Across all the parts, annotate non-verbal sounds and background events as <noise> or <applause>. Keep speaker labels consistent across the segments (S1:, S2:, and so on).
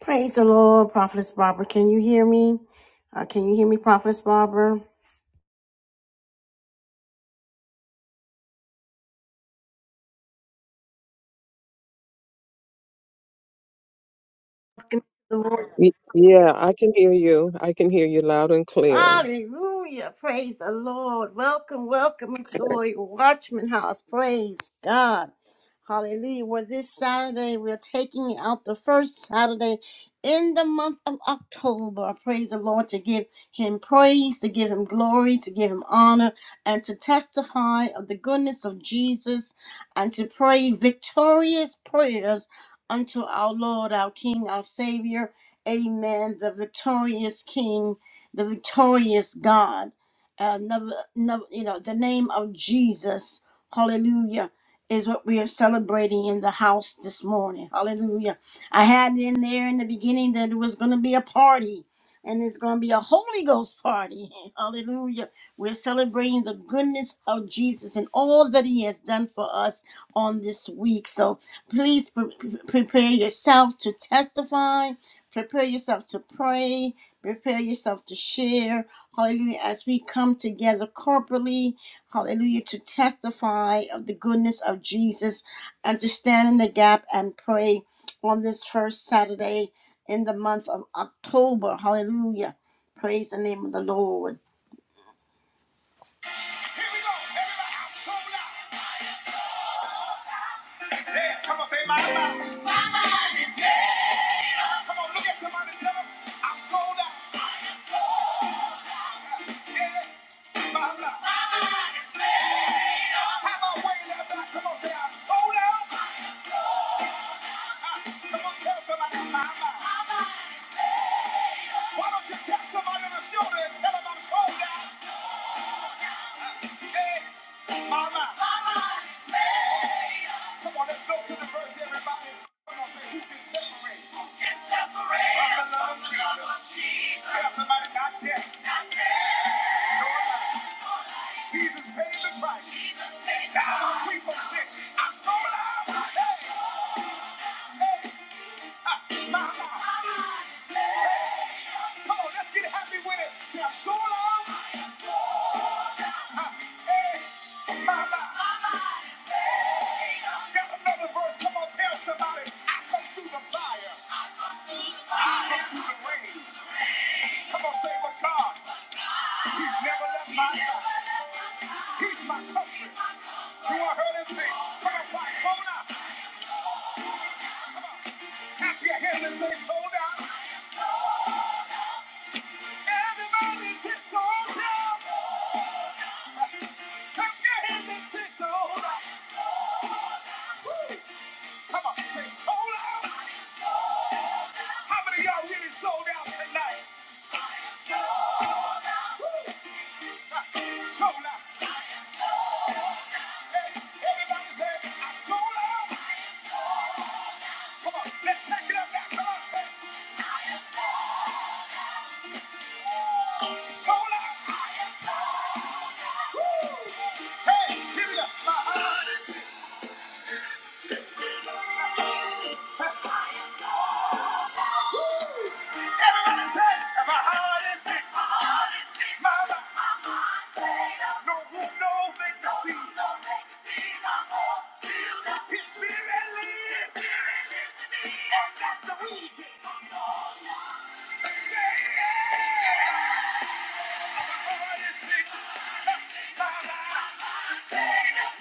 S1: Praise the Lord, Prophetess Barbara. Can you hear me? Uh, can you hear me, Prophetess Barbara? The Lord.
S2: Y- Yeah, I can hear you. I can hear you loud and clear.
S1: Hallelujah. Praise the Lord. Welcome, welcome into the Warrior Watchman House. Praise God. Hallelujah. Well, this Saturday, we're taking out the first Saturday in the month of October. Praise the Lord to give him praise, to give him glory, to give him honor, and to testify of the goodness of Jesus and to pray victorious prayers unto our Lord, our King, our Savior. Amen. The victorious King the victorious God. Uh, never, never, you know, the name of Jesus, hallelujah, is what we are celebrating in the house this morning. Hallelujah. I had in there in the beginning that it was going to be a party, and it's going to be a Holy Ghost party. <laughs> Hallelujah. We're celebrating the goodness of Jesus and all that He has done for us on this week. So please pre- pre- prepare yourself to testify, prepare yourself to pray, prepare yourself to share. Hallelujah. As we come together corporately, hallelujah, to testify of the goodness of Jesus and to stand in the gap and pray on this first Saturday in the month of October. Hallelujah. Praise the name of the Lord. Here we go. Everybody, I'm so loud. Yeah, come on, say my mouth. My mind is made up. Come on, look at somebody and tell them, I'm sold out. I am sold out. Jesus paid the price. Now I'm free from sin. I'm sold out. Hey. Hey, come on, let's get happy with it. Say, I'm sold out. I am sold Uh, hey, my My Got another verse. Come on, tell somebody. I come through the fire. I come through the rain. Come on, say, but God, He's never left my side. He's my comfort. Through a hurting pain. Come on, cry, sold out. Clap your hands and say, sold out. Everybody's sold out. Come so on, say so loud. How many y'all really sold out tonight? So loud. Woo! Ha, So Hey, everybody say, I'm so Come on, let's take it up now. Come on. Say, I am so So so Hey, give it up. My heart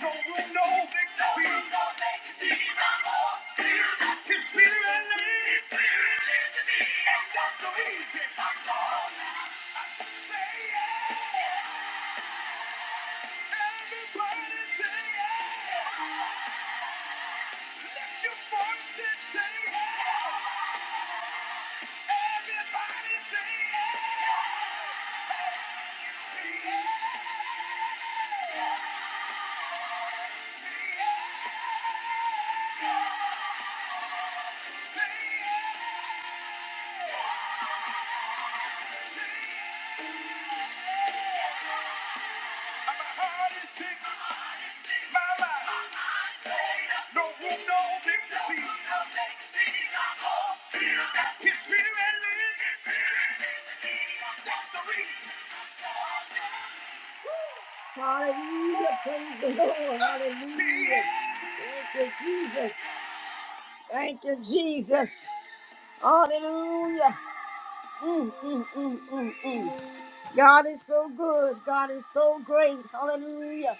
S1: No room, no vacancy. His spirit lives. His spirit lives me. And that's so alive. Say yeah. Everybody say yeah. Lift your voice and say yeah. Everybody say yeah. Say yeah. Say yeah. Say yeah. Say yeah. Hallelujah, praise the Lord, hallelujah. Thank you, Jesus. Thank you, Jesus. Hallelujah. Mm, mm, mm, mm, mm. God is so good. God is so great. Hallelujah.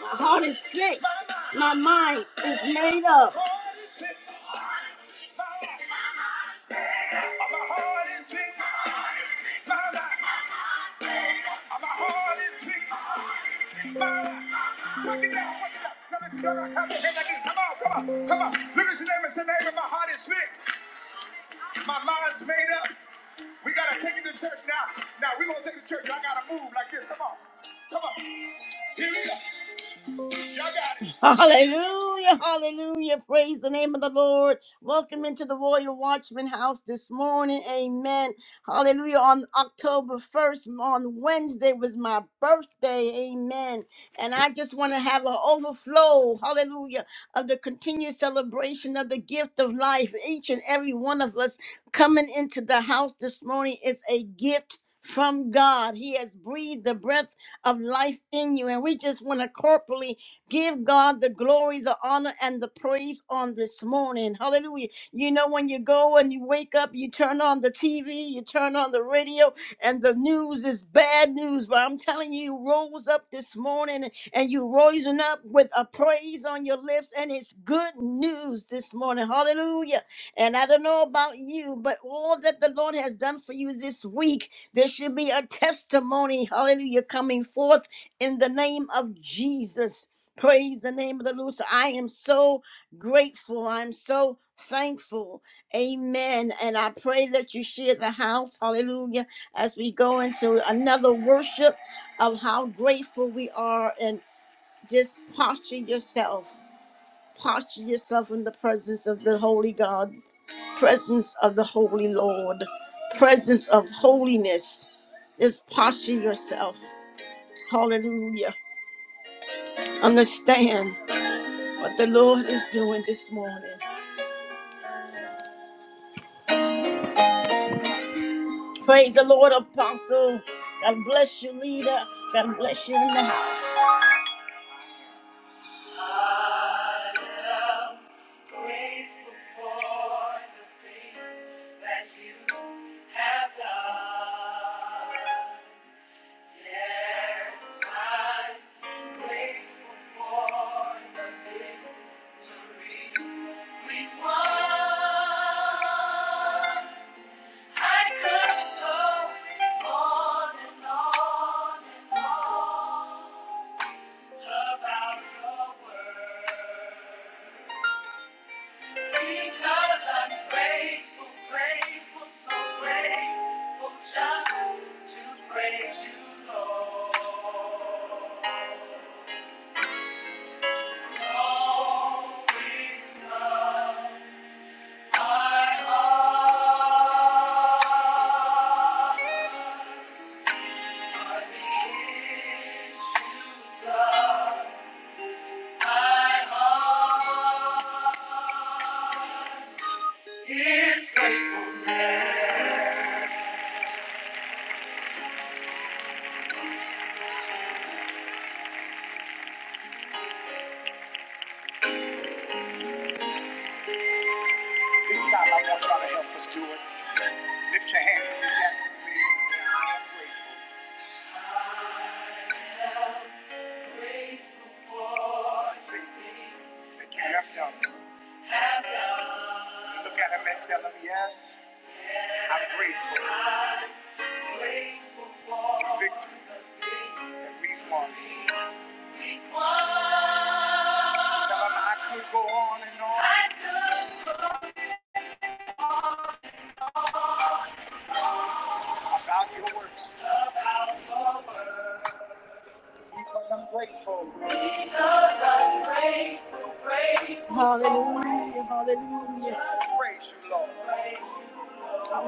S1: My heart is fixed. My mind is made up. Come on, come come on, come on. look at your name and say, neighbor, my heart is fixed. My mind's made up. We gotta take it to church now. Now we're gonna take it to church. I gotta move like this. Come on. Come on. Here we go. Hallelujah, hallelujah. Praise the name of the Lord. Welcome into the Royal Watchman House this morning. Amen. Hallelujah. On October 1st, on Wednesday, was my birthday. Amen. And I just want to have an overflow, hallelujah, of the continued celebration of the gift of life. Each and every one of us coming into the house this morning is a gift. From God, He has breathed the breath of life in you, and we just want to corporally Give God the glory, the honor, and the praise on this morning. Hallelujah. You know, when you go and you wake up, you turn on the TV, you turn on the radio, and the news is bad news. But I'm telling you, you rose up this morning and you rising up with a praise on your lips, and it's good news this morning. Hallelujah. And I don't know about you, but all that the Lord has done for you this week, there should be a testimony, hallelujah, coming forth in the name of Jesus. Praise the name of the Lord. So I am so grateful. I'm so thankful. Amen. And I pray that you share the house. Hallelujah. As we go into another worship of how grateful we are and just posture yourself. Posture yourself in the presence of the Holy God, presence of the Holy Lord, presence of holiness. Just posture yourself. Hallelujah. Understand. what the Lord is doing this morning. Praise the Lord, Apostle. God bless you, leader. God bless you in the house. I am grateful for the things that you have done. Yes, I'm grateful for the victories we've won. I could go on and on and on about your word. Because I'm grateful, grateful, so grateful just to praise you, Lord. Knowing from my heart. This time I want y'all to help us do it. Lift your hands in this atmosphere and say, I am grateful. Grateful for the things that you have done. Look at him and tell him, yes, I'm grateful. Grateful for the victories that we've We won. Tell him I could go on and on about your works because I'm grateful. Because I'm grateful, grateful. Hallelujah, hallelujah. Praise you, Lord.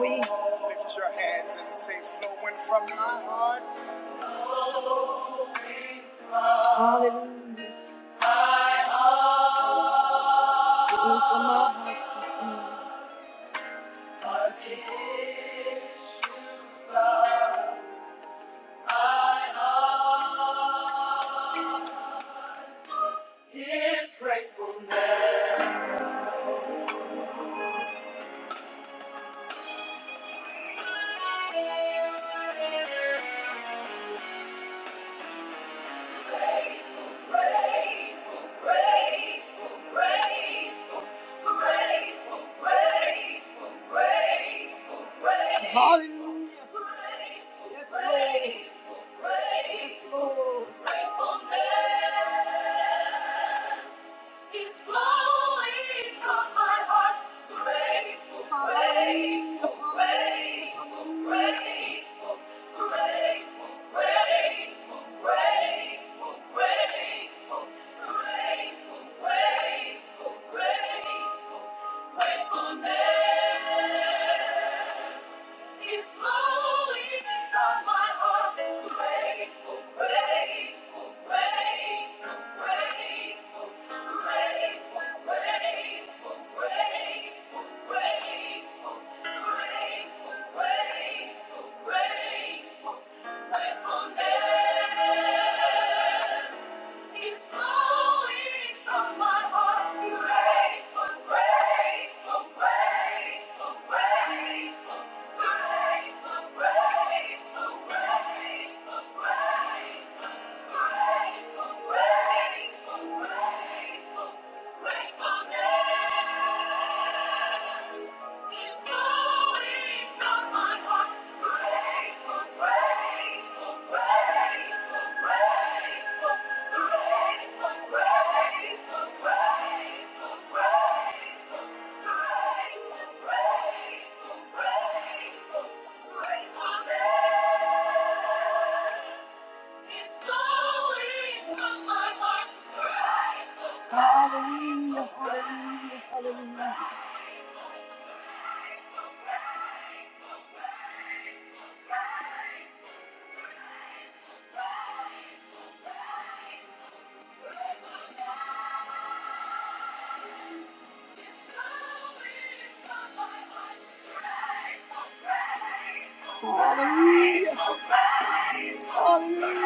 S1: We lift your hands and say, flowing from my heart. Hallelujah. Flow from my heart this morning. Lord Jesus. My heart is gratefulness. Hallelujah. Yes, Lord. Yes, Lord. Gratefulness. It's flowing from my heart. Grateful, grateful, grateful, grateful, grateful, grateful, grateful, grateful, grateful, grateful, grateful, gratefulness. It's flowing from my heart. Grateful, grateful, grateful, grateful, grateful, grateful, grateful, grateful, grateful, grateful, grateful, gratefulness. It's flowing from my heart. Grateful, grateful, grateful, grateful, grateful, grateful, grateful, grateful, grateful, grateful, grateful, gratefulness. It's flowing from my heart. Grateful, grateful, grateful, grateful, grateful, grateful, grateful, grateful, grateful, grateful, grateful, gratefulness. It's flowing from my heart. Grateful. Hallelujah.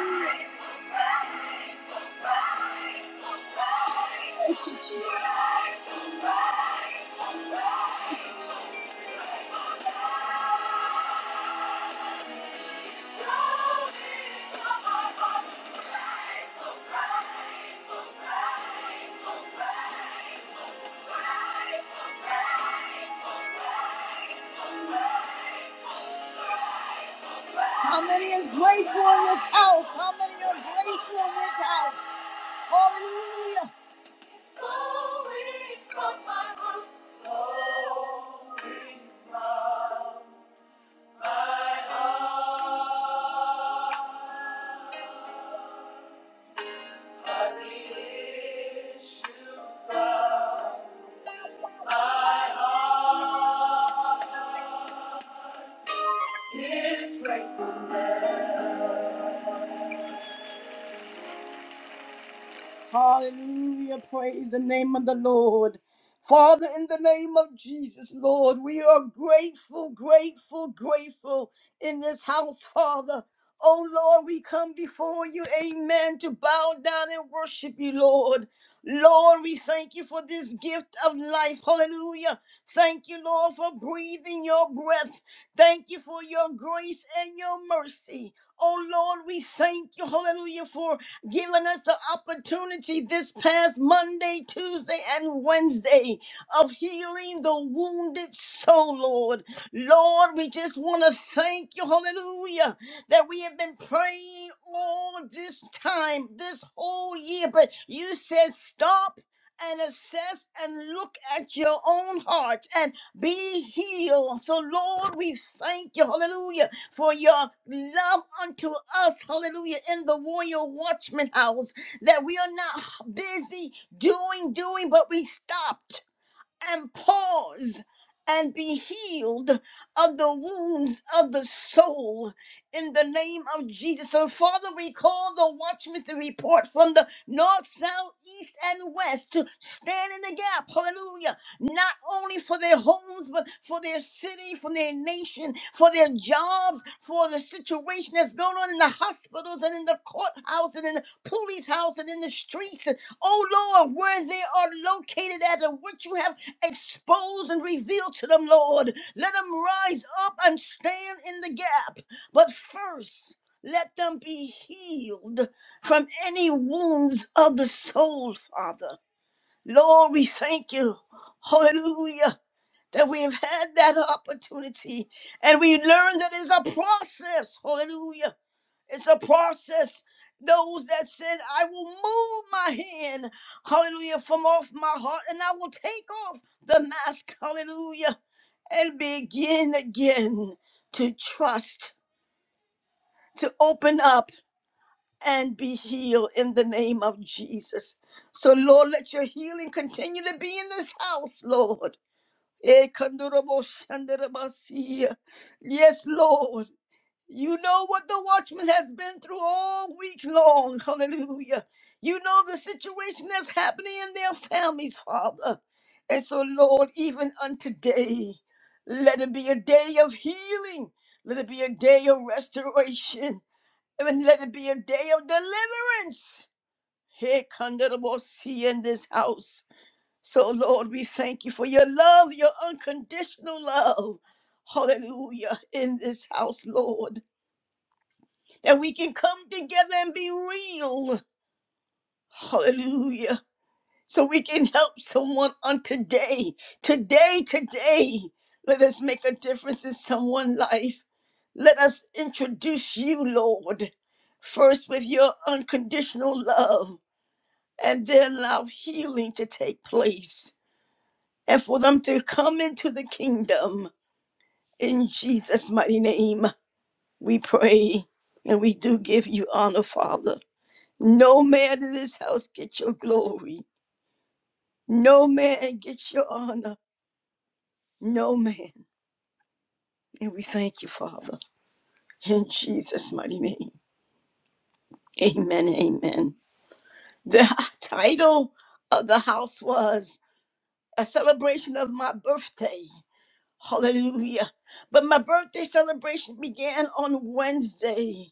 S1: this house. How many are grateful in this house? Hallelujah. It's flowing from my heart, flowing from my heart. Are the issues of my heart. It's grateful. Hallelujah. Praise the name of the Lord. Father, in the name of Jesus, Lord, we are grateful, grateful, grateful in this house, Father. Oh Lord, we come before you, amen, to bow down and worship you, Lord. Lord, we thank you for this gift of life. Hallelujah. Thank you, Lord, for breathing your breath. Thank you for your grace and your mercy. Oh Lord, we thank you, hallelujah, for giving us the opportunity this past Monday, Tuesday, and Wednesday of healing the wounded soul, Lord. Lord, we just want to thank you, hallelujah, that we have been praying all this time, this whole year, but you said stop. And assess and look at your own heart and be healed. So, Lord, we thank you. Hallelujah for your love unto us, hallelujah, in the Warrior Watchman house, that we are not busy doing, doing, but we stopped and pause and be healed of the wounds of the soul in the name of Jesus. So, Father, we call the watchmen to report from the north, south, east, and west to stand in the gap. Hallelujah. Not only for their homes, but for their city, for their nation, for their jobs, for the situation that's going on in the hospitals and in the courthouse and in the police house and in the streets. And, oh Lord, where they are located at and what you have exposed and revealed to them, Lord. Let them rise up and stand in the gap. But first, let them be healed from any wounds of the soul, Father. Lord, we thank you. Hallelujah. That we have had that opportunity and we learned that it is a process. Hallelujah it's a process. Those that said, I will move my hand, hallelujah, from off my heart, and I will take off the mask, hallelujah, and begin again to trust, to open up and be healed in the name of Jesus. So, Lord, let your healing continue to be in this house, Lord. Eh, kandorobo shandarabasiya. Yes, Lord. You know what the watchman has been through all week long. Hallelujah. You know the situation that's happening in their families, Father. And so, Lord, even unto day, let it be a day of healing. Let it be a day of restoration. And let it be a day of deliverance. Here, see in this house. So, Lord, we thank you for your love, your unconditional love. Hallelujah. In this house, Lord that we can come together and be real. Hallelujah. So we can help someone on today. Today, today, let us make a difference in someone's life. Let us introduce you, Lord, first with your unconditional love, and then allow healing to take place and for them to come into the kingdom. In Jesus' mighty name, we pray and we do give you honor, Father. No man in this house get your glory. No man get your honor. No man. And we thank you, Father, in Jesus' mighty name. Amen. Amen. The <laughs> title of the house was A Celebration of My Birthday. Hallelujah. But my birthday celebration began on Wednesday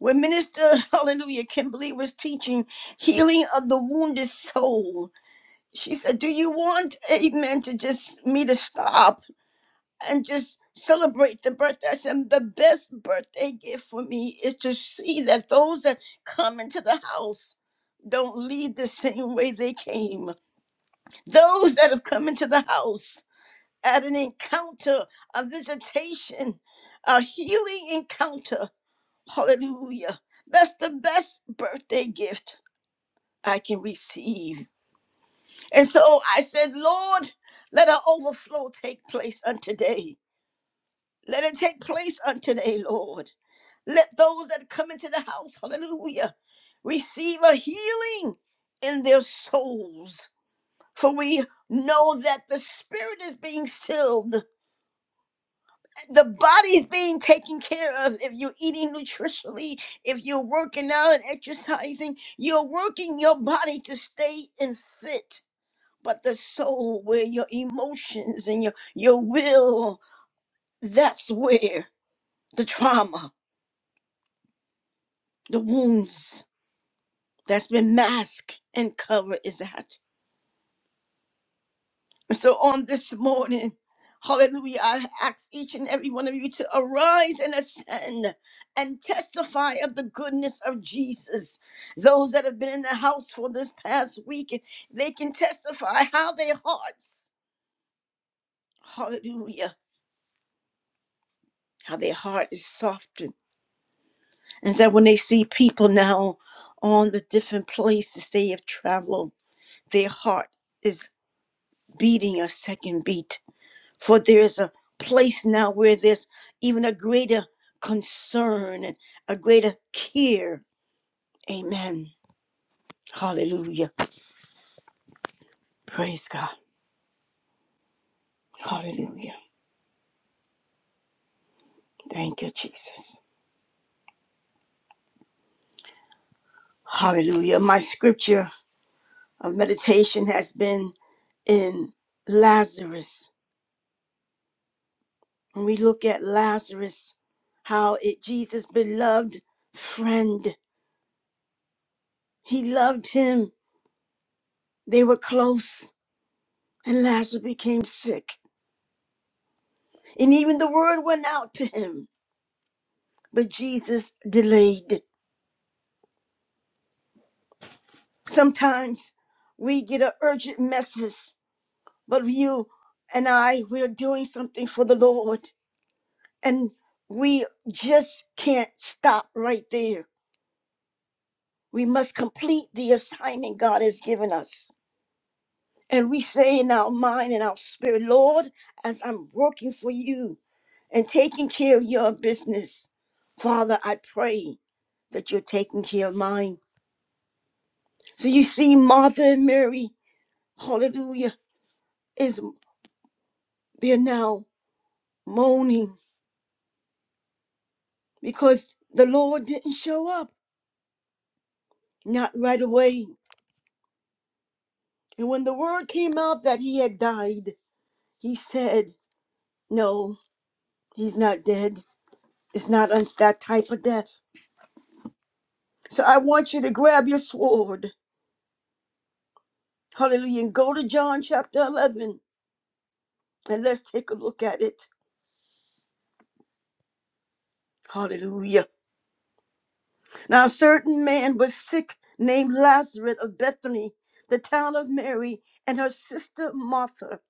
S1: when Minister, <laughs> hallelujah, Kimberly was teaching healing of the wounded soul. she said, Do you want amen to just me to stop and just celebrate the birthday? I said, The best birthday gift for me is to see that those that come into the house don't leave the same way they came. Those that have come into the house at an encounter, a visitation, a healing encounter. Hallelujah. That's the best birthday gift I can receive. And so I said, Lord, let our overflow take place on today. Let it take place on today, Lord. Let those that come into the house, hallelujah, receive a healing in their souls. For we know that the spirit is being filled, the body's being taken care of. If you're eating nutritionally, if you're working out and exercising, you're working your body to stay in fit. but the soul where your emotions and your your will that's where the trauma the wounds that's been masked and covered is at And so on this morning hallelujah i ask each and every one of you to arise and ascend and testify of the goodness of jesus those that have been in the house for this past week they can testify how their hearts hallelujah how their heart is softened And that when they see people now on the different places they have traveled, their heart is beating a second beat. For there is a place now where there's even a greater concern and a greater care. Amen. Hallelujah. Praise God. Hallelujah. Thank you, Jesus. Hallelujah. My scripture of meditation has been in Lazarus When we look at Lazarus, how it Jesus beloved friend, he loved him. They were close, and Lazarus became sick. And even the word went out to him, but Jesus delayed. Sometimes we get an urgent message, but you and I, we are doing something for the Lord, and we just can't stop right there. We must complete the assignment God has given us. And we say in our mind and our spirit, Lord, as I'm working for you and taking care of your business, Father, I pray that you're taking care of mine. So you see, Martha and Mary, hallelujah, is they're now moaning because the Lord didn't show up, not right away. And when the word came out that he had died, he said, No, he's not dead. It's not a, that type of death. So I want you to grab your sword. Hallelujah. And go to John chapter 11 and let's take a look at it. Hallelujah. Now, a certain man was sick named Lazarus of Bethany, the town of Mary, and her sister Martha.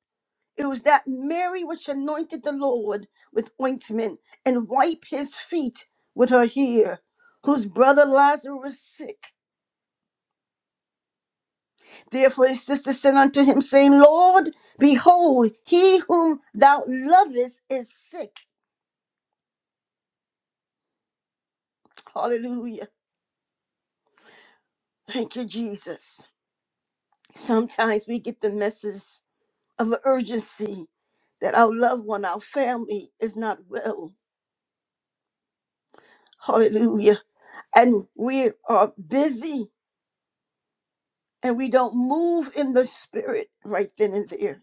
S1: It was that Mary which anointed the Lord with ointment and wiped his feet with her hair, whose brother Lazarus was sick. Therefore his sister said unto him, saying, Lord, behold, he whom thou lovest is sick. Hallelujah. Thank you, Jesus. Sometimes we get the message of an urgency that our loved one, our family is not well. Hallelujah. And we are busy and we don't move in the spirit right then and there.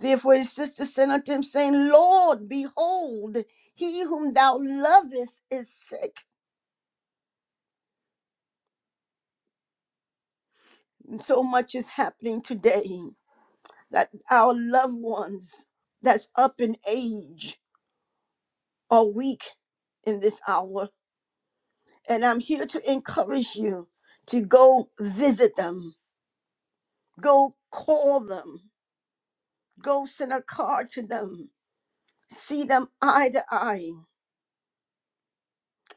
S1: Therefore his sister said unto him, saying, Lord, behold, he whom thou lovest is sick. And so much is happening today that our loved ones that's up in age are weak in this hour. And I'm here to encourage you to go visit them, go call them, go send a card to them, see them eye to eye,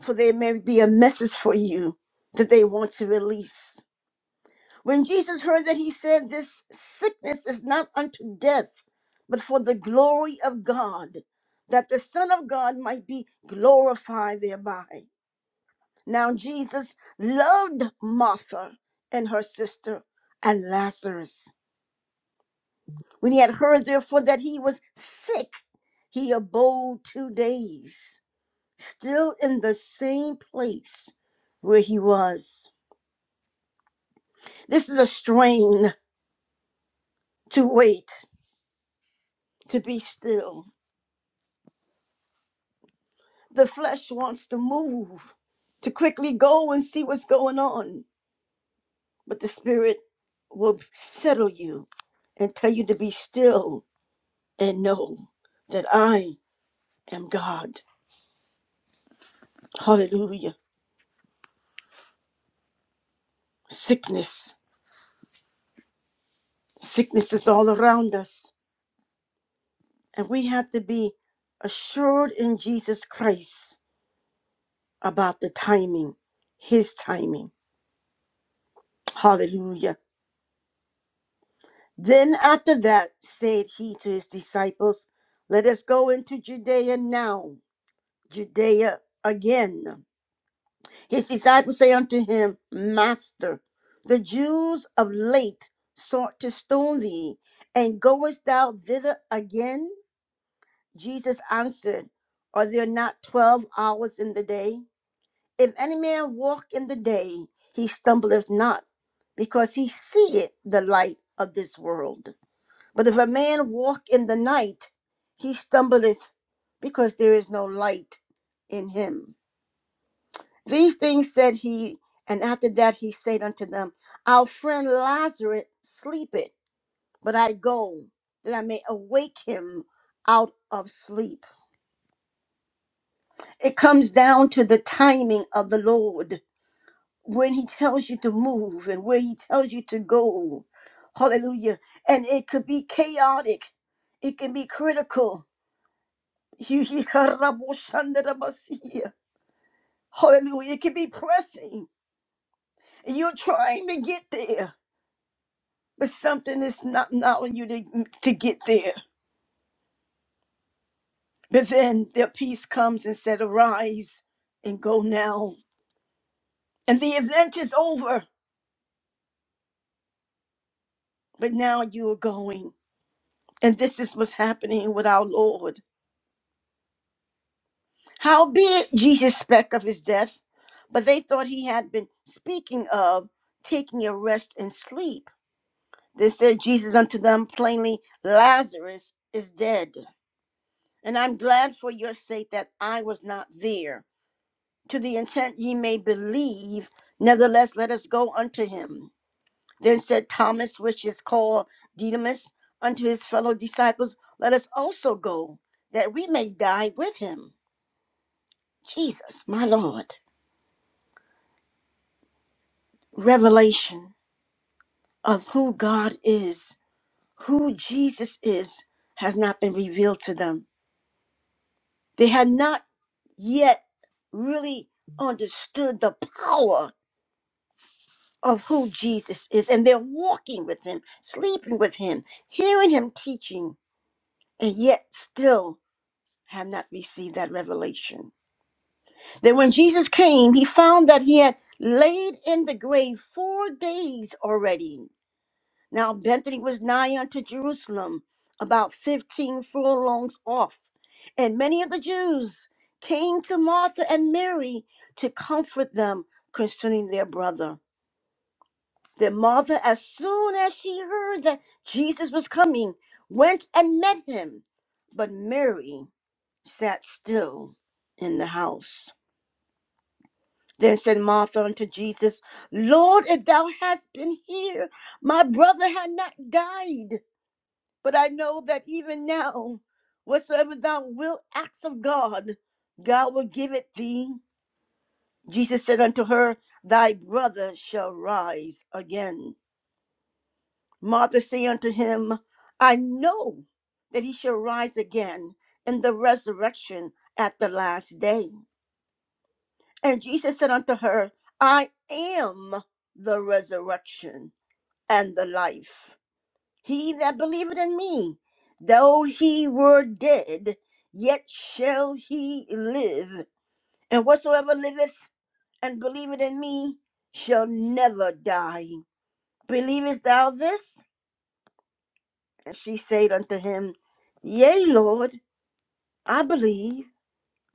S1: for there may be a message for you that they want to release. When Jesus heard that, he said, This sickness is not unto death, but for the glory of God, that the Son of God might be glorified thereby. Now, Jesus loved Martha and her sister and Lazarus. When he had heard, therefore, that he was sick, he abode two days, still in the same place where he was. This is a strain to wait, to be still The flesh wants to move, to quickly go and see what's going on, but the spirit will settle you and tell you to be still and know that I am God. Hallelujah. Sickness. Sickness is all around us. And we have to be assured in Jesus Christ about the timing, His timing. Hallelujah. Then after that said he to his disciples, Let us go into Judea now, Judea again. His disciples say unto him, Master, the Jews of late sought to stone thee, and goest thou thither again? Jesus answered, Are there not twelve hours in the day? If any man walk in the day, he stumbleth not, because he seeth the light of this world. But if a man walk in the night, he stumbleth because there is no light in him. These things said he, and after that he said unto them, Our friend Lazarus sleepeth, but I go that I may awake him out of sleep. It comes down to the timing of the Lord when he tells you to move and where he tells you to go. Hallelujah. And it could be chaotic, it can be critical Hallelujah. It can be pressing. You're trying to get there, but something is not allowing you to, mm, to get there. But then their peace comes and said, Arise and go now. And the event is over, but now you are going. And this is what's happening with our Lord. Howbeit Jesus spake of his death, but they thought he had been speaking of taking a rest and sleep. Then said Jesus unto them plainly, Lazarus is dead. And I'm glad for your sake that I was not there, to the intent ye may believe. Nevertheless, let us go unto him. Then said Thomas, which is called Didymus, unto his fellow disciples, Let us also go, that we may die with him. Jesus, my Lord. Revelation of who God is, who Jesus is, has not been revealed to them They had not yet really understood the power of who Jesus is, and they're walking with him, sleeping with him, hearing him teaching, and yet still have not received that revelation. That when Jesus came, he found that he had laid in the grave four days already Now Bethany was nigh unto Jerusalem, about fifteen furlongs off. And many of the Jews came to Martha and Mary to comfort them concerning their brother. Then Martha, as soon as she heard that Jesus was coming, went and met him. But Mary sat still in the house. Then said Martha unto Jesus, Lord, if thou hadst been here, my brother had not died. But I know that even now, whatsoever thou wilt ask of God, God will give it thee. Jesus said unto her, Thy brother shall rise again. Martha said unto him, I know that he shall rise again in the resurrection at the last day. And Jesus said unto her, I am the resurrection and the life. He that believeth in me, though he were dead, yet shall he live. And whatsoever liveth and believeth in me shall never die. Believest thou this? And she said unto him, Yea, Lord, I believe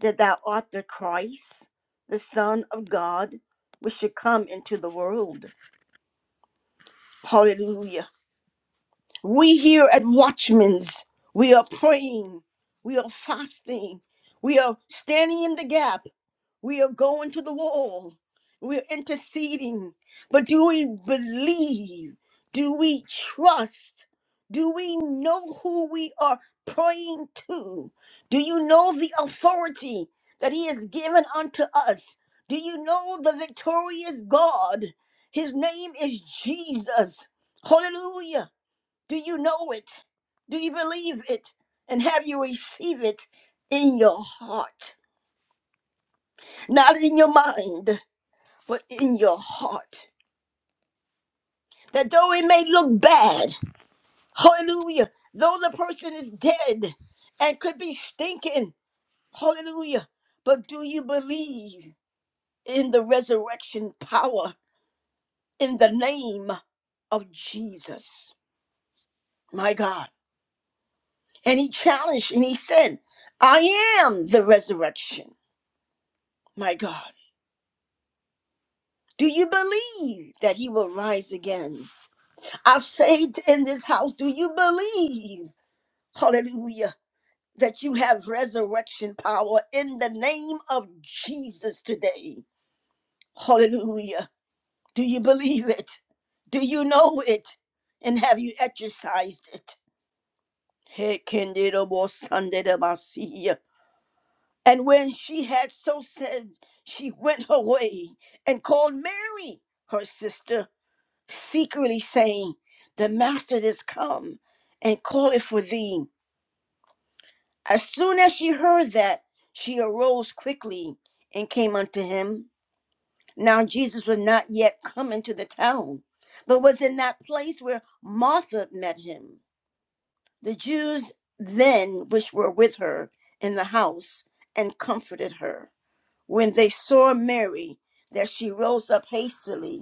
S1: that thou art the Christ, the Son of God, which should come into the world. Hallelujah. We here at Watchmen's, we are praying, we are fasting, we are standing in the gap, we are going to the wall, we are interceding. But do we believe? Do we trust? Do we know who we are praying to? Do you know the authority that He has given unto us? Do you know the victorious God? His name is Jesus. Hallelujah. Do you know it? Do you believe it? And have you received it in your heart? Not in your mind, but in your heart. That though it may look bad, hallelujah, though the person is dead and could be stinking, hallelujah, but do you believe in the resurrection power in the name of Jesus? My God. And he challenged and he said, I am the resurrection, my God. Do you believe that he will rise again? I've saved in this house. Do you believe, hallelujah, that you have resurrection power in the name of Jesus today? Hallelujah. Do you believe it? Do you know it? And have you exercised it? Hey, Candida was Sunday And when she had so said, she went her way and called Mary, her sister secretly saying, The master is come and calleth for thee. As soon as she heard that, she arose quickly and came unto him. Now Jesus was not yet come into the town, but was in that place where Martha met him. The Jews then which were with her in the house and comforted her. When they saw Mary, that she rose up hastily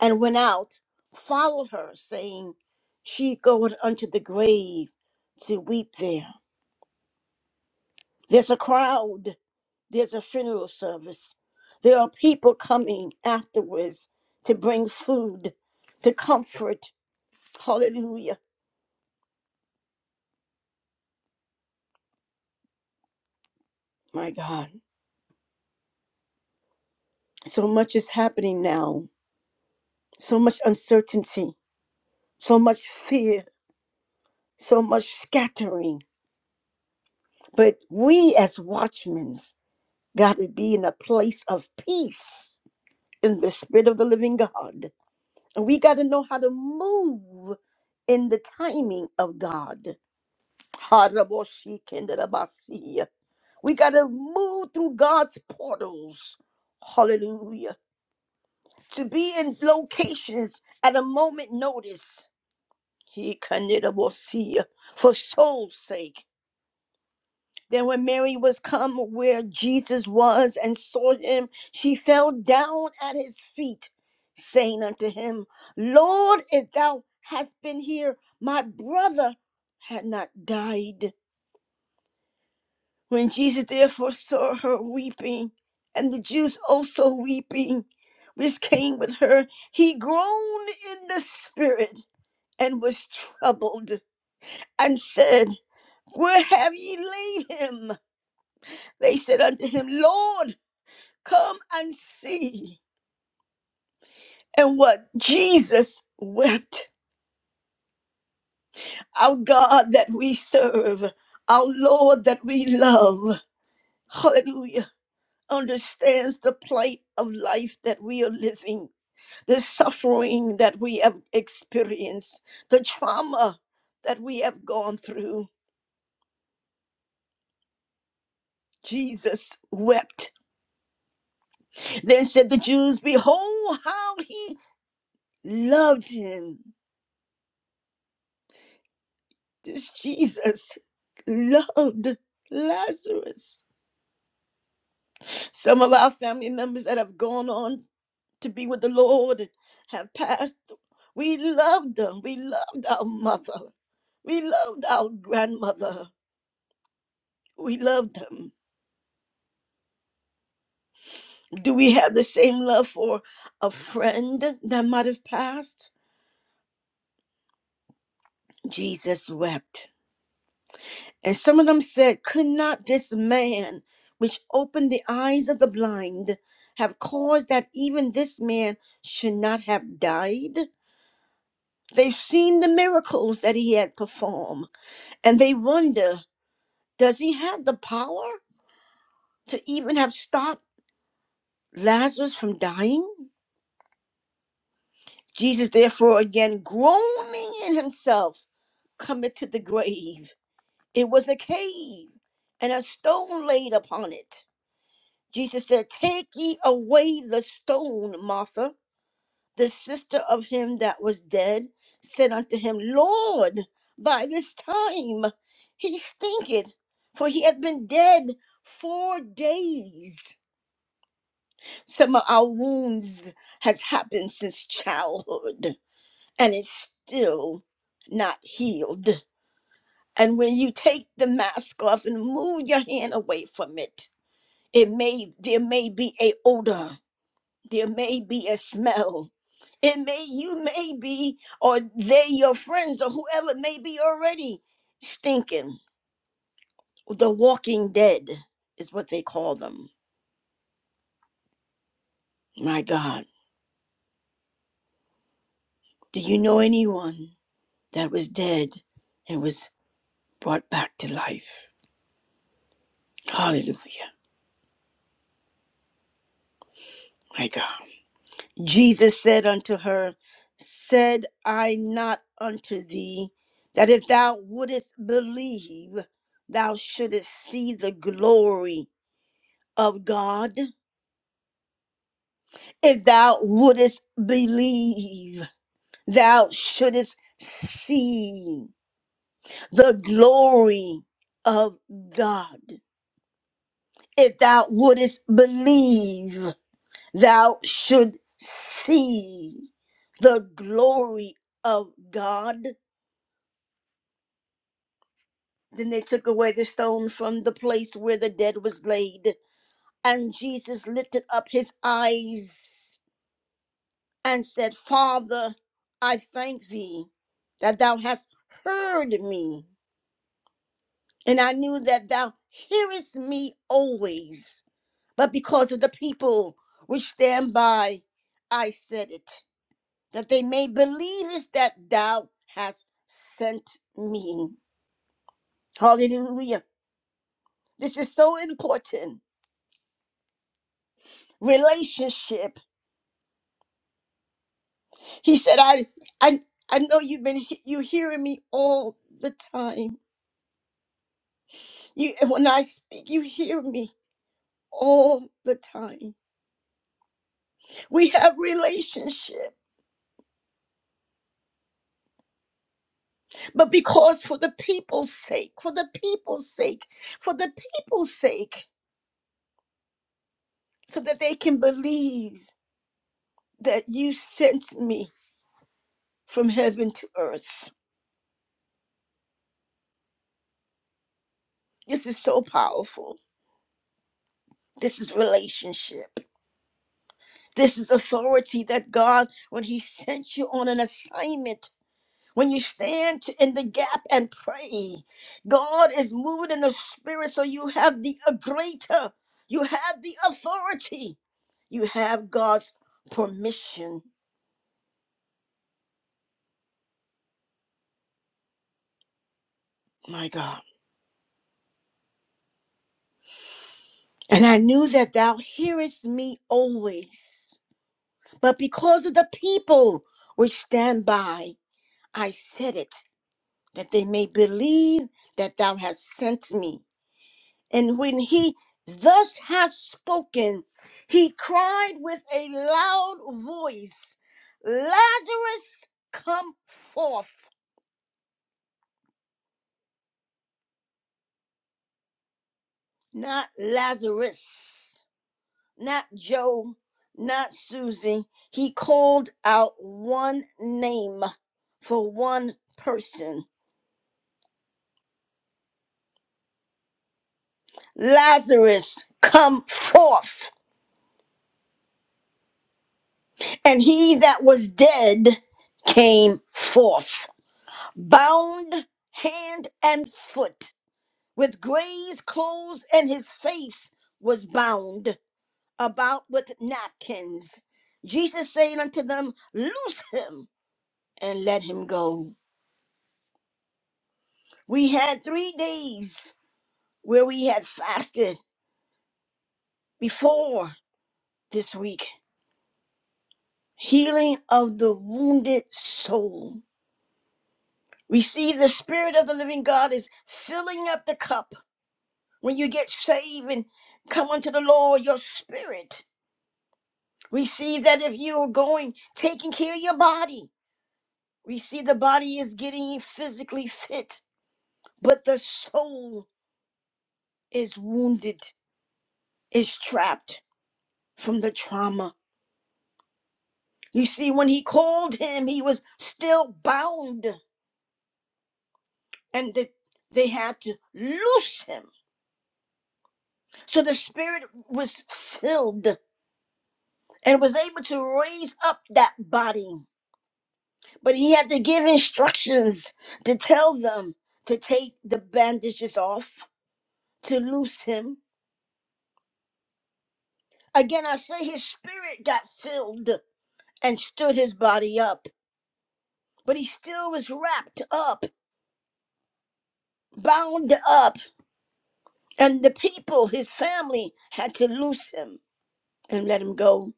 S1: and went out, followed her, saying, She goeth unto the grave to weep there. There's a crowd, there's a funeral service. There are people coming afterwards to bring food, to comfort. Hallelujah. My God. So much is happening now. So much uncertainty, so much fear, so much scattering. But we as watchmen got to be in a place of peace in the spirit of the living God. And we got to know how to move in the timing of God. Haraboshi-kenderabasi. We got to move through God's portals. Hallelujah. To be in locations at a moment notice. He For soul's sake. Then when Mary was come where Jesus was and saw him, she fell down at his feet, saying unto him, Lord, if thou hadst been here, my brother had not died. When Jesus therefore saw her weeping, and the Jews also weeping, which came with her, he groaned in the spirit and was troubled, and said, Where have ye laid him? They said unto him, Lord. Come and see. And what Jesus wept, our God that we serve, our Lord that we love, hallelujah, understands the plight of life that we are living, the suffering that we have experienced, the trauma that we have gone through. Jesus wept. Then said the Jews, Behold how he loved him. this Jesus loved Lazarus. Some of our family members that have gone on to be with the Lord and have passed, we loved them. We loved our mother. We loved our grandmother. We loved them. Do we have the same love for a friend that might have passed? Jesus wept. And some of them said, Could not this man, which opened the eyes of the blind, have caused that even this man should not have died? They've seen the miracles that he had performed, and they wonder, Does he have the power to even have stopped Lazarus from dying? Jesus, therefore, again groaning in himself, cometh to the grave. It was a cave, and a stone laid upon it. Jesus said, Take ye away the stone, Martha. The sister of him that was dead said unto him, Lord, by this time he stinketh, for he hath been dead four days. Some of our wounds has happened since childhood, and it's still not healed. And when you take the mask off and move your hand away from it, it may there may be a odor there may be a smell. It may you may be, or they your friends or whoever may be already stinking. The walking dead is what they call them. My God, do you know anyone that was dead and was brought back to life? Hallelujah. My God. Jesus said unto her, Said I not unto thee that if thou wouldest believe, thou shouldest see the glory of God. If thou wouldest believe, thou shouldest see the glory of God. If thou wouldest believe, thou should see the glory of God. Then they took away the stone from the place where the dead was laid, and Jesus lifted up his eyes and said, Father, I thank thee that thou hast heard me, and I knew that thou hearest me always. But because of the people which stand by, I said it, that they may believe is that thou hast sent me. Hallelujah. This is so important. Relationship. He said, I I I know you've been he- you hearing me all the time You, when I speak, you hear me all the time. We have relationship, but because for the people's sake, for the people's sake, for the people's sake, so that they can believe that you sent me from heaven to earth. This is so powerful. This is relationship. This is authority that God, when He sent you on an assignment, When you stand t- in the gap and pray, God is moving in the spirit, so you have the a greater, you have the authority, you have God's permission, my God. And I knew that thou hearest me always, but because of the people which stand by, I said it, that they may believe that thou hast sent me. And when he thus has spoken, he cried with a loud voice, Lazarus, come forth. Not Lazarus, not Joe, not Susie. He called out one name for one person Lazarus, come forth. And he that was dead came forth, bound hand and foot with gray's clothes, and his face was bound about with napkins. Jesus said unto them, Loose him and let him go. We had three days where we had fasted before this week. Healing of the wounded soul. We see the Spirit of the living God is filling up the cup. When you get saved and come unto the Lord, your spirit Receive that if you're going, taking care of your body. Receive the body is getting physically fit, but the soul is wounded, is trapped from the trauma. You see, when he called him, he was still bound, and the, they had to loose him. So the spirit was filled and was able to raise up that body. But he had to give instructions to tell them to take the bandages off to loose him. Again, I say his spirit got filled and stood his body up, but he still was wrapped up, bound up, and the people, his family, had to loose him and let him go.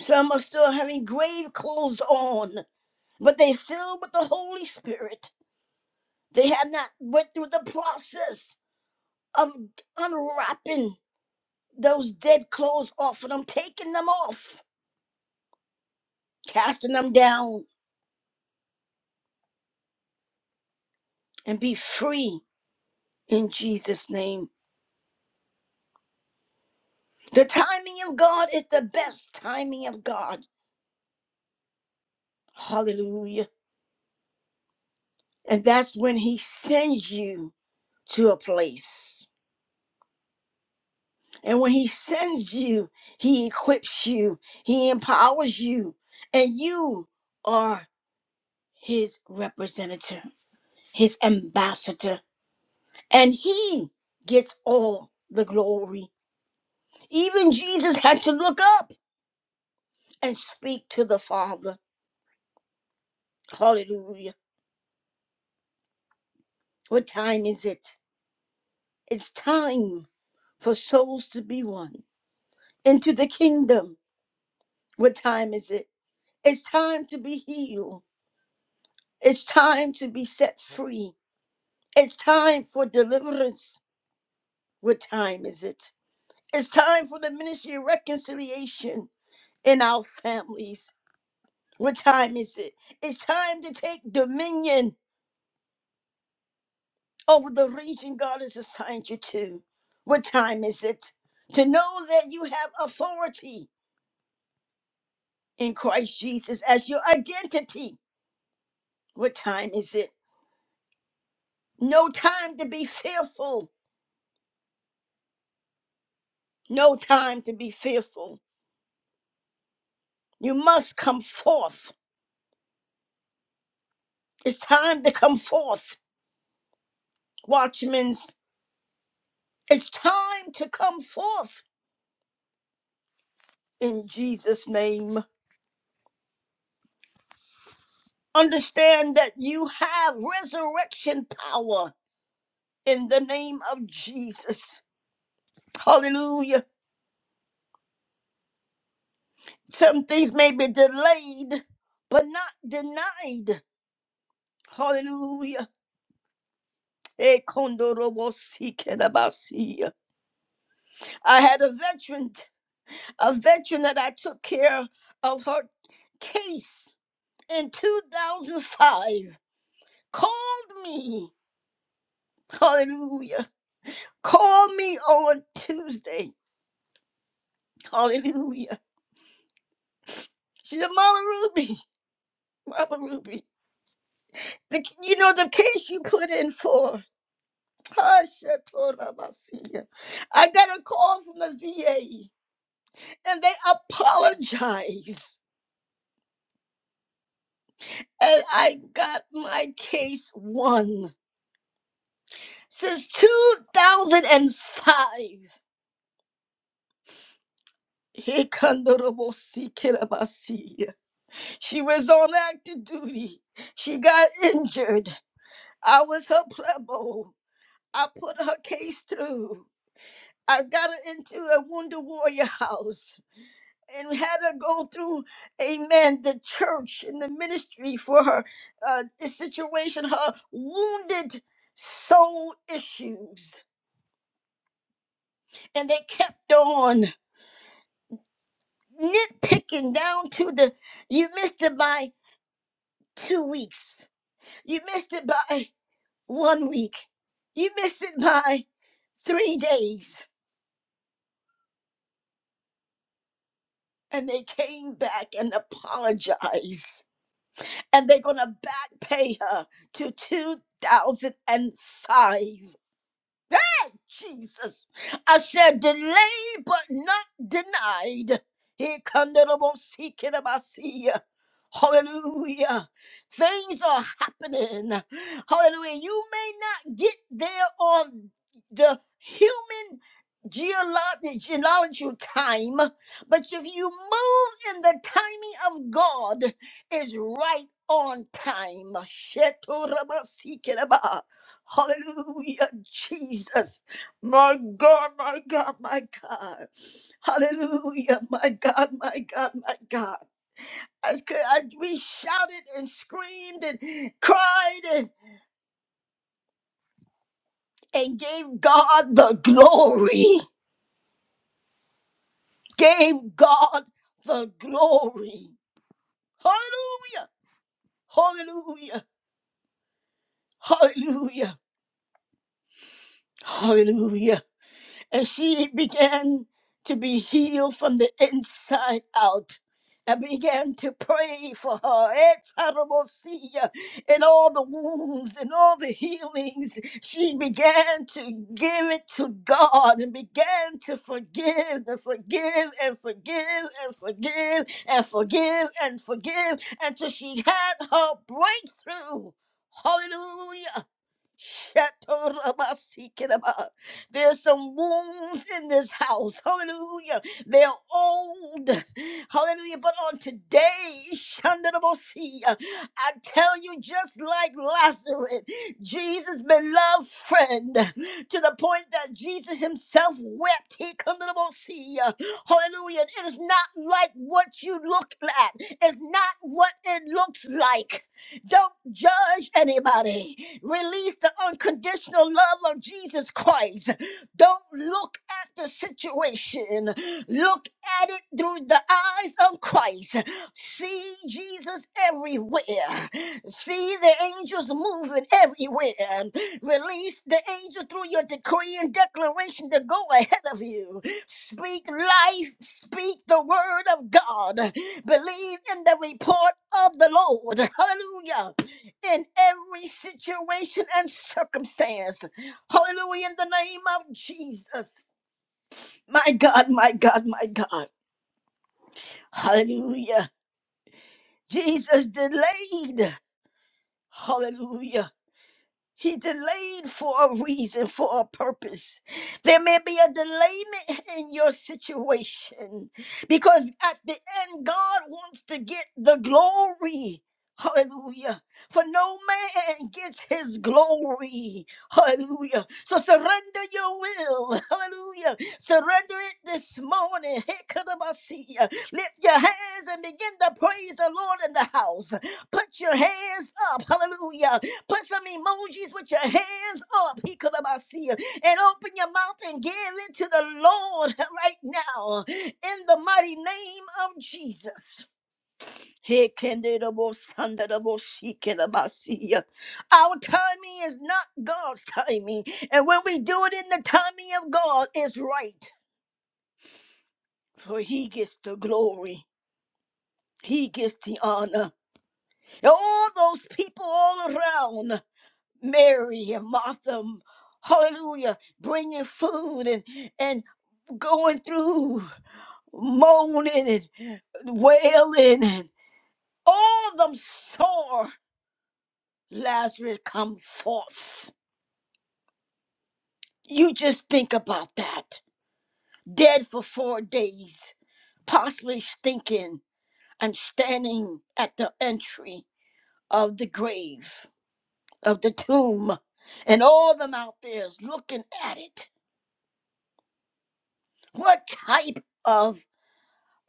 S1: Some are still having grave clothes on, but they filled with the Holy Spirit. They have not went through the process of unwrapping those dead clothes off of them, taking them off, casting them down, and be free in Jesus' name. The timing of God is the best timing of God. Hallelujah. And that's when He sends you to a place. And when He sends you, He equips you, He empowers you, and you are His representative, His ambassador. And He gets all the glory. Even Jesus had to look up and speak to the Father. Hallelujah. What time is it? It's time for souls to be one into the kingdom. What time is it? It's time to be healed. It's time to be set free. It's time for deliverance. What time is it? It's time for the ministry of reconciliation in our families. What time is it? It's time to take dominion over the region God has assigned you to. What time is it? To know that you have authority in Christ Jesus as your identity. What time is it? No time to be fearful. No time to be fearful. You must come forth. It's time to come forth, watchmen. It's time to come forth in Jesus' name. Understand that you have resurrection power in the name of Jesus. Hallelujah. Some things may be delayed, but not denied. Hallelujah Eh, kondorobo sikerabasi. I had a veteran, a veteran that I took care of her case in 2005. Called me, hallelujah. Called me on Tuesday, hallelujah. She said, Mama Ruby, Mama Ruby, the, you know the case you put in for. Hashatorabasi. I got a call from the VA and they apologized and I got my case won. Since 2005, Hikandorobosikirabasi. she was on active duty. She got injured. I was her plebo. I put her case through. I got her into a Wounded Warrior house and had her go through, amen, the church and the ministry for her uh, situation, her wounded soul issues. and they kept on nitpicking down to the you missed it by two weeks you missed it by one week you missed it by three days and they came back and apologized and they're going to back pay her to 2005 Hey, Jesus. I said delay but not denied. Here come the double seeking of Asiya. Hallelujah. Things are happening. Hallelujah. You may not get there on the human geolo- geological time, but if you move in the timing of God, is right on time. Shetorabasikeraba. Hallelujah, Jesus. My God, my God, my God. Hallelujah, my God, my God, my God. As, c- as we shouted and screamed and cried and, and gave God the glory, gave God the glory. Hallelujah, hallelujah, hallelujah, hallelujah. and she began to be healed from the inside out. I began to pray for her. Etarabosia, And all the wounds and all the healings, she began to give it to God and began to forgive and forgive and forgive and forgive and forgive and forgive until she had her breakthrough. Hallelujah. Shatorabasikeraba. There's some wounds in this house. Hallelujah. They're old. Hallelujah. But on today, Shandarabosi, I tell you, just like Lazarus, Jesus' beloved friend, to the point that Jesus himself wept. He Shandarabosi. Hallelujah. It is not like what you look at. It's not what it looks like. Don't judge anybody. Release the unconditional love of Jesus Christ. Don't look at the situation. Look at it through the eyes of Christ. See Jesus everywhere. See the angels moving everywhere. Release the angel through your decree and declaration to go ahead of you. Speak life, speak the word of God. Believe in the report of the Lord. Hallelujah. In every situation and circumstance. Hallelujah. In the name of Jesus. My God, my God, my God. Hallelujah. Jesus delayed. Hallelujah He delayed for a reason, for a purpose. There may be a delayment in your situation because at the end, God wants to get the glory. Hallelujah. For no man gets his glory. Hallelujah. So surrender your will. Hallelujah. Surrender it this morning. Hikadabasia. Lift your hands and begin to praise the Lord in the house. Put your hands up. Hallelujah Put some emojis with your hands up. He could have see you. And open your mouth and give it to the Lord <laughs> right now. In the mighty name of Jesus. He can do the most, and the most he can about see you. Our timing is not God's timing. And when we do it in the timing of God, it's right. For he gets the glory. He gets the honor. And all those people all around. Mary and Martha, hallelujah, bringing food and, and going through moaning and wailing and all them sore Lazarus come forth. You just think about that. Dead for four days, possibly stinking and standing at the entry of the grave, of the tomb, and all them out there is looking at it. What type of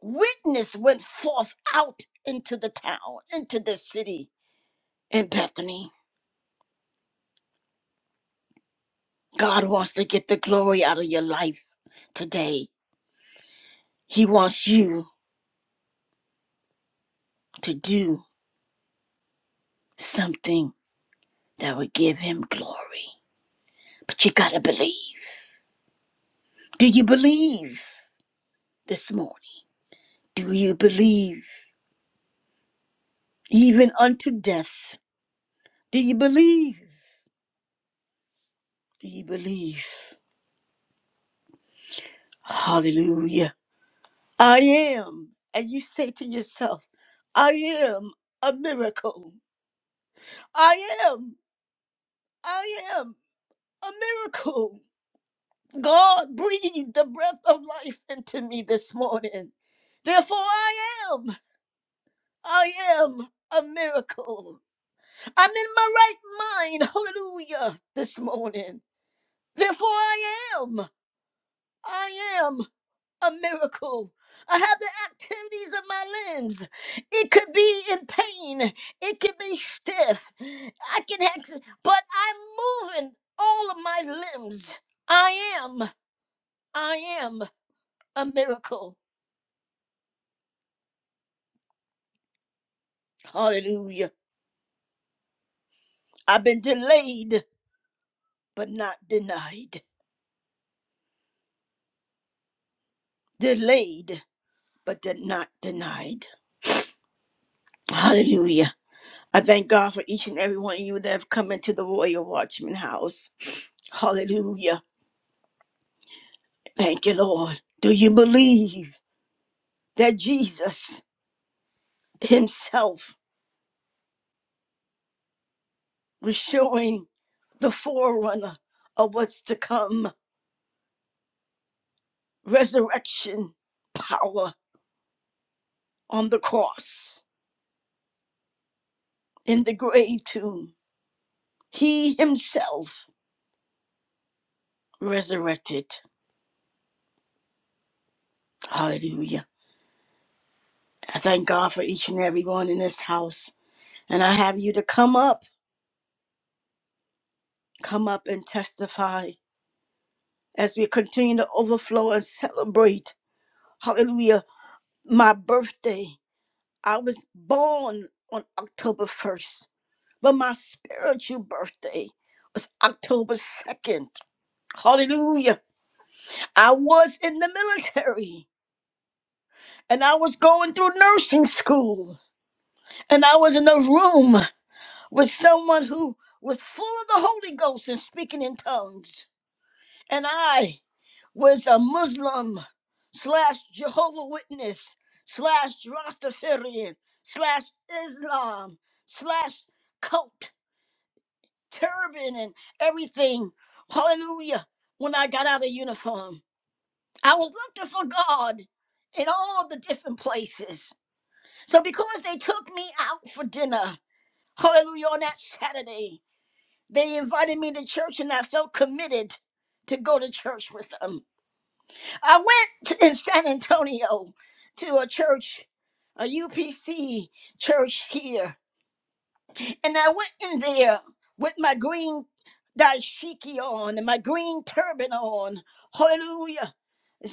S1: witness went forth out into the town, into the city in Bethany. God wants to get the glory out of your life today. He wants you to do something that would give him glory. But you got to believe. Do you believe this morning? Do you believe even unto death? Do you believe? Do you believe? Hallelujah. I am, and you say to yourself, I am a miracle. I am, I am a miracle. God breathed the breath of life into me this morning. Therefore, I am, I am a miracle. I'm in my right mind, hallelujah, this morning. Therefore, I am, I am. a miracle. I have the activities of my limbs. It could be in pain. It could be stiff. I can act, but I'm moving all of my limbs. I am. I am a miracle. Hallelujah. I've been delayed, but not denied. Delayed, but de- not denied. Hallelujah. I thank God for each and every one of you that have come into the Royal Watchman House. Hallelujah. Thank you, Lord. Do you believe that Jesus himself was showing the forerunner of what's to come? Resurrection power on the cross, in the grave tomb. He himself resurrected. Hallelujah. I thank God for each and every one in this house. And I have you to come up, come up and testify as we continue to overflow and celebrate. Hallelujah. My birthday I was born on October 1st, but my spiritual birthday was October 2nd. Hallelujah. I was in the military and I was going through nursing school and I was in a room with someone who was full of the Holy Ghost and speaking in tongues. And I was a Muslim slash Jehovah Witness slash Rastafarian slash Islam slash cult turban and everything. Hallelujah. When I got out of uniform, I was looking for God in all the different places. So because they took me out for dinner, hallelujah, on that Saturday, they invited me to church and I felt committed to go to church with them. I went to- in San Antonio to a church, a UPC church here. And I went in there with my green dashiki on and my green turban on. Hallelujah.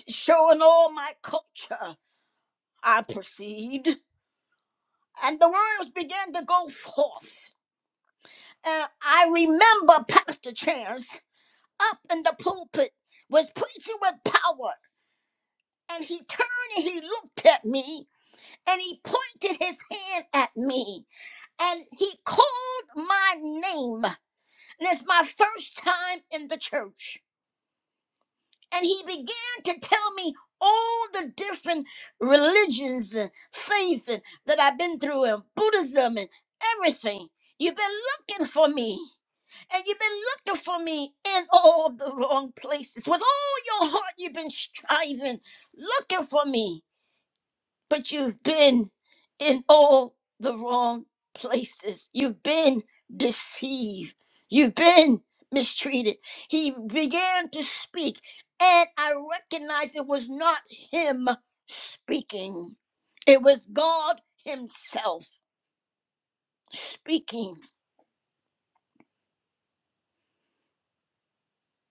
S1: Showing all my culture. I perceived. And the words began to go forth. And I remember Pastor Chance up in the pulpit was preaching with power. And he turned and he looked at me and he pointed his hand at me and he called my name. and it's my first time in the church. And he began to tell me all the different religions and faiths and- that I've been through, and Buddhism and everything. You've been looking for me, and you've been looking for me in all the wrong places. With all your heart, you've been striving, looking for me but you've been in all the wrong places. You've been deceived. You've been mistreated. He began to speak, and I recognized it was not him speaking, it was God Himself speaking.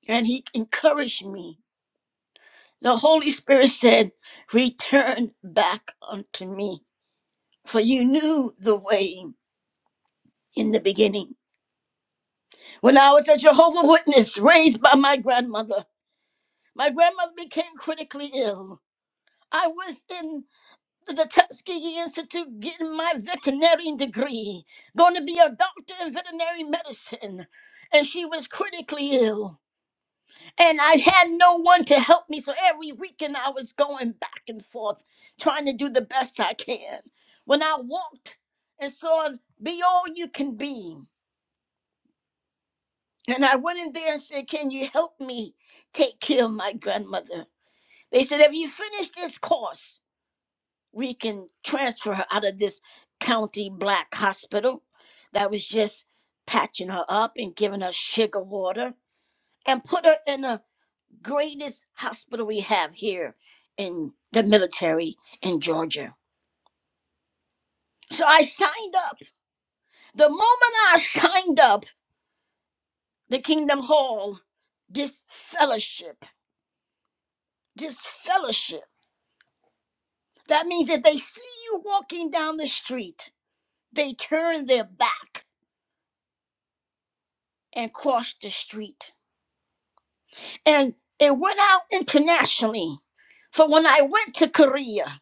S1: And He encouraged me. The Holy Spirit said, Return back unto me, for you knew the way in the beginning. When I was a Jehovah Witness raised by my grandmother, my grandmother became critically ill. I was in the, the Tuskegee Institute getting my veterinary degree, going to be a doctor in veterinary medicine, and she was critically ill. And I had no one to help me, so every weekend I was going back and forth trying to do the best I can. When I walked and saw Be All You Can Be, And I went in there and said, Can you help me take care of my grandmother? They said, If you finish this course, we can transfer her out of this county black hospital that was just patching her up and giving her sugar water and put her in the greatest hospital we have here in the military in Georgia. So I signed up. The moment I signed up, the Kingdom Hall, this fellowship, this fellowship. That means if they see you walking down the street, they turn their back and cross the street. And it went out internationally. For when I went to Korea,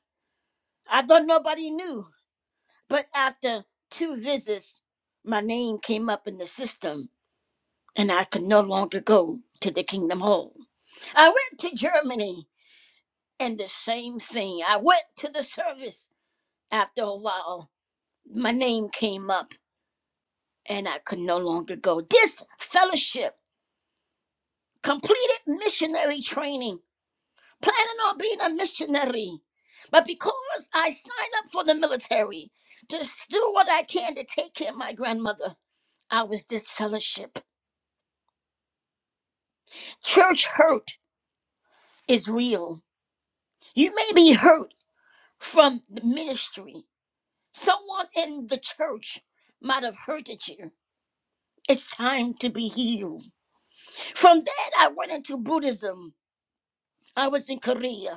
S1: I thought nobody knew. But after two visits, my name came up in the system and I could no longer go to the Kingdom Hall. I went to Germany and the same thing. I went to the service after a while. My name came up and I could no longer go. This fellowship completed missionary training, planning on being a missionary. But because I signed up for the military to do what I can to take care of my grandmother, I was disfellowship. Church hurt is real. You may be hurt from the ministry. Someone in the church might have hurted you. It's time to be healed. From that, I went into Buddhism. I was in Korea.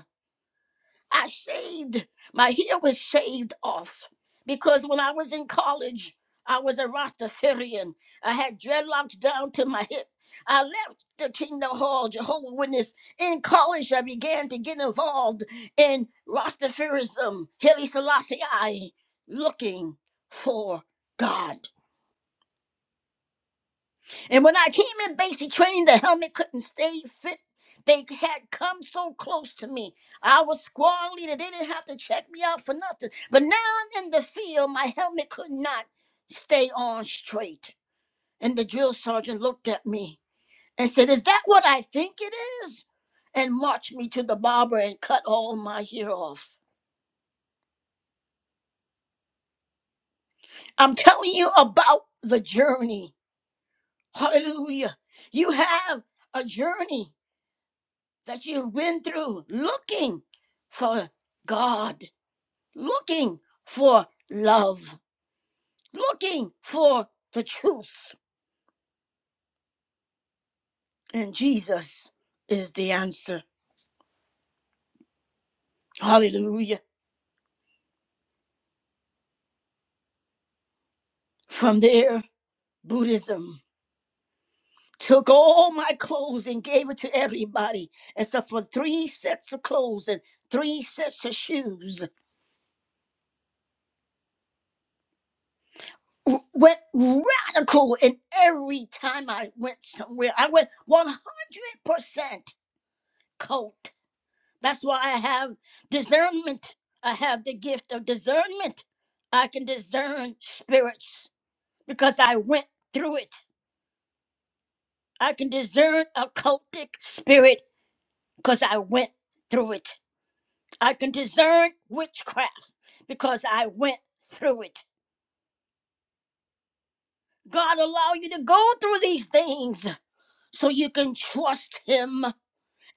S1: I shaved. My hair was shaved off because when I was in college, I was a Rastafarian. I had dreadlocks down to my hip. I left the Kingdom Hall, Jehovah Witness. In college, I began to get involved in Rastafarism, Haile Selassie, looking for God. And when I came in basic training, the helmet couldn't stay fit. They had come so close to me. I was squad leader. They didn't have to check me out for nothing. But now I'm in the field. My helmet could not stay on straight. And the drill sergeant looked at me and said, Is that what I think it is? And marched me to the barber and cut all my hair off. I'm telling you about the journey. Hallelujah. You have a journey. that you've been through looking for God, looking for love, looking for the truth. And Jesus is the answer. Hallelujah. From there, Buddhism took all my clothes and gave it to everybody, except for three sets of clothes and three sets of shoes. W- Went radical, and every time I went somewhere, I went 100% cult. That's why I have discernment. I have the gift of discernment. I can discern spirits because I went through it. I can discern occultic spirit because I went through it. I can discern witchcraft because I went through it. God allow you to go through these things so you can trust him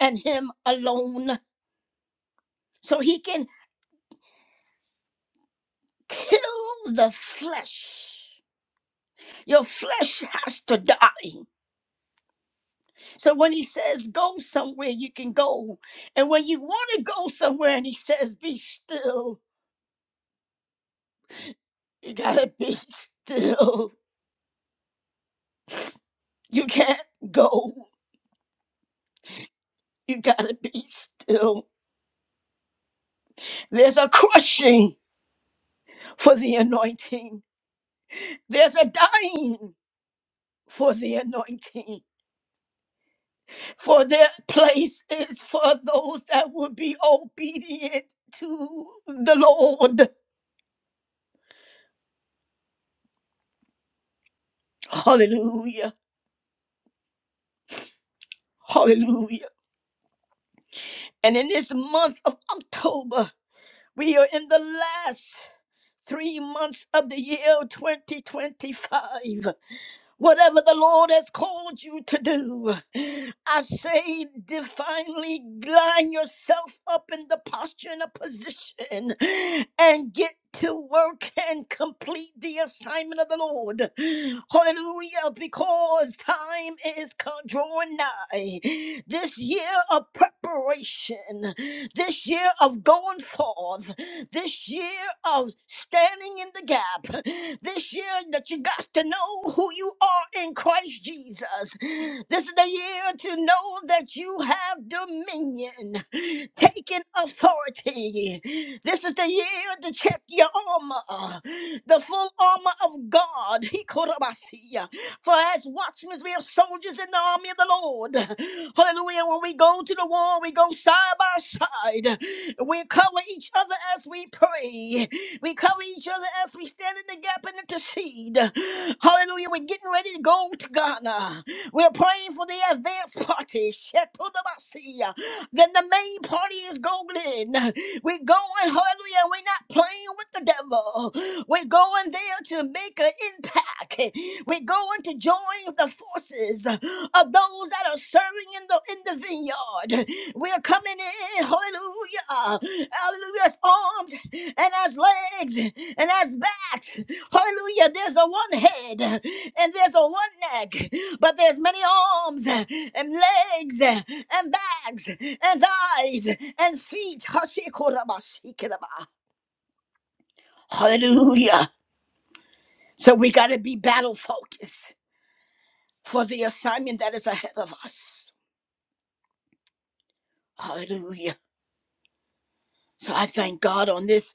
S1: and him alone so he can kill the flesh. Your flesh has to die. So when he says go somewhere, you can go. And when you want to go somewhere and he says be still, you gotta <laughs> be still. You can't go. You gotta be still. There's a crushing for the anointing, there's a dying for the anointing. For their place is for those that will be obedient to the Lord. Hallelujah. Hallelujah. And in this month of October, We are in the last three months of the year 2025. Whatever the Lord has called you to do, I say divinely line yourself up in the posture and a position and get to work and complete the assignment of the Lord. Hallelujah, because time is co- drawing nigh. This year of preparation, this year of going forth, this year year of standing in the gap. This year that you got to know who you are in Christ Jesus. This is the year to know that you have dominion, taking authority. This is the year to check your armor, the full armor of God. He For as watchmen, we are soldiers in the army of the Lord. Hallelujah. When we go we go to the wall. We go side by side. We cover each other as we pray. We cover each other as we stand in the gap and intercede. Hallelujah. We're getting ready to go to Ghana. We're praying for the advance party. Shetodabasiya. Then the main party is going in. We're going, hallelujah. We're not playing with the devil. We're going there to make an impact. We're going to join the forces of those that are serving in the in the vineyard. We're coming in, hallelujah, hallelujah, as arms and as legs and as backs. Hallelujah. There's a one head and there's a one neck, but there's many arms and legs and backs and thighs and feet. Hashikorabashikoraba. Hallelujah. So we gotta be battle focused. for the assignment that is ahead of us. Hallelujah. So I thank God on this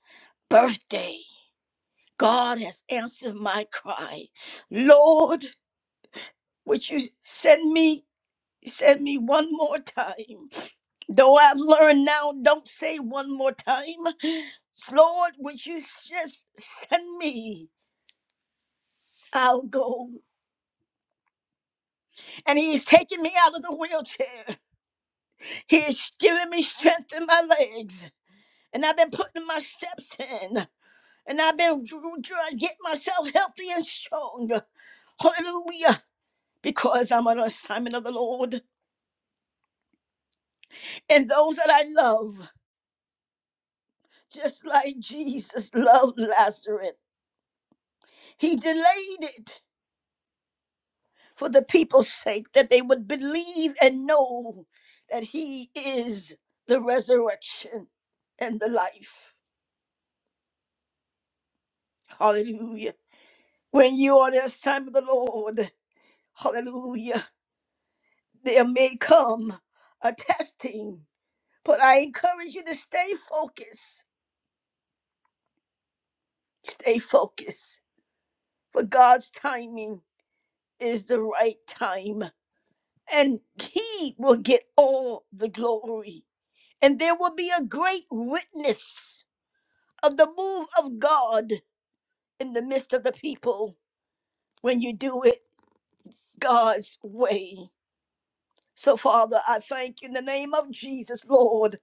S1: birthday. God has answered my cry. Lord, would you send me, send me one more time? Though I've learned now, don't say one more time. Lord, would you just send me? I'll go. And he's taking me out of the wheelchair. He is giving me strength in my legs. And I've been putting my steps in. and I've been trying to get myself healthy and strong. Hallelujah. Because I'm on assignment of the Lord. And those that I love, just like Jesus loved Lazarus, he delayed it for the people's sake that they would believe and know that he is the resurrection and the life. Hallelujah. When you are on the assignment of the Lord, hallelujah, there may come a testing But I encourage you to stay focused. Stay focused. For God's timing is the right time. And He will get all the glory. And there will be a great witness of the move of God in the midst of the people when you do it God's way. So, Father, I thank you in the name of Jesus, Lord.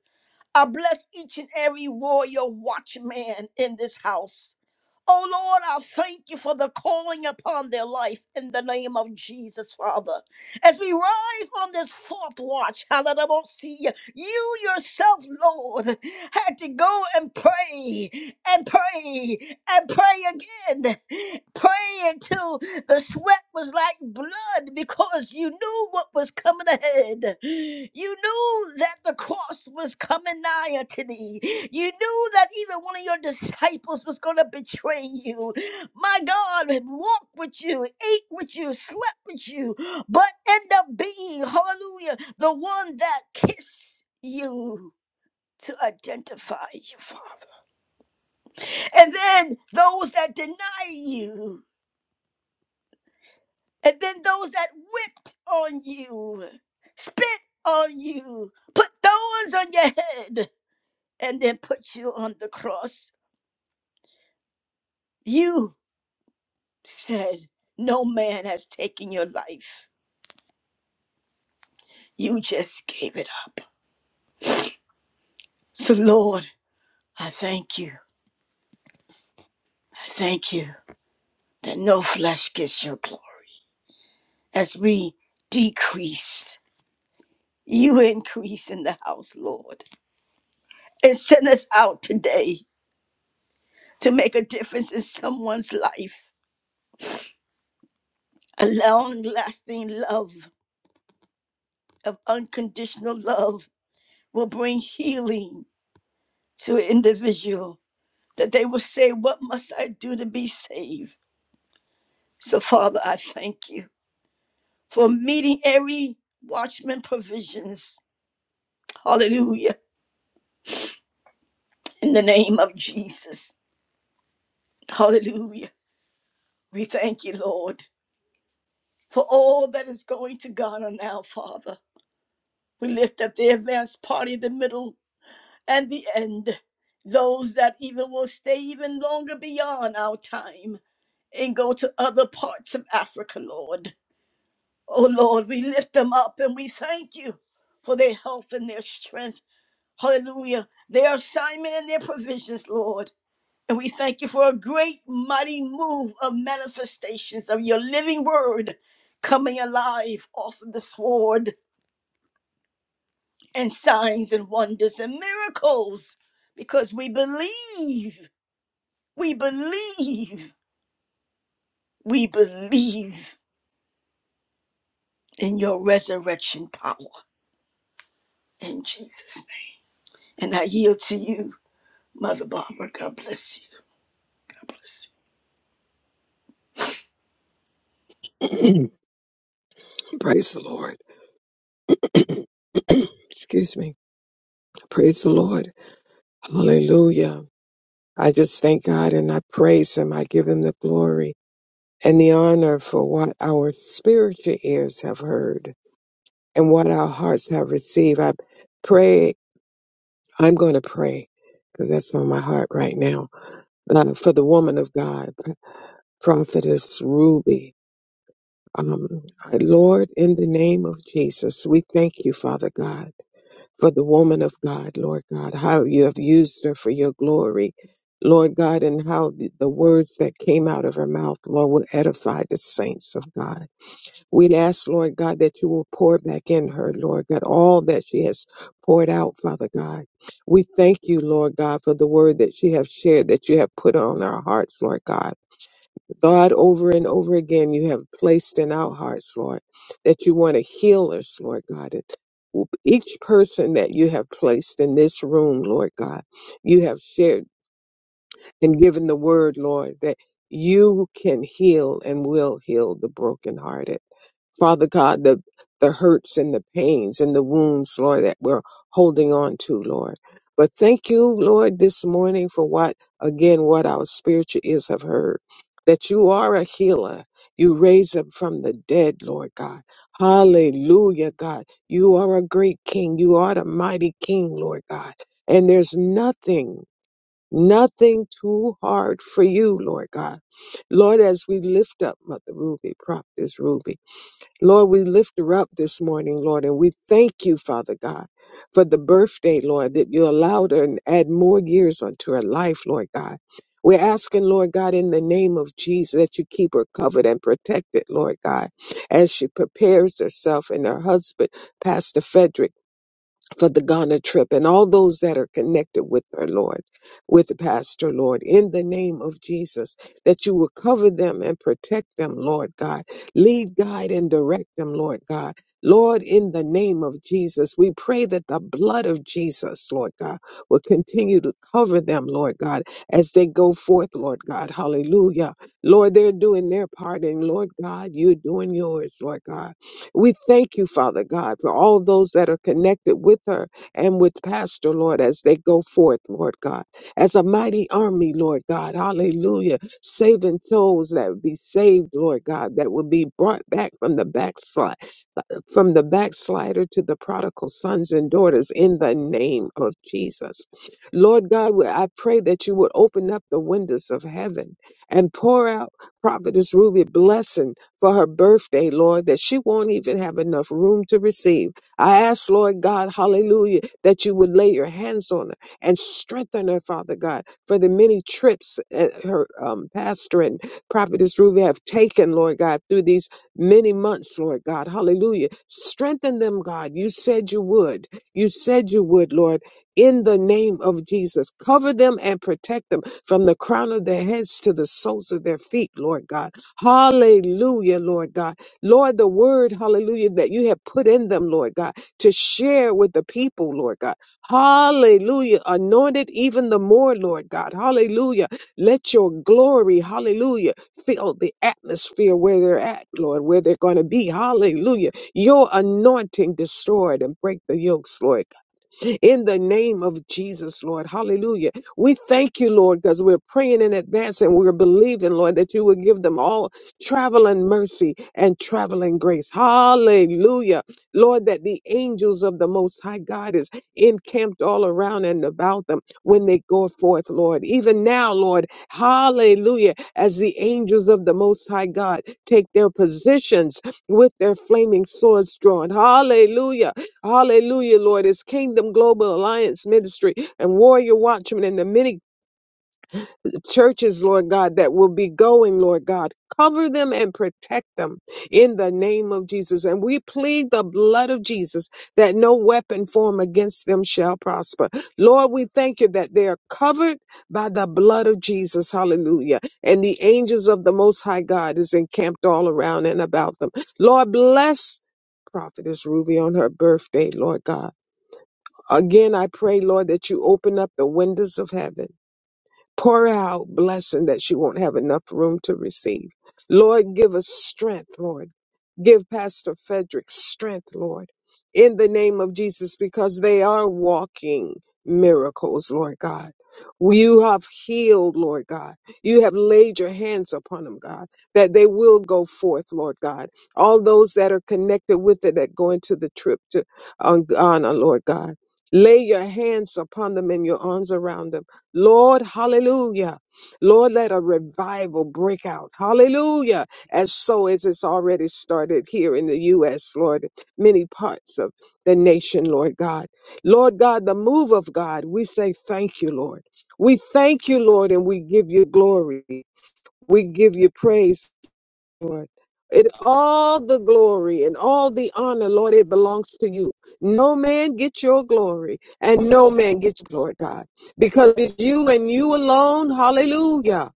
S1: I bless each and every warrior watchman in this house. Oh Lord, I thank you for the calling upon their life in the name of Jesus, Father as we rise on this fourth watch, hallelujah, you yourself, Lord, had to go and pray and pray and pray again. Pray until the sweat was like blood because you knew what was coming ahead. You knew that the cross was coming nigh to thee. You knew that even one of your disciples was going to betray you. My God, walked with you, ate with you, slept with you, but end up being, hallelujah, the one that kissed you to identify you, Father. And then those that deny you, and then those that whipped on you, spit on you, put thorns on your head, and then put you on the cross. You said, No man has taken your life. You just gave it up. So, Lord, I thank you. I thank you. that no flesh gets your glory. As we decrease, you increase in the house, Lord. And send us out today to make a difference in someone's life. A long lasting love of unconditional love will bring healing to an individual that they will say, What must I do to be saved? So, Father, I thank you for meeting every watchman provisions. Hallelujah. In the name of Jesus. Hallelujah. We thank you, Lord, for all that is going to God on now, Father. We lift up the advanced party, the middle, and the end. Those that even will stay even longer beyond our time and go to other parts of Africa, Lord. Oh, Lord, we lift them up and we thank you for their health and their strength. Hallelujah. Their assignment and their provisions, Lord. And we thank you for a great, mighty move of manifestations of your living word coming alive off of the sword and signs and wonders and miracles because we believe, we believe, we believe in your resurrection power in Jesus' name. And I yield to you, Mother Barbara. God bless you. God bless you.
S2: <clears throat> Praise the Lord. <clears throat> Excuse me. Praise the Lord. Hallelujah. I just thank God and I praise Him. I give Him the glory and the honor for what our spiritual ears have heard and what our hearts have received. I pray, I'm going to pray because that's on my heart right now. Uh, for the woman of God, Prophetess Ruby. Um, Lord, in the name of Jesus, we thank you, Father God, for the woman of God, Lord God, how you have used her for your glory, Lord God, and how the, the words that came out of her mouth, Lord, will edify the saints of God. We ask, Lord God, that you will pour back in her, Lord God, all that she has poured out, Father God. We thank you, Lord God, for the word that she has shared, that you have put on our hearts, Lord God. God, over and over again, you have placed in our hearts, Lord, that you want to heal us, Lord God. And each person that you have placed in this room, Lord God, you have shared and given the word, Lord, that you can heal and will heal the brokenhearted. Father God, the, the hurts and the pains and the wounds, Lord, that we're holding on to, Lord. But thank you, Lord, this morning for what, again, what our spiritual ears have heard, that you are a healer. You raise up from the dead, Lord God. Hallelujah, God. You are a great king. You are the mighty king, Lord God. And there's nothing, nothing too hard for you, Lord God. Lord, as we lift up Mother Ruby, Prophetess Ruby. Lord, we lift her up this morning, Lord, and we thank you, Father God, for the birthday, Lord, that you allowed her and add more years unto her life, Lord God. We're asking, Lord God, in the name of Jesus, that you keep her covered and protected, Lord God, as she prepares herself and her husband, Pastor Frederick for the Ghana trip and all those that are connected with her, Lord, with the pastor, Lord, in the name of Jesus, that you will cover them and protect them, Lord God. Lead, guide, and direct them, Lord God. Lord, in the name of Jesus, we pray that the blood of Jesus, Lord God, will continue to cover them, Lord God, as they go forth, Lord God. Hallelujah. Lord, they're doing their part, and Lord God, you're doing yours, Lord God. We thank you, Father God, for all those that are connected with her and with Pastor, Lord, as they go forth, Lord God, as a mighty army, Lord God. Hallelujah. Saving souls that would be saved, Lord God, that will be brought back from the backslide from the backslider to the prodigal sons and daughters in the name of Jesus. Lord God, we- I pray that you would open up the windows of heaven and pour out Prophetess Ruby blessing for her birthday, Lord, that she won't even have enough room to receive. I ask, Lord God, hallelujah, that you would lay your hands on her and strengthen her, Father God, for the many trips uh, her um, pastor and Prophetess Ruby have taken, Lord God, through these many months, Lord God. Hallelujah. Strengthen them, God. You said you would. You said you would, Lord, in the name of Jesus. Cover them and protect them from the crown of their heads to the soles of their feet, Lord God. Hallelujah, Lord God. Lord, the word, hallelujah, that you have put in them, Lord God, to share with the people, Lord God. Hallelujah. Anointed even the more, Lord God. Hallelujah let your glory, hallelujah, fill the atmosphere where they're at, Lord, where they're going to be. Hallelujah. Your anointing destroyed and break the yokes, Lord in the name of Jesus, Lord. Hallelujah. We thank you, Lord, because we're praying in advance and we're believing, Lord, that you will give them all traveling mercy and traveling grace. Hallelujah. Lord, that the angels of the Most High God is encamped all around and about them when they go forth, Lord. Even now, Lord, hallelujah, as the angels of the Most High God take their positions with their flaming swords drawn. Hallelujah Hallelujah, Lord. It's Kingdom Global Alliance Ministry and Warrior Watchmen and the many churches, Lord God, that will be going, Lord God. Cover them and protect them in the name of Jesus. And we plead the blood of Jesus that no weapon formed against them shall prosper. Lord, we thank you that they are covered by the blood of Jesus. Hallelujah. And the angels of the Most High God is encamped all around and about them. Lord, bless Prophetess Ruby on her birthday, Lord God. Again, I pray, Lord, that you open up the windows of heaven Pour out blessing that she won't have enough room to receive. Lord, give us strength, Lord. Give Pastor Frederick strength, Lord, in the name of Jesus, because they are walking miracles, Lord God. You have healed, Lord God. You have laid your hands upon them, God, that they will go forth, Lord God. All those that are connected with it that go into the trip to on Ghana, Lord God. Lay your hands upon them and your arms around them Lord, hallelujah. Lord, let a revival break out. Hallelujah. As so as it's already started here in the U.S., Lord, many parts of the nation, Lord God. Lord God, the move of God, we say thank you, Lord. We thank you, Lord, and we give you glory. We give you praise Lord. It all the glory and all the honor, Lord, it belongs to you. No man gets your glory and no man gets your glory, God, because it's you and you alone. Hallelujah.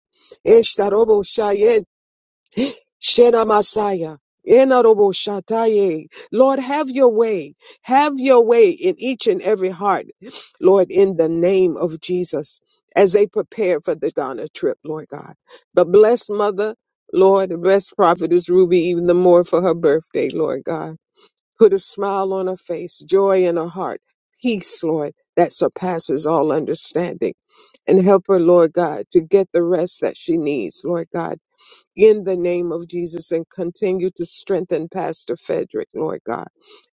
S2: Shena Masaya. Enorobo Shataye. Lord, have your way. Have your way in each and every heart, Lord, in the name of Jesus, as they prepare for the Ghana trip, Lord God. But bless Mother, Lord, bless Prophetess Ruby even the more for her birthday, Lord God. Put a smile on her face, joy in her heart, peace, Lord, that surpasses all understanding and help her, Lord God, to get the rest that she needs, Lord God in the name of Jesus and continue to strengthen Pastor Frederick, Lord God.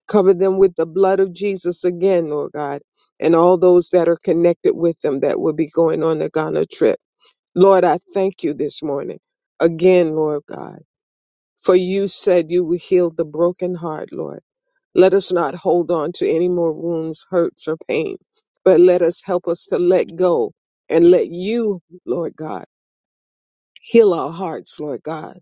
S2: Cover them with the blood of Jesus again, Lord God, and all those that are connected with them that will be going on the Ghana trip. Lord, I thank you this morning again, Lord God, for you said you would heal the broken heart, Lord. Let us not hold on to any more wounds, hurts, or pain, but let us help us to let go and let you, Lord God, heal our hearts, Lord God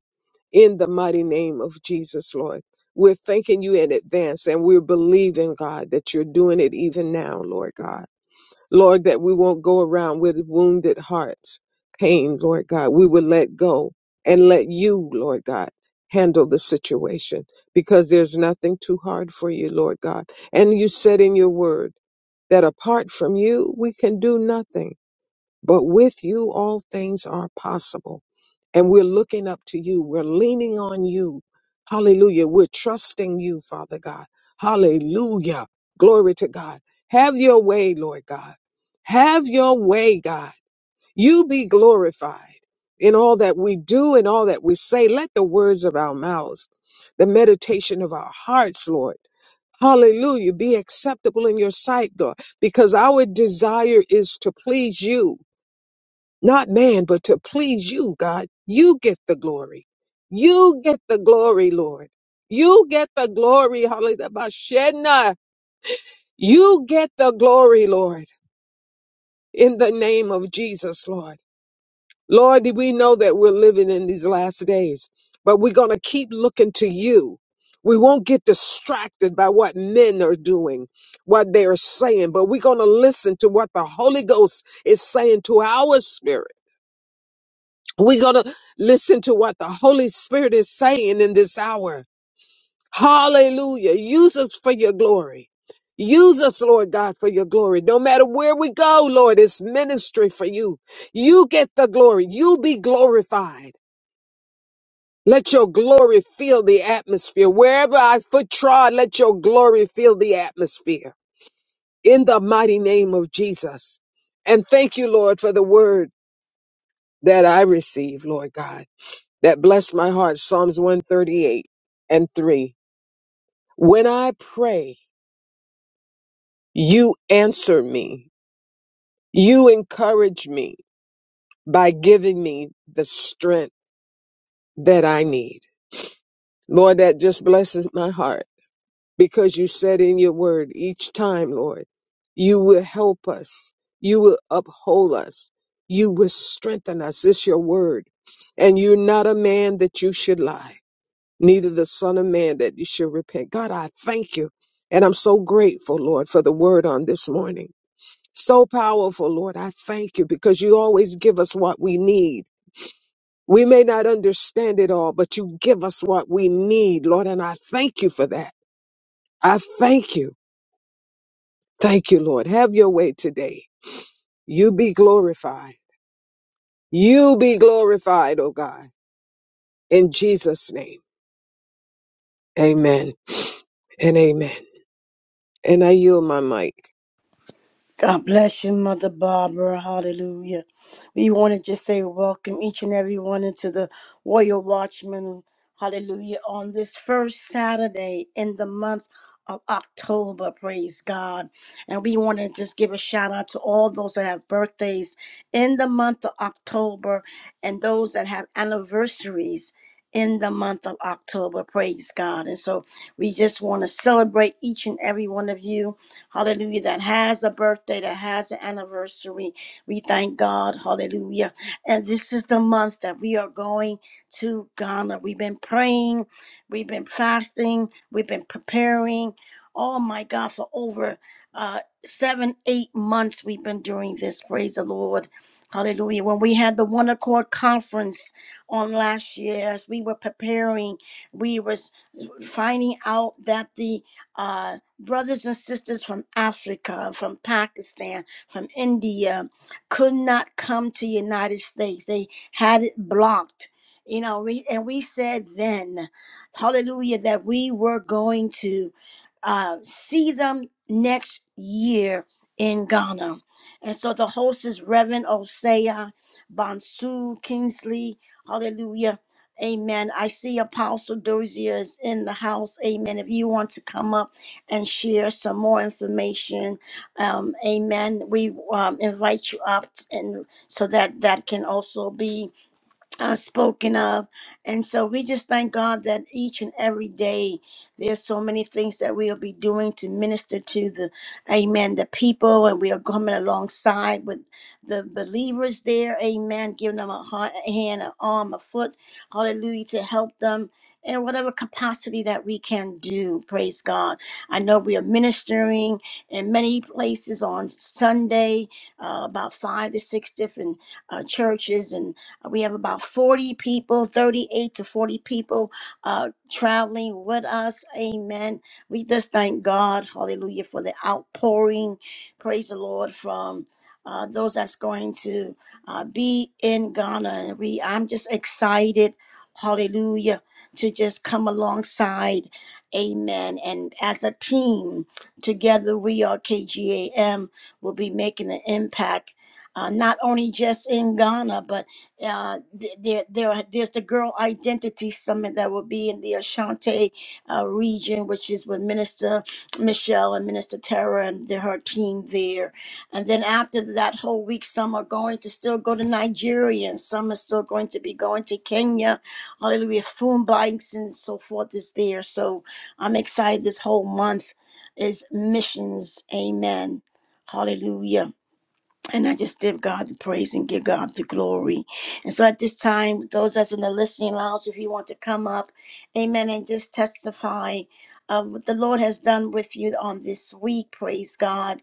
S2: in the mighty name of Jesus, Lord. We're thanking you in advance and we're believing, God, that you're doing it even now, Lord God. Lord, that we won't go around with wounded hearts, pain, Lord God. We will let go and let you, Lord God, handle the situation because there's nothing too hard for you, Lord God. And you said in your word that apart from you, we can do nothing. But with you, all things are possible. And we're looking up to you. We're leaning on you. Hallelujah. We're trusting you, Father God. Hallelujah. Glory to God. Have your way, Lord God. Have your way, God. You be glorified in all that we do and all that we say. Let the words of our mouths, the meditation of our hearts, Lord, hallelujah, be acceptable in your sight, God, because our desire is to please you not man, but to please you, God. You get the glory. You get the glory, Lord. You get the glory, hallelujah. Bashenna. You get the glory, Lord, in the name of Jesus, Lord. Lord, we know that we're living in these last days, but we're going to keep looking to you. We won't get distracted by what men are doing, what they are saying, but we're going to listen to what the Holy Ghost is saying to our spirit We're going to listen to what the Holy Spirit is saying in this hour. Hallelujah. Use us for your glory. Use us, Lord God, for your glory. No matter where we go, Lord, it's ministry for you. You get the glory. You be glorified. Let your glory fill the atmosphere. Wherever I foot trod, let your glory fill the atmosphere. In the mighty name of Jesus. And thank you, Lord, for the word that I receive, Lord God. that bless my heart Psalms 138 and 3. When I pray, you answer me. You encourage me by giving me the strength that I need. Lord, that just blesses my heart because you said in your word each time, Lord, you will help us. You will uphold us. You will strengthen us. It's your word. And you're not a man that you should lie. neither the Son of Man that you should repent. God, I thank you. And I'm so grateful, Lord, for the word on this morning. So powerful, Lord. I thank you because you always give us what we need. We may not understand it all, but you give us what we need, Lord. And I thank you for that. I thank you. Thank you, Lord. Have your way today. You be glorified. You be glorified, oh God. In Jesus' name. Amen and amen. And I yield my mic.
S1: God bless you, Mother Barbara. Hallelujah. We want to just say welcome each and every one into the Warrior Watchman. Hallelujah. On this first Saturday in the month of October, praise God. And we want to just give a shout out to all those that have birthdays in the month of October and those that have anniversaries in the month of October, praise God. And so we just want to celebrate each and every one of you hallelujah, that has a birthday, that has an anniversary. We thank God, hallelujah. And this is the month that we are going to Ghana. We've been praying, we've been fasting, we've been preparing. Oh my God, for over uh, seven, eight months we've been doing this. Praise the Lord. Hallelujah. When we had the One Accord Conference on last year, as we were preparing, we was finding out that the uh, brothers and sisters from Africa, from Pakistan, from India could not come to United States. They had it blocked. You know, we, and we said then, hallelujah, that we were going to uh, see them next year in Ghana. And so the host is Reverend Osea, Bonsu, Kingsley, hallelujah. Amen. I see Apostle Dozier is in the house. Amen. If you want to come up, and share some more information. Um, amen. We um, invite you up, and so that that can also be uh, spoken of. And so we just thank God that each and every day there's so many things that we'll be doing to minister to the amen, the people, and we are coming alongside with the believers there, amen, giving them a heart, a hand, an arm, a foot, hallelujah, to help them. In whatever capacity that we can do, praise God. I know we are ministering in many places on Sunday, uh, about five to six different uh, churches uh, We have about 40 people, 38 to 40 people uh, traveling with us. Amen. We just thank God, hallelujah, for the outpouring. Praise the Lord from uh, those that's going to uh, be in Ghana. And we, I'm just excited, hallelujah, to just come alongside. Amen. And as a team, together we are KGAM, will be making an impact, uh, not only just in Ghana, but uh, there, there, there's the Girl Identity Summit that will be in the Ashanti uh, region, which is with Minister Michelle and Minister Tara and the, her team there. And then after that whole week, some are going to still go to Nigeria, and some are still going to be going to Kenya. Hallelujah, phone bikes and so forth is there. So I'm excited. This whole month is missions. Amen. Hallelujah. And I just give God the praise and give God the glory. And so at this time, those that's in the listening lounge, if you want to come up, amen, and just testify of what the Lord has done with you on this week, praise God.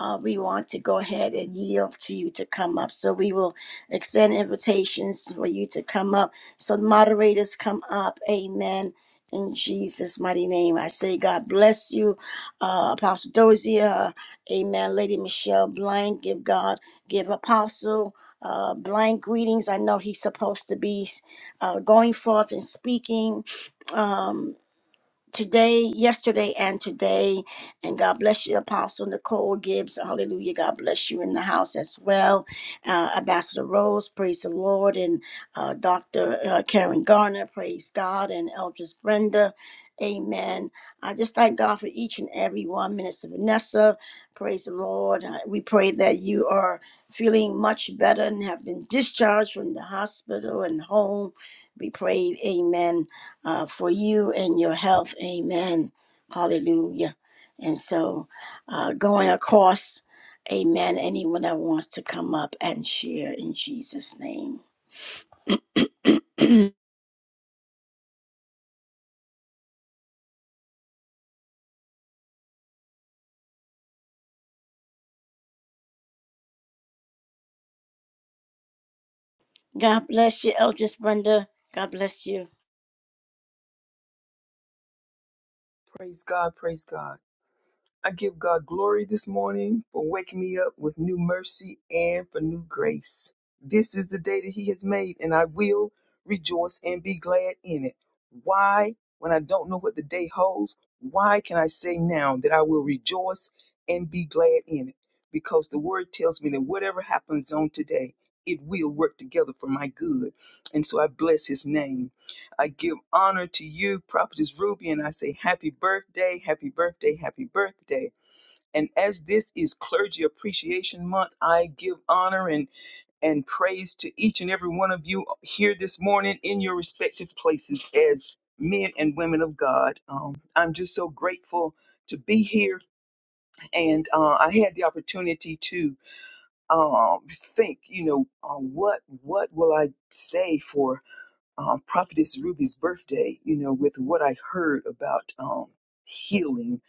S1: Uh, we want to go ahead and yield to you to come up. So we will extend invitations for you to come up. So moderators come up, amen. In Jesus' mighty name, I say, God bless you, uh, Apostle Dozier. Amen. Lady Michelle Blank, give God, give Apostle uh, Blank greetings. I know he's supposed to be uh, going forth and speaking. Um, today, yesterday, and today. And God bless you, Apostle Nicole Gibbs. Hallelujah. God bless you in the house as well. Uh, Ambassador Rose, praise the Lord. And uh, Dr. uh, Karen Garner, praise God. And Eldris Brenda, amen. I just thank God for each and every one. Minister Vanessa, praise the Lord. Uh, we pray that you are feeling much better and have been discharged from the hospital and home. We pray, amen uh, for you and your health. Amen. Hallelujah. And so uh, going across, amen. Anyone that wants to come up and share in Jesus' name. God bless you, Eldris Brenda. God bless you.
S3: Praise God, praise God. I give God glory this morning for waking me up with new mercy and for new grace. This is the day that He has made, and I will rejoice and be glad in it. Why, when I don't know what the day holds, why can I say now that I will rejoice and be glad in it? Because the word tells me that whatever happens on today, it will work together for my good. And so I bless His name. I give honor to you, Prophetess Ruby, and I say happy birthday, happy birthday, happy birthday. And as this is Clergy Appreciation Month, I give honor and, and praise to each and every one of you here this morning in your respective places as men and women of God. Um, I'm just so grateful to be here. And uh, I had the opportunity to um, think, you know, uh, what what will I say for um, Prophetess Ruby's birthday, you know, with what I heard about um, healing,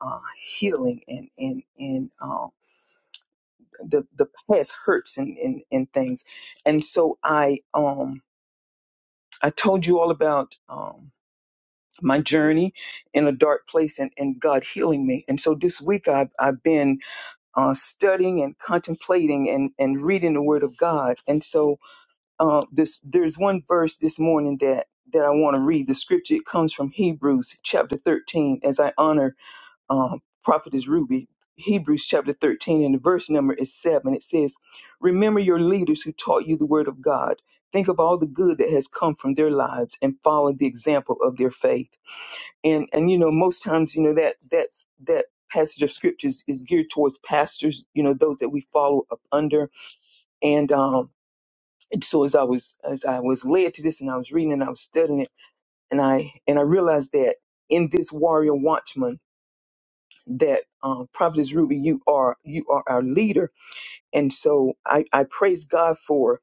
S3: uh, healing, and and and um, the the past hurts and, and and things, and so I um I told you all about um my journey in a dark place and, and God healing me, and so this week I've I've been uh, studying and contemplating and and reading the Word of God, and so Uh, this there's one verse this morning that that I want to read. The scripture it comes from Hebrews chapter 13. As I honor um, prophetess Ruby, Hebrews chapter 13 and the verse number is seven. It says, "Remember your leaders who taught you the word of God. Think of all the good that has come from their lives and follow the example of their faith." And and you know most times you know that that's that passage of scriptures is geared towards pastors. You know those that we follow up under and. Um, and so as I was as I was led to this and I was reading and I was studying it and I and I realized that in this warrior watchman that um, Prophetess Ruby, you are you are our leader, and so I, I praise God for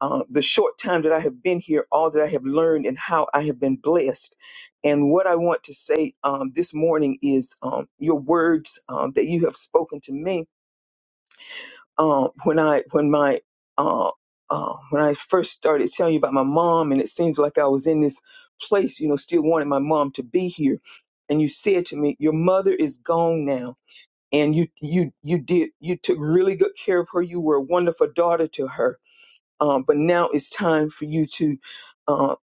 S3: uh, the short time that I have been here, all that I have learned, and how I have been blessed. And what I want to say um, this morning is um, your words um, that you have spoken to me um, when I when my uh, uh, when I first started telling you about my mom, and it seems like I was in this place, you know, still wanting my mom to be here. And you said to me, "Your mother is gone now, and you you you did you took really good care of her. You were a wonderful daughter to her. Um, but now it's time for you to." Uh,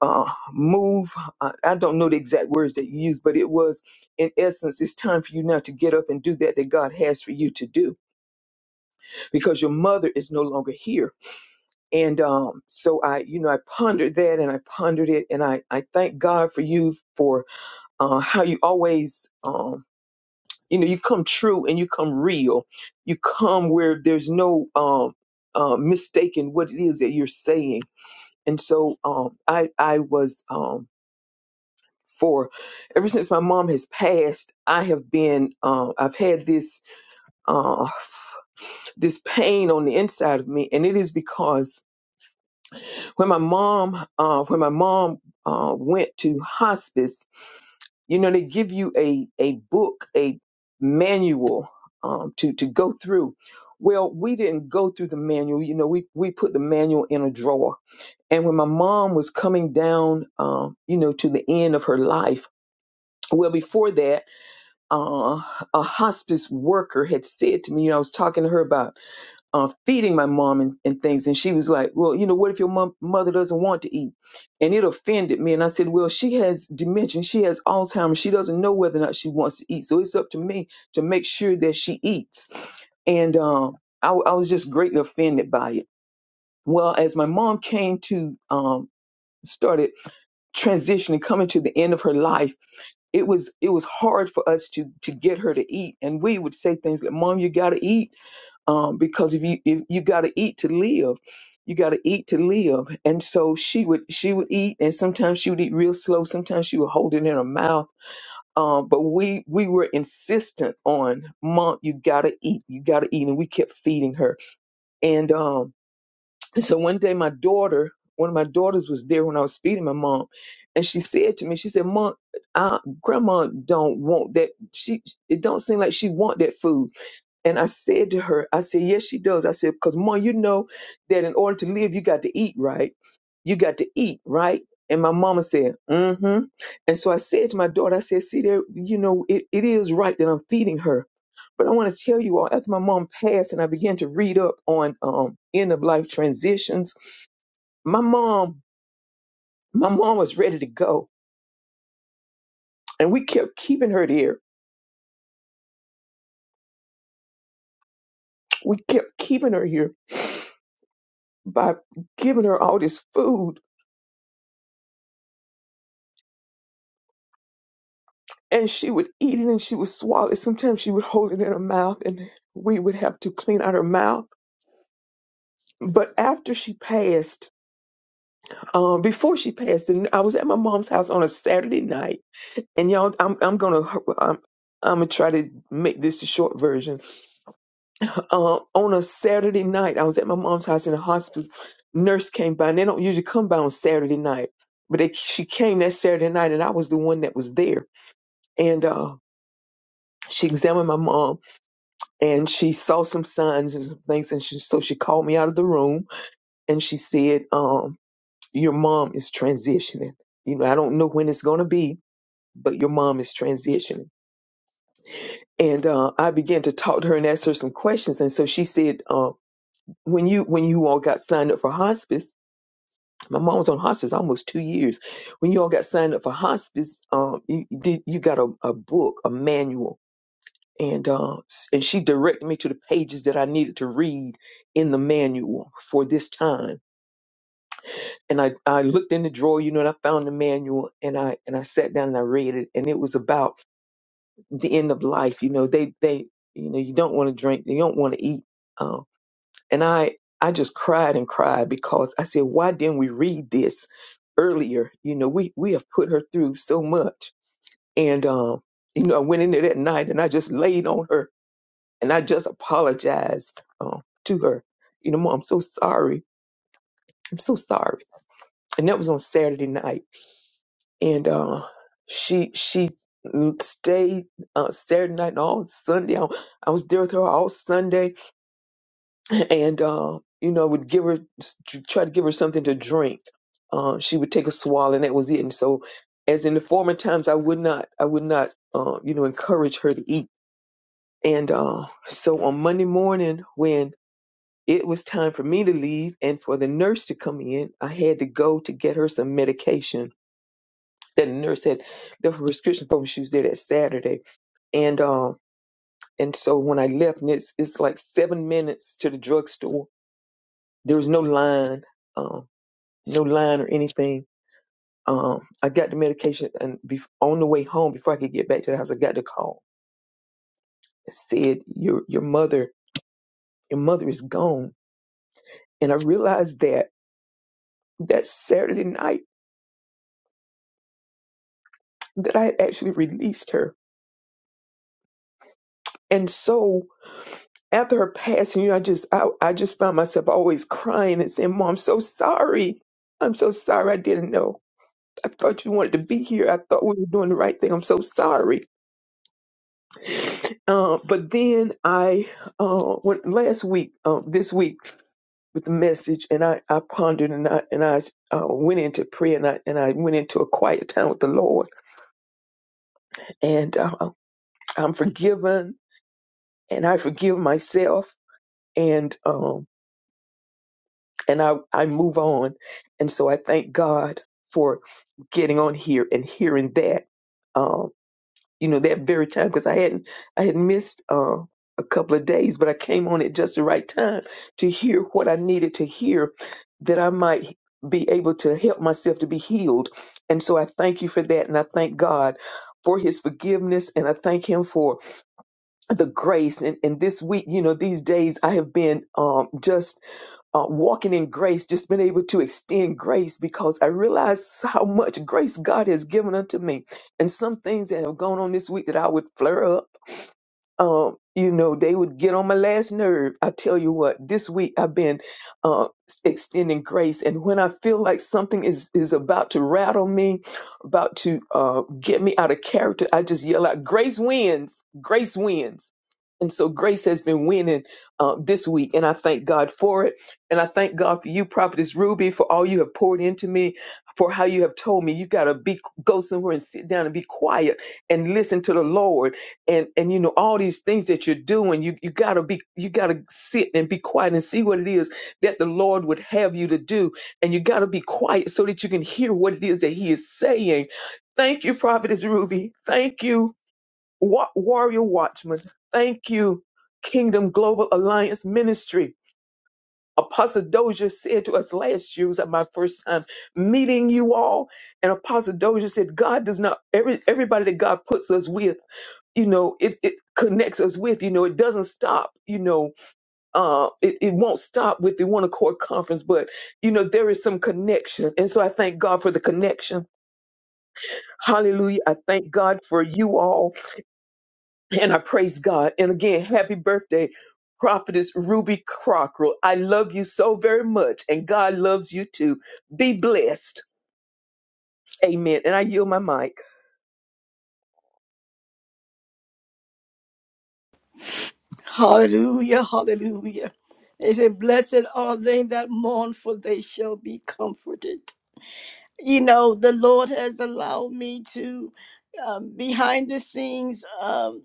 S3: uh, move. I, I don't know the exact words that you used, but it was, in essence, it's time for you now to get up and do that that God has for you to do because your mother is no longer here. And um, so I, you know, I pondered that and I pondered it. And I, I thank God for you for uh, how you always, um, you know, you come true and you come real. You come where there's no um, uh, mistaking what it is that you're saying. And so um, I, I was um, for ever since my mom has passed, I have been, uh, I've had this, uh, this pain on the inside of me, and it is because when my mom uh, when my mom uh, went to hospice, you know, they give you a a book, a manual um, to to go through. Well, we didn't go through the manual. You know, we we put the manual in a drawer. And when my mom was coming down, um, you know, to the end of her life, well, before that, uh, a hospice worker had said to me, you know, I was talking to her about uh, feeding my mom and, and things. And she was like, Well, you know, what if your mom, mother doesn't want to eat? And it offended me. And I said, Well, she has dementia. She has Alzheimer's. She doesn't know whether or not she wants to eat. So it's up to me to make sure that she eats. And um, I, w- I was just greatly offended by it. Well, as my mom came to, um, started transitioning, coming to the end of her life, it was it was hard for us to to get her to eat, and we would say things like, "Mom, you got to eat." um, because if you if you got to eat to live, you got to eat to live. And so she would she would eat, and sometimes she would eat real slow. Sometimes she would hold it in her mouth. Um, but we we were insistent on mom, you got to eat, you got to eat, and we kept feeding her. And um, and so one day my daughter. One of my daughters was there when I was feeding my mom, and she said to me, she said, "Mom, uh, Grandma don't want that. She it don't seem like she want that food." And I said to her, I said, yes, she does. I said, because mom, you know that in order to live, you got to eat, right? You got to eat, right? And my mama said, mm-hmm. And so I said to my daughter, I said, see there, you know, it, it is right that I'm feeding her. But I want to tell you all, after my mom passed and I began to read up on um, end of life transitions, my mom, my mom was ready to go. And we kept keeping her there. We kept keeping her here by giving her all this food and she would eat it and she would swallow it. Sometimes she would hold it in her mouth and we would have to clean out her mouth. But after she passed, um, before she passed, and I was at my mom's house on a Saturday night, and y'all, I'm I'm gonna I'm, I'm gonna try to make this a short version. Uh, on a Saturday night, I was at my mom's house in the hospice. Nurse came by, and they don't usually come by on Saturday night, but they, she came that Saturday night, and I was the one that was there, and uh, she examined my mom and she saw some signs and some things and she so she called me out of the room and she said um your mom is transitioning you know i don't know when it's going to be but your mom is transitioning and uh, i began to talk to her and ask her some questions and so she said uh, when you when you all got signed up for hospice my mom was on hospice almost two years when you all got signed up for hospice um, you you did you got a, a book a manual and uh, s- and she directed me to the pages that I needed to read in the manual for this time. And I, I looked in the drawer, you know, and I found the manual, and I and I sat down and I read it, and it was about the end of life. You know, they they you know you don't want to drink, you don't want to eat, Um, and I I just cried and cried because I said, why didn't we read this earlier? You know, we we have put her through so much, and um, you know, I went in there that night and I just laid on her And I just apologized um, to her. You know, Mom, I'm so sorry. I'm so sorry. And that was on Saturday night. And uh, she she stayed uh, Saturday night and all Sunday. I, I was there with her all Sunday, and uh, you know, would give her try to give her something to drink. Uh, she would take a swallow, and that was it. And so, as in the former times, I would not, I would not, uh, you know, encourage her to eat. And uh, so on Monday morning, when It was time for me to leave and for the nurse to come in. I had to go to get her some medication that the nurse had left a prescription for when she was there that Saturday. And um, and so when I left, and it's it's like seven minutes to the drugstore. There was no line, um, no line or anything. Um, I got the medication, and bef on the way home, before I could get back to the house, I got the call. It said your your mother your mother is gone, and I realized that that Saturday night. that I had actually released her. And so after her passing, you know, I just I, I just found myself always crying and saying, Mom, I'm so sorry. I'm so sorry I didn't know. I thought you wanted to be here. I thought we were doing the right thing. I'm so sorry. Uh, but then I uh, went last week, um, this week with the message, and I, I pondered and I and I uh, went into prayer and I and I went into a quiet time with the Lord. And uh, I'm forgiven, and I forgive myself. And um, and I, I move on. And so I thank God for getting on here and hearing that, um, you know, that very time because I hadn't I had missed uh, a couple of days, but I came on at just the right time to hear what I needed to hear that I might be able to help myself to be healed. And so I thank you for that, and I thank God for his forgiveness and I thank him for the grace and, and this week, you know, these days I have been um just uh, walking in grace, just been able to extend grace because I realize how much grace God has given unto me. And some things that have gone on this week that I would flare up um, you know, they would get on my last nerve. I tell you what, this week I've been uh, s- extending grace, and when I feel like something is is about to rattle me, about to uh, get me out of character, I just yell out, "Grace wins! Grace wins!" And so grace has been winning uh, this week, and I thank God for it. And I thank God for you, Prophetess Ruby, for all you have poured into me, for how you have told me you gotta be go somewhere and sit down and be quiet and listen to the Lord and and you know all these things that you're doing you you got to be you got to sit and be quiet and see what it is that the lord would have you to do and you got to be quiet so that you can hear what it is that he is saying thank you prophetess ruby thank you Wa- warrior watchman thank you kingdom global alliance ministry Apostle Dozier said to us last year, it was my first time meeting you all. And Apostle Dozier said, God does not, every, everybody that God puts us with you know it, it connects us with you know it doesn't stop you know uh it, it won't stop with the one accord conference but you know there is some connection and so i thank god for the connection hallelujah i thank god for you all and i praise god and again happy birthday prophetess ruby Crocker i love you so very much and god loves you too be blessed amen and i yield my mic
S1: Hallelujah, hallelujah. They say, Blessed are they that mourn, for they shall be comforted. you know, the Lord has allowed me to, um, behind the scenes, um,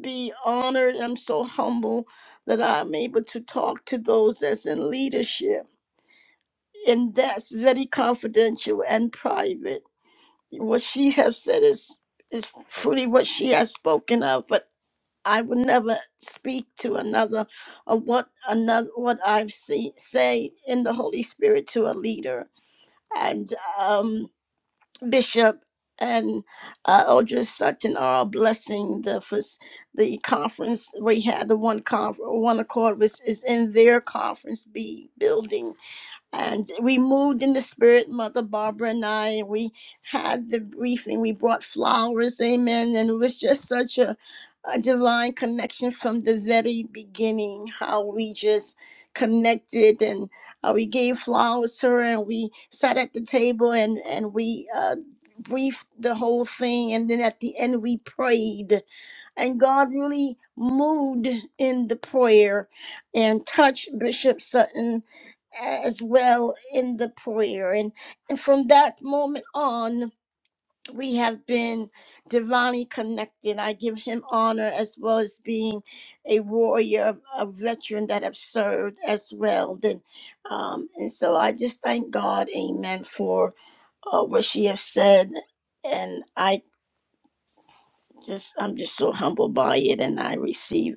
S1: be honored. I'm so humble that I'm able to talk to those that's in leadership, and that's very confidential and private. What she has said is is truly what she has spoken of, but I would never speak to another of what another what I've seen say in the Holy Spirit to a leader and um Bishop and uh, Eldridge Sutton are blessing the first, the conference we had. The one conference, one accord was is in their conference B building, and we moved in the spirit, Mother Barbara and I, and we had the briefing. We brought flowers, amen. And it was just such a, a divine connection from the very beginning, how we just connected and uh, we gave flowers to her and we sat at the table and, and we uh, briefed the whole thing. And then at the end, we prayed and God really moved in the prayer and touched Bishop Sutton as well in the prayer. And, and from that moment on, we have been divinely connected. I give him honor as well as being a warrior, a veteran that have served as well. Then, um, and so I just thank God, Amen, for uh, what she has said, and I just I'm just so humbled by it, and I receive.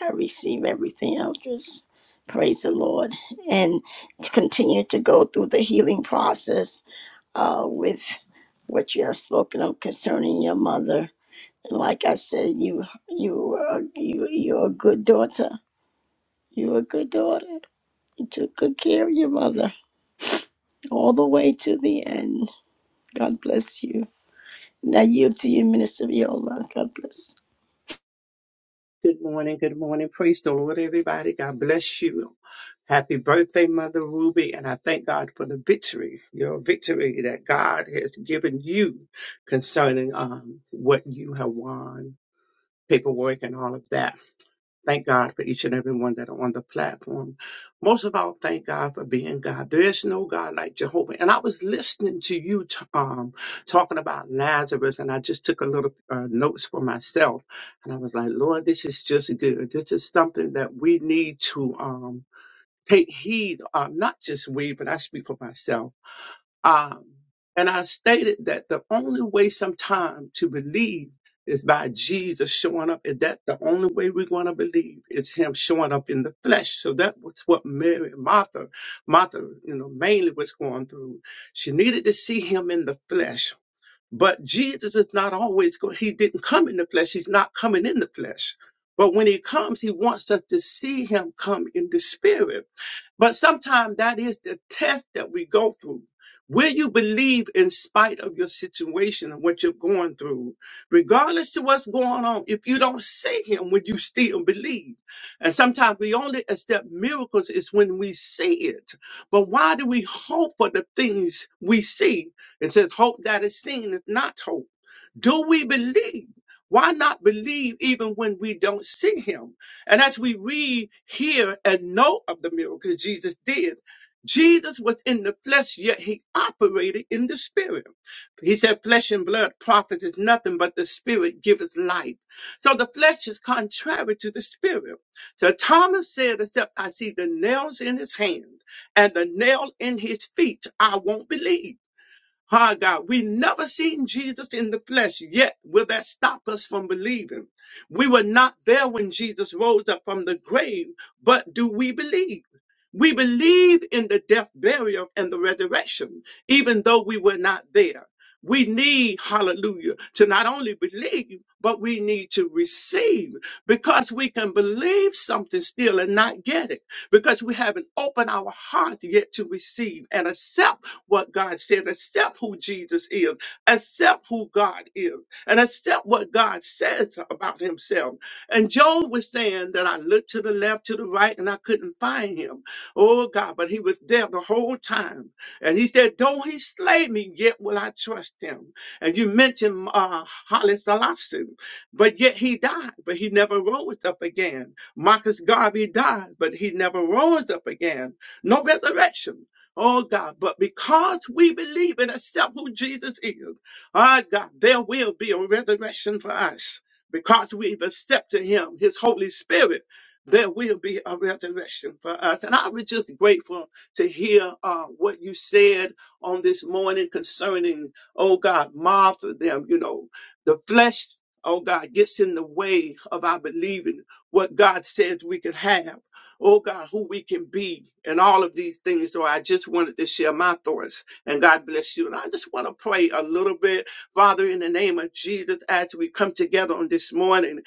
S1: I receive everything. I'll just praise the Lord and continue to go through the healing process uh, with what you have spoken of concerning your mother. And like I said, you you are you you're a good daughter. You're a good daughter. You took good care of your mother all the way to the end. God bless you. Now yield to you, Minister Viola. God bless.
S4: Good morning. Good morning. Praise the Lord, everybody. God bless you. Happy birthday, Mother Ruby. And I thank God for the victory, your victory that God has given you concerning um, what you have won, paperwork, and all of that. Thank God for each and every one that are on the platform. Most of all, thank God for being God. There is no God like Jehovah. And I was listening to you t- um, talking about Lazarus, and I just took a little uh, notes for myself. And I was like, Lord, this is just good. This is something that we need to um, take heed of, not just we, but I speak for myself um, and I stated that the only way sometime to believe is by Jesus showing up. Is that the only way we're going to believe? Is him showing up in the flesh. So that was what Mary and Martha, Martha, you know, mainly was going through. She needed to see him in the flesh but Jesus is not always going, he didn't come in the flesh. He's not coming in the flesh. But when he comes, he wants us to see him come in the spirit. But sometimes that is the test that we go through. Will you believe in spite of your situation and what you're going through? Regardless to what's going on, if you don't see him, would you still believe? And sometimes we only accept miracles is when we see it. But why do we hope for the things we see? It says, Hope that is seen is not hope. Do we believe? Why not believe even when we don't see him? And as we read, hear, and know of the miracles Jesus did, Jesus was in the flesh, yet he operated in the spirit. He said, Flesh and blood profits is nothing, but the spirit giveth life. So the flesh is contrary to the spirit. So Thomas said, Except I see the nails in his hand and the nail in his feet, I won't believe. Ah, God, we never seen Jesus in the flesh yet. Will that stop us from believing? We were not there when Jesus rose up from the grave, but do we believe? We believe in the death, burial, and the resurrection, even though we were not there. We need, hallelujah, to not only believe, but we need to receive because we can believe something still and not get it because we haven't opened our hearts yet to receive and accept what God said, accept who Jesus is, accept who God is, and accept what God says about himself. And Job was saying that I looked to the left, to the right, and I couldn't find him. Oh God, but he was there the whole time. And he said, Though he slay me, yet will I trust him. And you mentioned uh, Holly Selassie. But yet he died, but he never rose up again. Marcus Garvey died, but he never rose up again. No resurrection. Oh God, but because we believe and accept who Jesus is, our God, there will be a resurrection for us. Because we've accepted him, his Holy Spirit, there will be a resurrection for us. And I was just grateful to hear uh, what you said on this morning concerning, oh God, Martha, them, you know, the flesh oh God, gets in the way of our believing what God says we could have, oh God, who we can be, and all of these things. So I just wanted to share my thoughts, and God bless you. And I just want to pray a little bit, Father, in the name of Jesus, as we come together on this morning.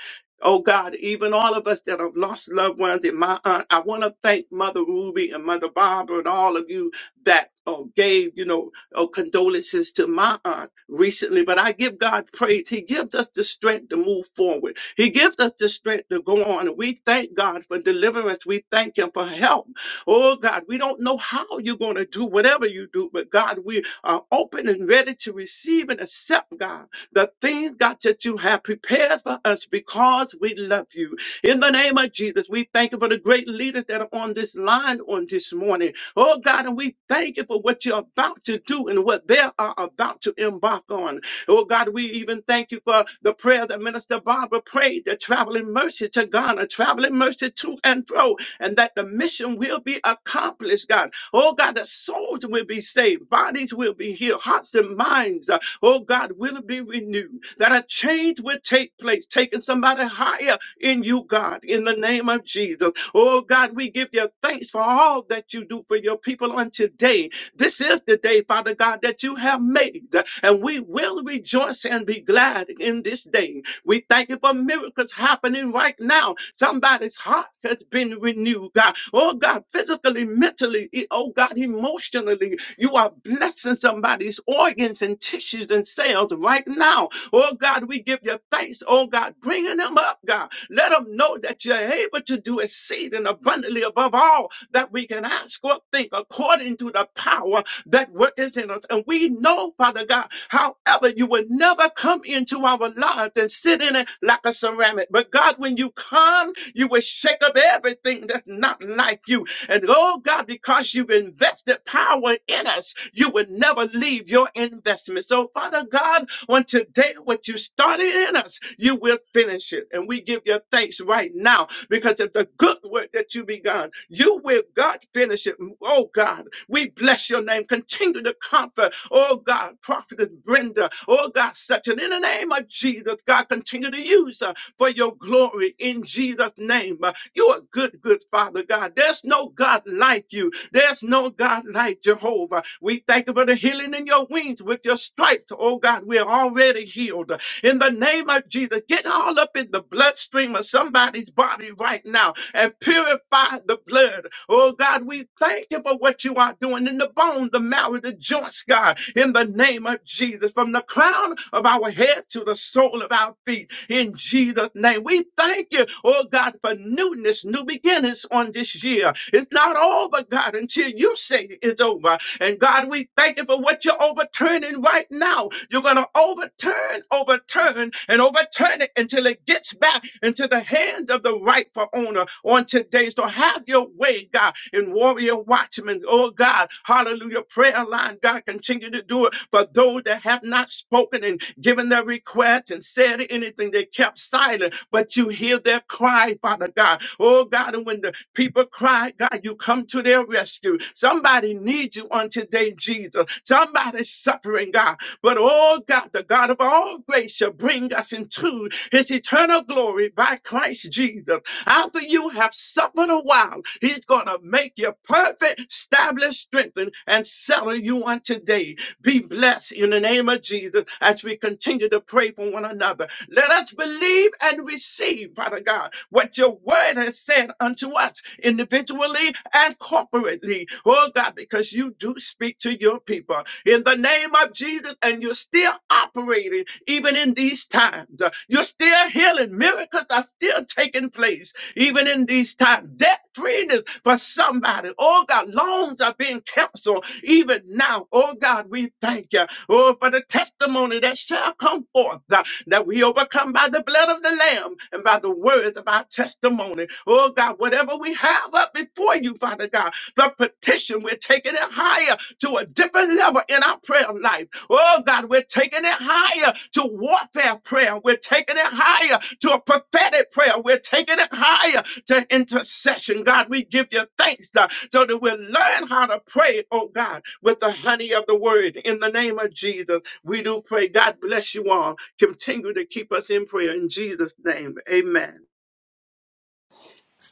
S4: Oh God, even all of us that have lost loved ones and my aunt, I want to thank Mother Ruby and Mother Barbara and all of you that oh, gave, you know, oh, condolences to my aunt recently, but I give God praise. He gives us the strength to move forward. He gives us the strength to go on. And we thank God for deliverance. We thank Him for help. Oh God, we don't know how you're going to do whatever you do, but God, we are open and ready to receive and accept, God, the things, God, that you have prepared for us because we love you. In the name of Jesus, we thank you for the great leaders that are on this line on this morning. Oh God, and we thank you for what you're about to do and what they are about to embark on. Oh God, we even thank you for the prayer that Minister Barbara prayed, the traveling mercy to Ghana, traveling mercy to and fro, and that the mission will be accomplished, God. Oh God, that souls will be saved, bodies will be healed, hearts and minds, uh, oh God, will be renewed, that a change will take place, taking somebody higher in you, God, in the name of Jesus. Oh, God, we give you thanks for all that you do for your people on today. This is the day, Father God, that you have made, and we will rejoice and be glad in this day. We thank you for miracles happening right now. Somebody's heart has been renewed, God. Oh, God, physically, mentally, e- oh, God, emotionally, you are blessing somebody's organs and tissues and cells right now Oh God, we give you thanks. Oh God, bringing them up, God. Let them know that you're able to do exceeding abundantly above all that we can ask or think according to the power that worketh in us. And we know, Father God, however, you will never come into our lives and sit in it like a ceramic. But God, when you come, you will shake up everything that's not like you. And oh God, because you've invested power in us, you will never leave your investment. So, Father God, on today, what you started in us, you will finish it. And we give you thanks right now because of the good work that you begun, you will, God, finish it. Oh, God, we bless your name. Continue to comfort, oh, God, prophetess Brenda, oh, God, such mountain in the name of Jesus. God, continue to use her for your glory in Jesus' name. Uh, You are good, good Father God. There's no God like you. There's no God like Jehovah. We thank you for the healing in your wings with your stripes. Oh God, we are already healed in the name of Jesus. Get all up in the bloodstream of somebody's body right now and purify the blood. Oh God, we thank you for what you are doing in the bone, the marrow, the joints, God, in the name of Jesus, from the crown of our head to the sole of our feet, in Jesus' name. We thank you, oh God, for newness, new beginnings on this year. It's not over, God, until you say it's over. And God, we thank you for what you're overturning right now. You're going to overturn, overturn, and overturn it until it gets back into the hand of the rightful owner on today. So have your way, God, in Warrior watchmen, Oh, God, hallelujah. Prayer line, God, continue continue to do it for those that have not spoken and given their request and said anything. They kept silent, but you hear their cry, Father God. Oh God, and when the people cry, God, you come to their rescue. Somebody needs you on today, Jesus. Somebody's suffering, God. But oh God, the God of all grace shall bring us into his eternal glory by Christ Jesus. After you have suffered a while, he's going to make you perfect, establish, strengthen, and settle you on today. Be blessed in the name of Jesus as we continue to pray for one another. Let us believe and receive, Father God, what your word has said unto us individually and corporately. Oh God, because you do speak to your people in the name of Jesus, and you're still operating even in these times. You're still healing. Miracles are still taking place even in these times. Debt freeness for somebody. Oh God, loans are being canceled even now. Oh God, we thank you. Oh, for the testimony that shall come forth uh, that we overcome by the blood of the Lamb and by the words of our testimony. Oh God, whatever we have up before you, Father God, the petition, we're taking it higher to a different level in our prayer life. Oh God, we're taking it higher to warfare prayer. We're taking it higher to a prophetic prayer. We're taking it higher to intercession. God, we give you thanks uh, so that we'll learn how to pray, oh God, with the honey of the word. In the name of Jesus, we do pray. God bless you all. Continue to keep us in prayer in Jesus' name. Amen.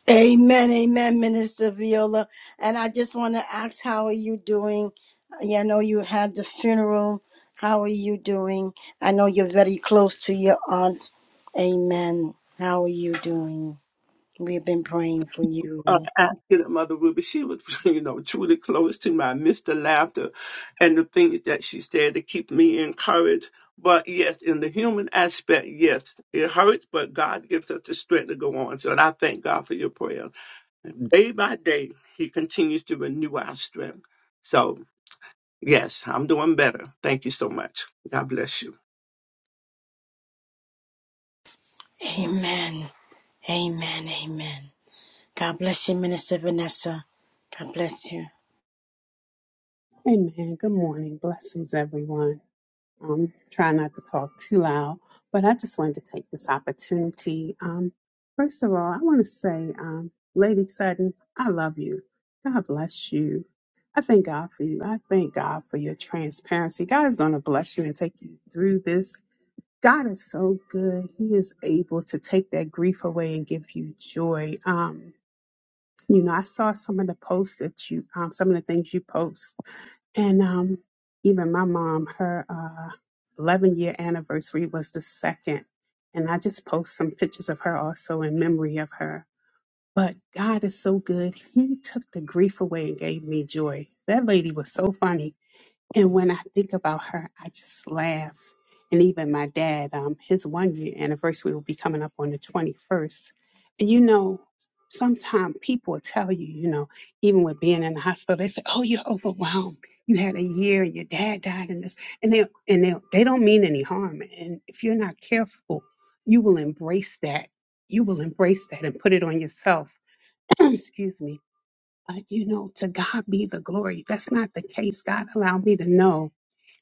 S1: Amen, amen, Minister Viola. And I just want to ask, how are you doing? Yeah, I know you had the funeral. How are you doing? I know you're very close to your aunt. Amen. How are you doing? We've been praying for
S4: uh,
S1: you.
S4: asking of Mother Ruby. She was, <laughs> you know, truly close to my Mr. Laughter and the things that she said to keep me encouraged. But yes, in the human aspect, yes, it hurts, but God gives us the strength to go on. So and I thank God for your prayer. Day by day, He continues to renew our strength. So, yes, I'm doing better. Thank you so much. God bless you.
S1: Amen. Amen. Amen. God bless you, Minister Vanessa. God bless you.
S5: Amen. Good morning. Blessings, everyone. I'm trying not to talk too loud, but I just wanted to take this opportunity. Um, first of all, I want to say, um, Lady Sutton, I love you. God bless you. I thank God for you. I thank God for your transparency. God is going to bless you and take you through this. God is so good. He is able to take that grief away and give you joy. Um, you know, I saw some of the posts that you, um, some of the things you post and um, even my mom, her uh, 11 year anniversary was the second. And I just post some pictures of her also in memory of her. But God is so good. He took the grief away and gave me joy. That lady was so funny and when I think about her, I just laugh. And even my dad, um, his one year anniversary will be coming up on the 21st. And you know, sometimes people will tell you, you know, even with being in the hospital, they say, oh, you're overwhelmed. You had a year and your dad died in this. And they and they, they don't mean any harm. And if you're not careful, you will embrace that. You will embrace that and put it on yourself. <clears throat> Excuse me. But you know, to God be the glory. That's not the case. God allowed me to know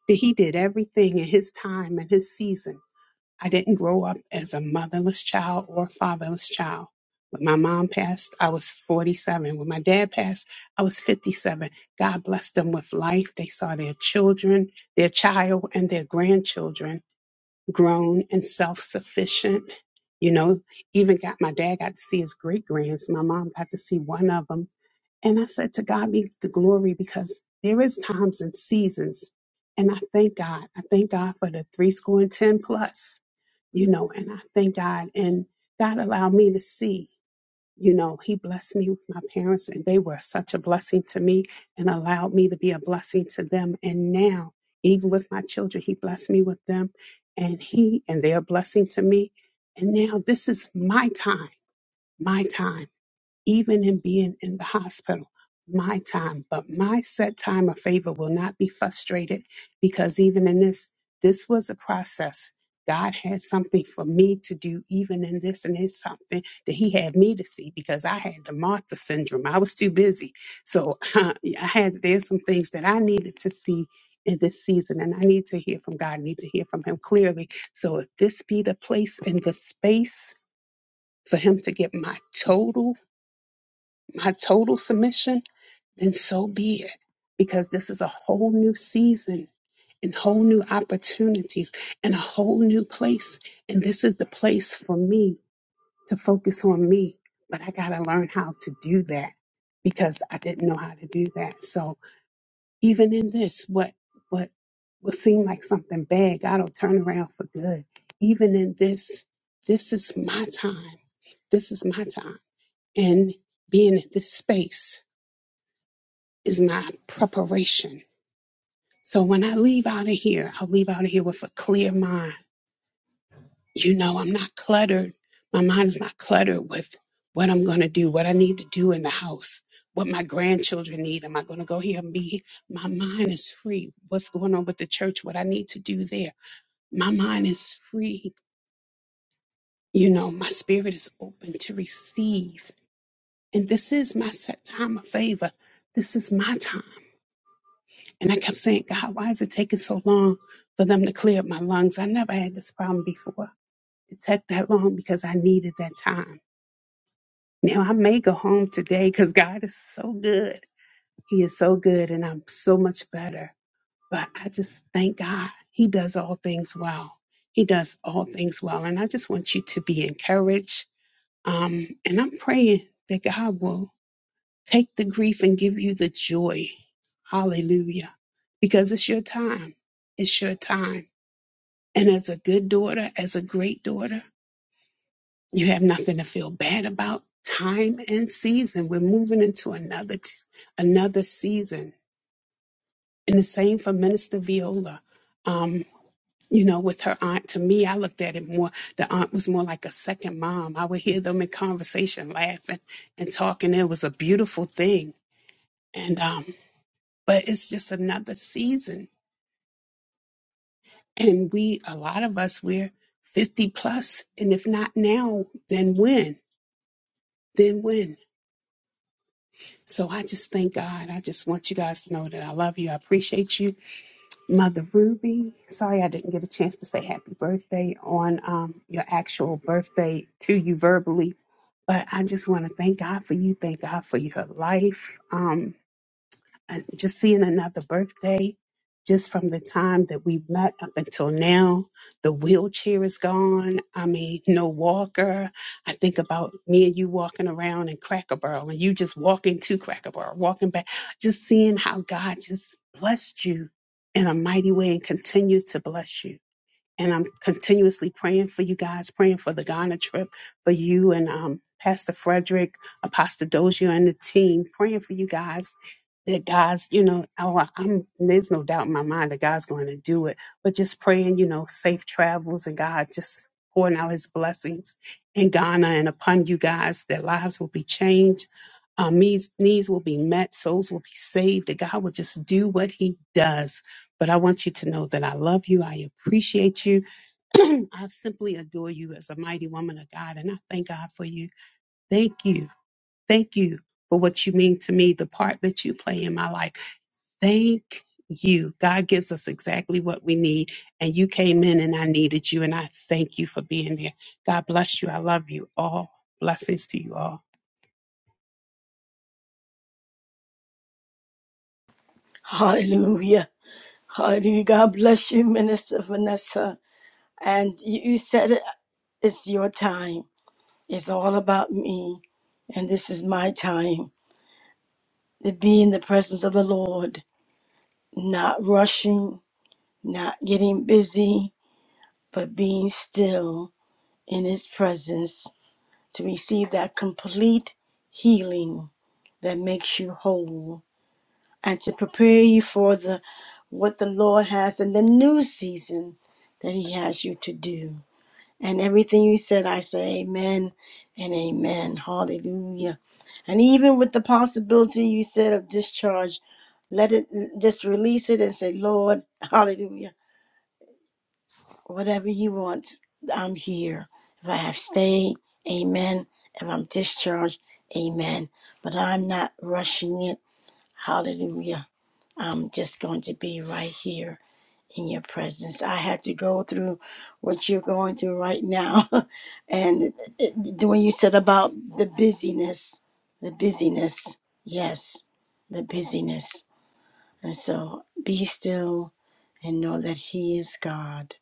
S5: that he did everything in his time and his season. I didn't grow up as a motherless child or fatherless child. When my mom passed, I was 47. When my dad passed, I was 57. God blessed them with life. They saw their children, their child, and their grandchildren grown and self sufficient. You know, even got my dad got to see his great grands. My mom got to see one of them. And I said, To God be the glory because there is times and seasons. And I thank God. I thank God for the three score and ten plus, you know, and I thank God. And God allowed me to see, you know, He blessed me with my parents and they were such a blessing to me and allowed me to be a blessing to them. And now, even with my children, He blessed me with them and He and they are a blessing to me. And now this is my time, my time even in being in the hospital. My time, but my set time of favor will not be frustrated because even in this, this was a process. God had something for me to do, even in this, and it's something that He had me to see because I had the Martha syndrome. I was too busy. So <laughs> I had, there's some things that I needed to see in this season, and I need to hear from God, I need to hear from Him clearly. So if this be the place and the space for Him to get my total my total submission, then so be it. Because this is a whole new season and whole new opportunities and a whole new place. And this is the place for me to focus on me. But I got to learn how to do that because I didn't know how to do that. So even in this, what, what, will seem like something bad, God will turn around for good. Even in this, this is my time. This is my time. And being in this space is my preparation. So when I leave out of here, I'll leave out of here with a clear mind. You know, I'm not cluttered. My mind is not cluttered with what I'm going to do, what I need to do in the house, what my grandchildren need. Am I going to go here and be? here? My mind is free. What's going on with the church? What I need to do there? My mind is free. You know, my spirit is open to receive. And this is my set time of favor. This is my time. And I kept saying, God, why is it taking so long for them to clear up my lungs? I never had this problem before. It took that long because I needed that time. Now I may go home today because God is so good. He is so good and I'm so much better. But I just thank God. He does all things well. He does all things well. And I just want you to be encouraged. Um, and I'm praying that God will Take the grief and give you the joy. Hallelujah. Because it's your time. It's your time. And as a good daughter, as a great daughter, you have nothing to feel bad about. Time and season. We're moving into another another season. And the same for Minister Viola. Um, you know, with her aunt, to me, I looked at it more. The aunt was more like a second mom. I would hear them in conversation, laughing and talking. It was a beautiful thing. And um, but it's just another season. And we, a lot of us, we're 50 plus, and if not now, then when? Then when? So I just thank God. I just want you guys to know that I love you. I appreciate you, Mother Ruby. Sorry I didn't get a chance to say happy birthday on um, your actual birthday to you verbally, but I just want to thank God for you. Thank God for your life. Um, and just seeing another birthday just from the time that we met up until now the wheelchair is gone i mean no walker i think about me and you walking around in cracker barrel and you just walking to cracker barrel walking back just seeing how god just blessed you in a mighty way and continues to bless you and I'm continuously praying for you guys, praying for the Ghana trip, for you and um, Pastor Frederick, Apostle Dozier, and the team, praying for you guys. That God's, you know, oh, I'm, there's no doubt in my mind that God's going to do it. But just praying, you know, safe travels and God just pouring out His blessings in Ghana and upon you guys. That lives will be changed, um, needs needs will be met, souls will be saved. That God will just do what He does but I want you to know that I love you. I appreciate you. <clears throat> I simply adore you as a mighty woman of God. And I thank God for you. Thank you. Thank you for what you mean to me, the part that you play in my life. Thank you. God gives us exactly what we need. And you came in and I needed you. And I thank you for being there. God bless you. I love you all. Blessings to you all.
S1: Hallelujah. Hallelujah. God bless you, Minister Vanessa. And you, you said it, it's your time. It's all about me. And this is my time to be in the presence of the Lord, not rushing, not getting busy, but being still in His presence to receive that complete healing that makes you whole and to prepare you for the what the Lord has in the new season that He has you to do. And everything you said, I say amen and amen. Hallelujah. And even with the possibility you said of discharge, let it just release it and say, Lord, hallelujah. Whatever you want, I'm here. If I have stayed, amen. If I'm discharged, amen. But I'm not rushing it. Hallelujah. I'm just going to be right here in your presence. I had to go through what you're going through right now. <laughs> and it, when you said about the busyness, the busyness, yes, the busyness. And so be still and know that He is God.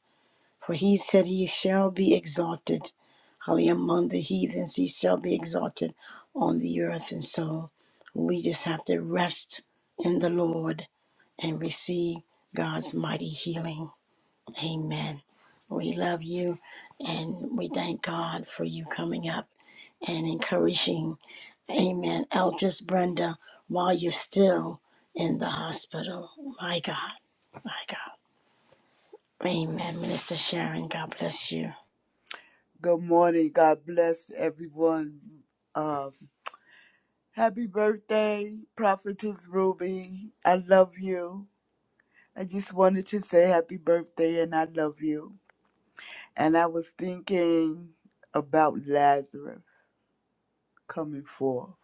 S1: For He said, He shall be exalted. Hallelujah. Among the heathens, He shall be exalted on the earth. And so we just have to rest in the Lord and receive God's mighty healing. Amen. We love you and we thank God for you coming up and encouraging. Amen. Eldris Brenda, while you're still in the hospital. My God. My God. Amen. Minister Sharon, God bless you.
S6: Good morning. God bless everyone. Um, happy birthday, Prophetess Ruby. I love you. I just wanted to say happy birthday and I love you. And I was thinking about Lazarus coming forth.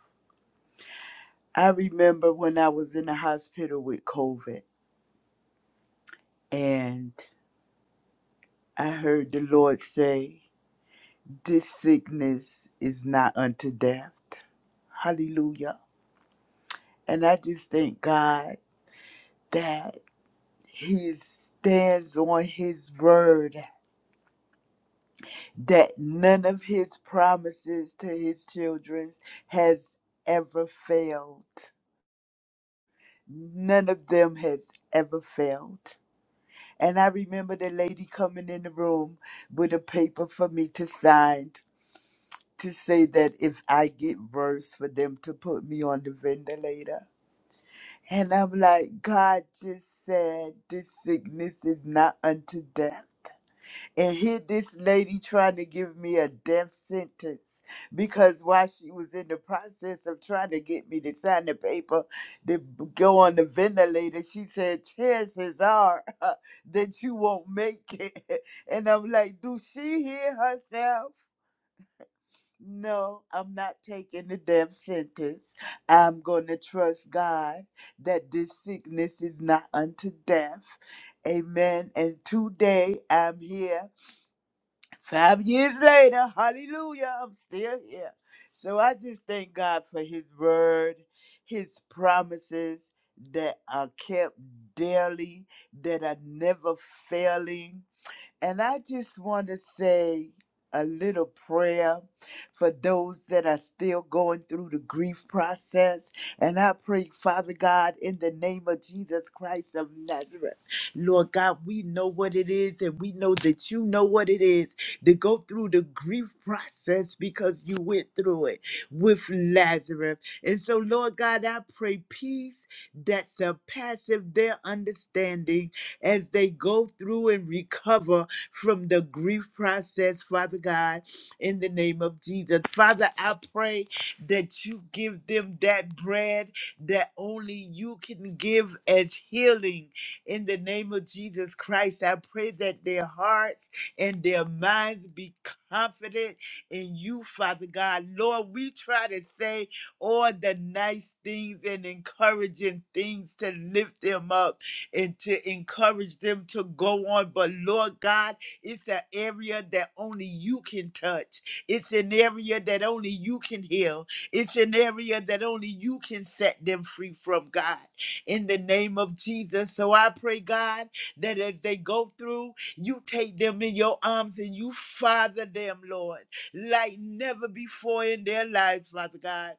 S6: I remember when I was in the hospital with COVID and I heard the Lord say, This sickness is not unto death. Hallelujah. And I just thank God that He stands on his word that none of his promises to his children has ever failed. None of them has ever failed. And I remember the lady coming in the room with a paper for me to sign to say that if I get worse, for them to put me on the ventilator. And I'm like, God just said, this sickness is not unto death and here this lady trying to give me a death sentence because while she was in the process of trying to get me to sign the paper to b- go on the ventilator she said chances are <laughs> that you won't make it <laughs> and i'm like do she hear herself no, I'm not taking the death sentence. I'm going to trust God that this sickness is not unto death. Amen. And today I'm here Five years later, hallelujah, I'm still here. So I just thank God for His word, His promises that are kept daily, that are never failing. And I just want to say a little prayer for those that are still going through the grief process. And I pray, Father God, in the name of Jesus Christ of Nazareth, Lord God, we know what it is and we know that you know what it is to go through the grief process because you went through it with Lazarus. And so, Lord God, I pray peace that surpasses their understanding as they go through and recover from the grief process, Father God, in the name of Jesus. Father, I pray that you give them that bread that only you can give as healing in the name of Jesus Christ. I pray that their hearts and their minds be confident in you, Father God. Lord, we try to say all the nice things and encouraging things to lift them up and to encourage them to go on. But Lord God, it's an area that only you can touch. It's an area that only you can heal. It's an area that only you can set them free from, God, in the name of Jesus. So I pray, God, that as they go through, you take them in your arms and you father them, Lord, like never before in their lives, Father God,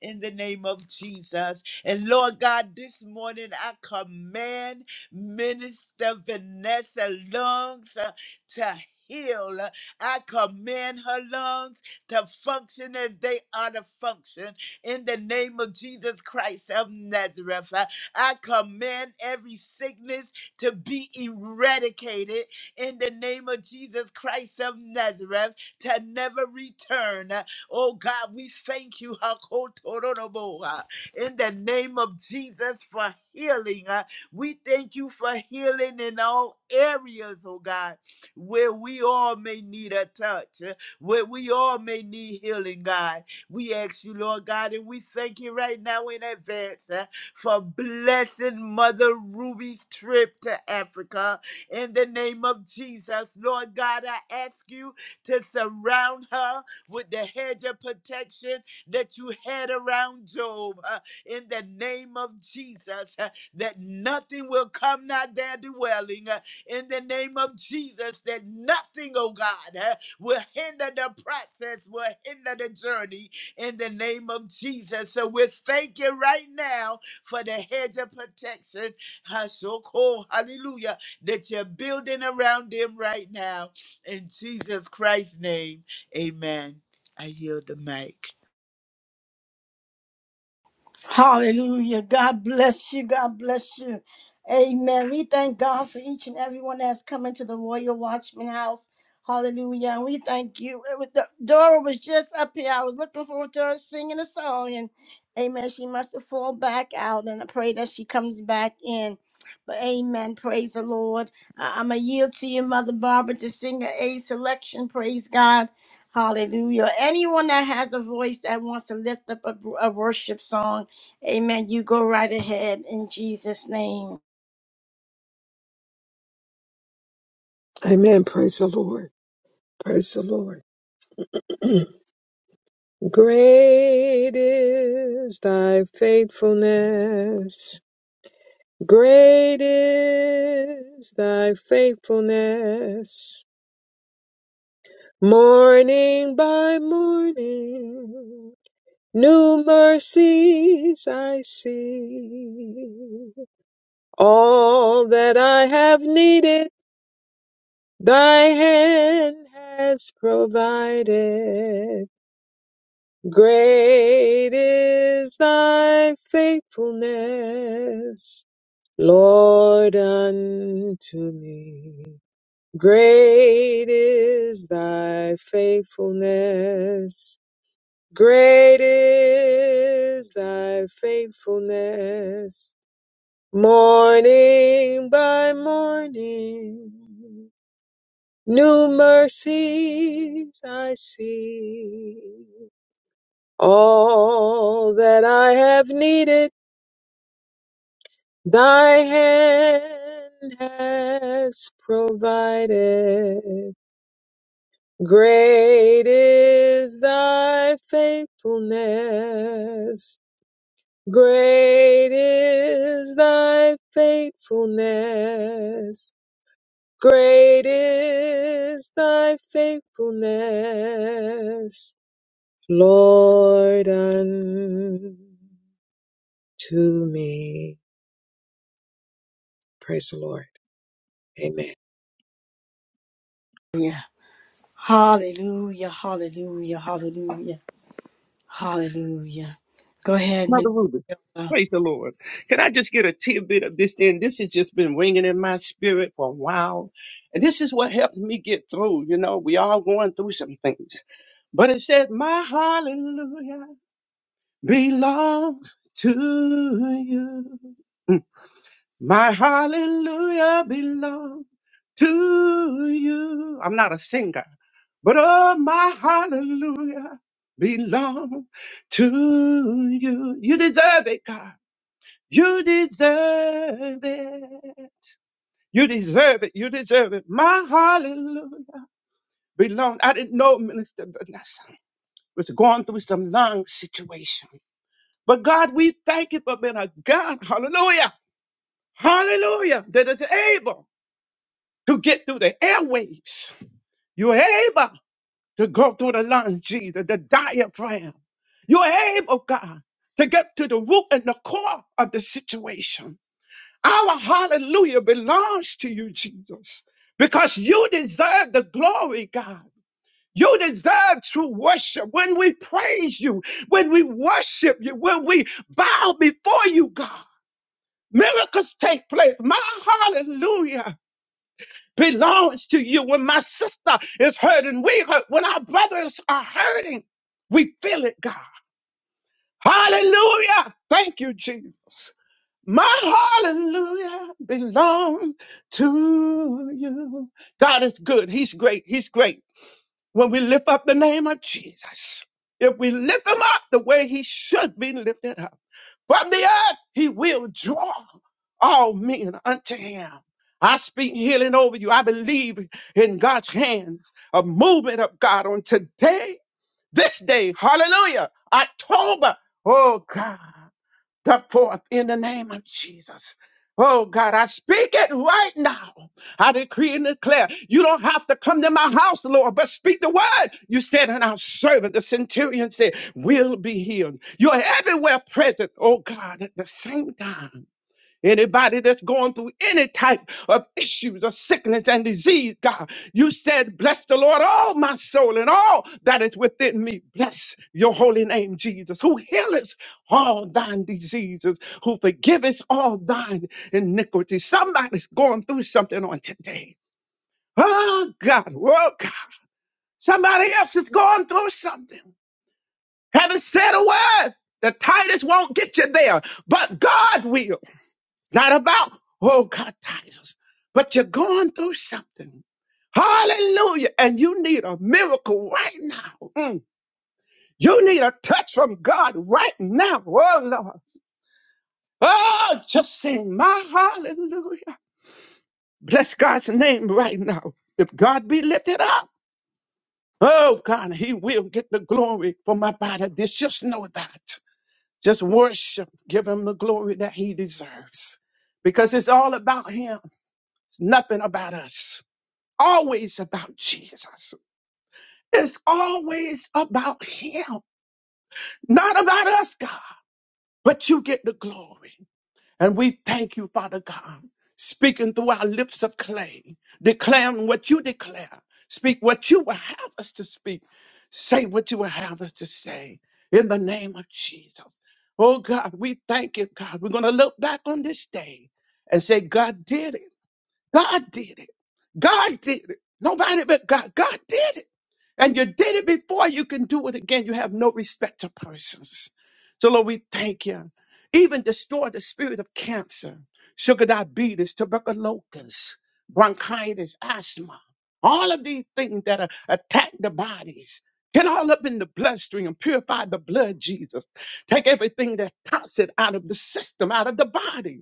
S6: in the name of Jesus. And Lord God, this morning I command Minister Vanessa lungs uh, to heal. I command her lungs to function as they ought to function in the name of Jesus Christ of Nazareth. Uh, I command every sickness to be eradicated in the name of Jesus Christ of Nazareth to never return. Uh, Oh God, we thank you. Hakotororobo in the name of Jesus for healing. Uh, we thank you for healing in all areas, oh God, where we all may need a touch, uh, where we all may need healing, God. We ask you, Lord God, and we thank you right now in advance uh, for blessing Mother Ruby's trip to Africa. In the name of Jesus, Lord God, I ask you to surround her with the hedge of protection that you had around Job. uh, in the name of Jesus uh, that nothing will come not their dwelling uh, in the name of Jesus that nothing, oh God, uh, will hinder the process, will hinder the journey in the name of Jesus. So we thank you right now for the hedge of protection, uh, so called, hallelujah, that you're building around them right now. In Jesus Christ's name, amen. I yield the mic.
S1: Hallelujah. God bless you. God bless you. Amen. We thank God for each and everyone that's coming to the Royal Watchman House. Hallelujah. And we thank you. It was- Dora was just up here. I was looking forward to her singing a song. And amen. She must have fallen back out. And I pray that she comes back in. But amen. Praise the Lord. I'm going to yield to you, Mother Barbara, to sing a A selection. Praise God. Hallelujah. Anyone that has a voice that wants to lift up a, a worship song. Amen. You go right ahead in Jesus' name.
S2: Amen. Praise the Lord. Praise the Lord. <clears throat> Great is thy faithfulness. Great is thy faithfulness. Morning by morning, new mercies I see. All that I have needed, thy hand has provided. Great is thy faithfulness, Lord, unto me. Great is thy faithfulness. Great is thy faithfulness. Morning by morning, new mercies I see. All that I have needed, thy hand has provided. Great is thy faithfulness. Great is thy faithfulness. Great is thy faithfulness, Lord, unto me. Praise the Lord. Amen.
S1: Yeah. Hallelujah. Hallelujah. Hallelujah. Hallelujah. Go ahead,
S4: Mother
S1: Minister.
S4: Ruby.
S1: Viola.
S4: Praise the Lord. Can I just get a tidbit of this then? This has just been ringing in my spirit for a while. And this is what helped me get through. You know, we all going through some things. But it says, My hallelujah belongs to you. Mm. My hallelujah belongs to you. I'm not a singer, but oh, my hallelujah belongs to you. You deserve it, God. You deserve it. You deserve it. You deserve it. My hallelujah belong. I didn't know Minister Vanessa was going through some lung situation. But God, we thank you for being a God. Hallelujah. Hallelujah. That is able to get through the airwaves. You're able to go through the lungs, Jesus, the diaphragm. You're able, God, to get to the root and the core of the situation. Our hallelujah belongs to you, Jesus, because you deserve the glory, God. You deserve true worship when we praise you, when we worship you, when we bow before you, God. Miracles take place. My hallelujah belongs to you. When my sister is hurting, we hurt. When our brothers are hurting, we feel it, God. Hallelujah. Thank you, Jesus. My hallelujah belong to you. God is good. He's great. He's great. When we lift up the name of Jesus, if we lift him up the way he should be lifted up from the earth, he will draw all men unto him. I speak healing over you. I believe in God's hands, a movement of God on today, this day. Hallelujah. October. Oh God. The forth in the name of Jesus. Oh God, I speak it right now. I decree and declare you don't have to come to my house, Lord, but speak the word. You said, and our servant, the centurion said, will be healed. You're everywhere present, oh God, at the same time. Anybody that's going through any type of issues or sickness and disease, God, you said, Bless the Lord, all my soul, and all that is within me. Bless your holy name, Jesus, who healeth all thine diseases, who forgiveth all thine iniquities. Somebody's going through something on today. Oh, God, oh, God. Somebody else is going through something. Haven't said a word. The Titus won't get you there, but God will. Not about, oh God, titles, but you're going through something. Hallelujah. And you need a miracle right now. Mm. You need a touch from God right now. Oh Lord. Oh, just sing my hallelujah. Bless God's name right now. If God be lifted up, oh God, he will get the glory for my body. This just know that. Just worship. Give him the glory that he deserves. Because it's all about him. It's nothing about us. always about Jesus. It's always about Him, not about us, God, but you get the glory. And we thank you, Father God, speaking through our lips of clay, declaring what you declare, speak what you will have us to speak, say what you will have us to say in the name of Jesus. Oh God, we thank you, God. We're going to look back on this day and say, God did it. God did it. God did it. Nobody but God. God did it. And you did it before. You can do it again. You have no respect to persons. So Lord, we thank you. Even destroy the spirit of cancer, sugar diabetes, tuberculosis, bronchitis, asthma, all of these things that are, attack the bodies. Get all up in the bloodstream, and purify the blood, Jesus. Take everything that's toxic out of the system, out of the body.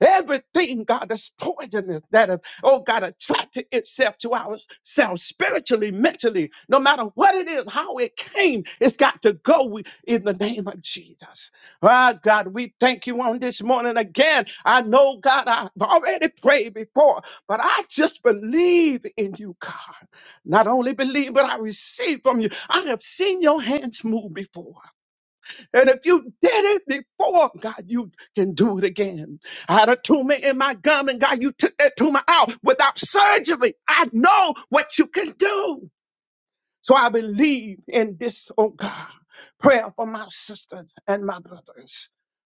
S4: Everything, God, that's poisonous, that, have, oh God, attracted itself to ourselves spiritually, mentally, no matter what it is, how it came, it's got to go We- in the name of Jesus. Ah, God, we thank you on this morning again. I know, God, I've already prayed before, but I just believe in you, God. Not only believe, but I receive from you. I have seen your hands move before. And if you did it before, God, you can do it again. I had a tumor in my gum, and God, you took that tumor out without surgery. I know what you can do. So I believe in this, oh God, prayer for my sisters and my brothers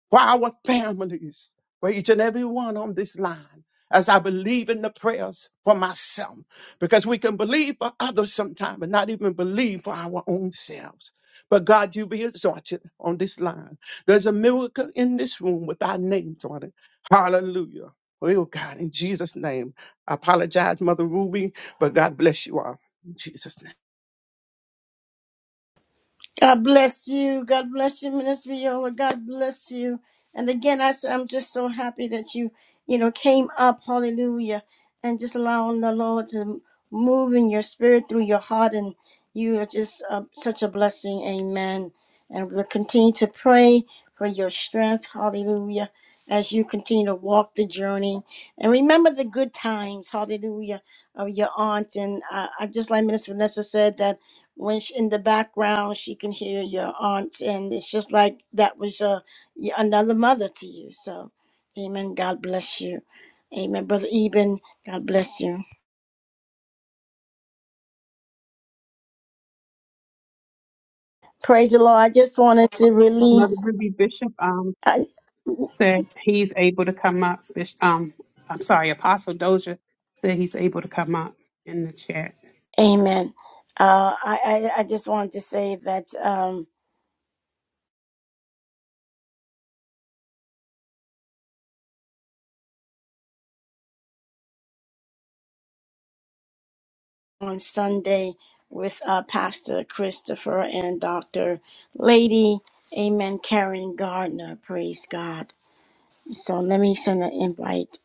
S4: for our families, for each and every one on this line, as I believe in the prayers for myself, because we can believe for others sometimes and not even believe for our own selves. But God, you be exalted on this line. There's a miracle in this room with our names on it. Hallelujah. Oh God, in Jesus' name. I apologize, Mother Ruby, but God bless you all. In Jesus' name.
S1: God bless you. God bless you, Minister Viola. God bless you. And again, I said, I'm just so happy that you, you know, came up. Hallelujah. And just allowing the Lord to move in your spirit through your heart. And you are just uh, such a blessing. Amen. And we'll continue to pray for your strength. Hallelujah. As you continue to walk the journey. And remember the good times. Hallelujah. Of your aunt. And uh, I just like Minister Vanessa said that when she, in the background, she can hear your aunt. And it's just like that was uh, y- another mother to you. So, amen. God bless you. Amen. Brother Eben, God bless you. Praise the Lord. I just wanted to
S5: Mother
S1: release.
S5: Ruby Bishop, um,
S1: I,
S5: said he's able to come up. Bish- Um, I'm sorry, Apostle Doja said he's able to come up in the chat.
S1: Amen. Uh, I, I I just wanted to say that um, on Sunday with uh, Pastor Christopher and Doctor Lady, Amen. Karen Gardner, praise God. So let me send an invite.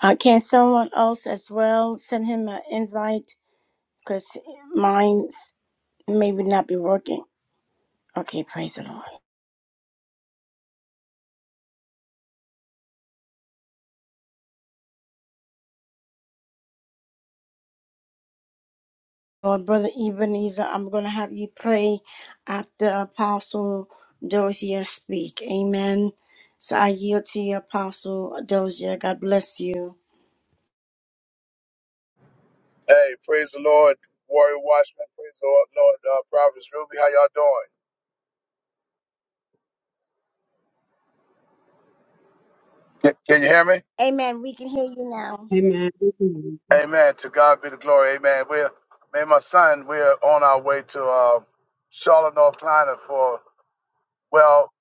S1: Uh, can someone else as well send him an invite? Because mine's maybe not be working. Okay, praise the Lord. Lord, Brother Ebenezer, I'm going to have you pray after Apostle Dozier's speak. Amen. So I yield to you, Apostle Dozier. God bless you.
S7: Hey, praise the Lord, Warrior Watchman. Praise the Lord, Lord uh, Providence Ruby. How y'all doing? Can, can you hear me?
S1: Amen. We can hear you now.
S5: Amen.
S7: Amen. To God be the glory. Amen. We're me and my son. We're on our way to uh, Charlotte, North Carolina for well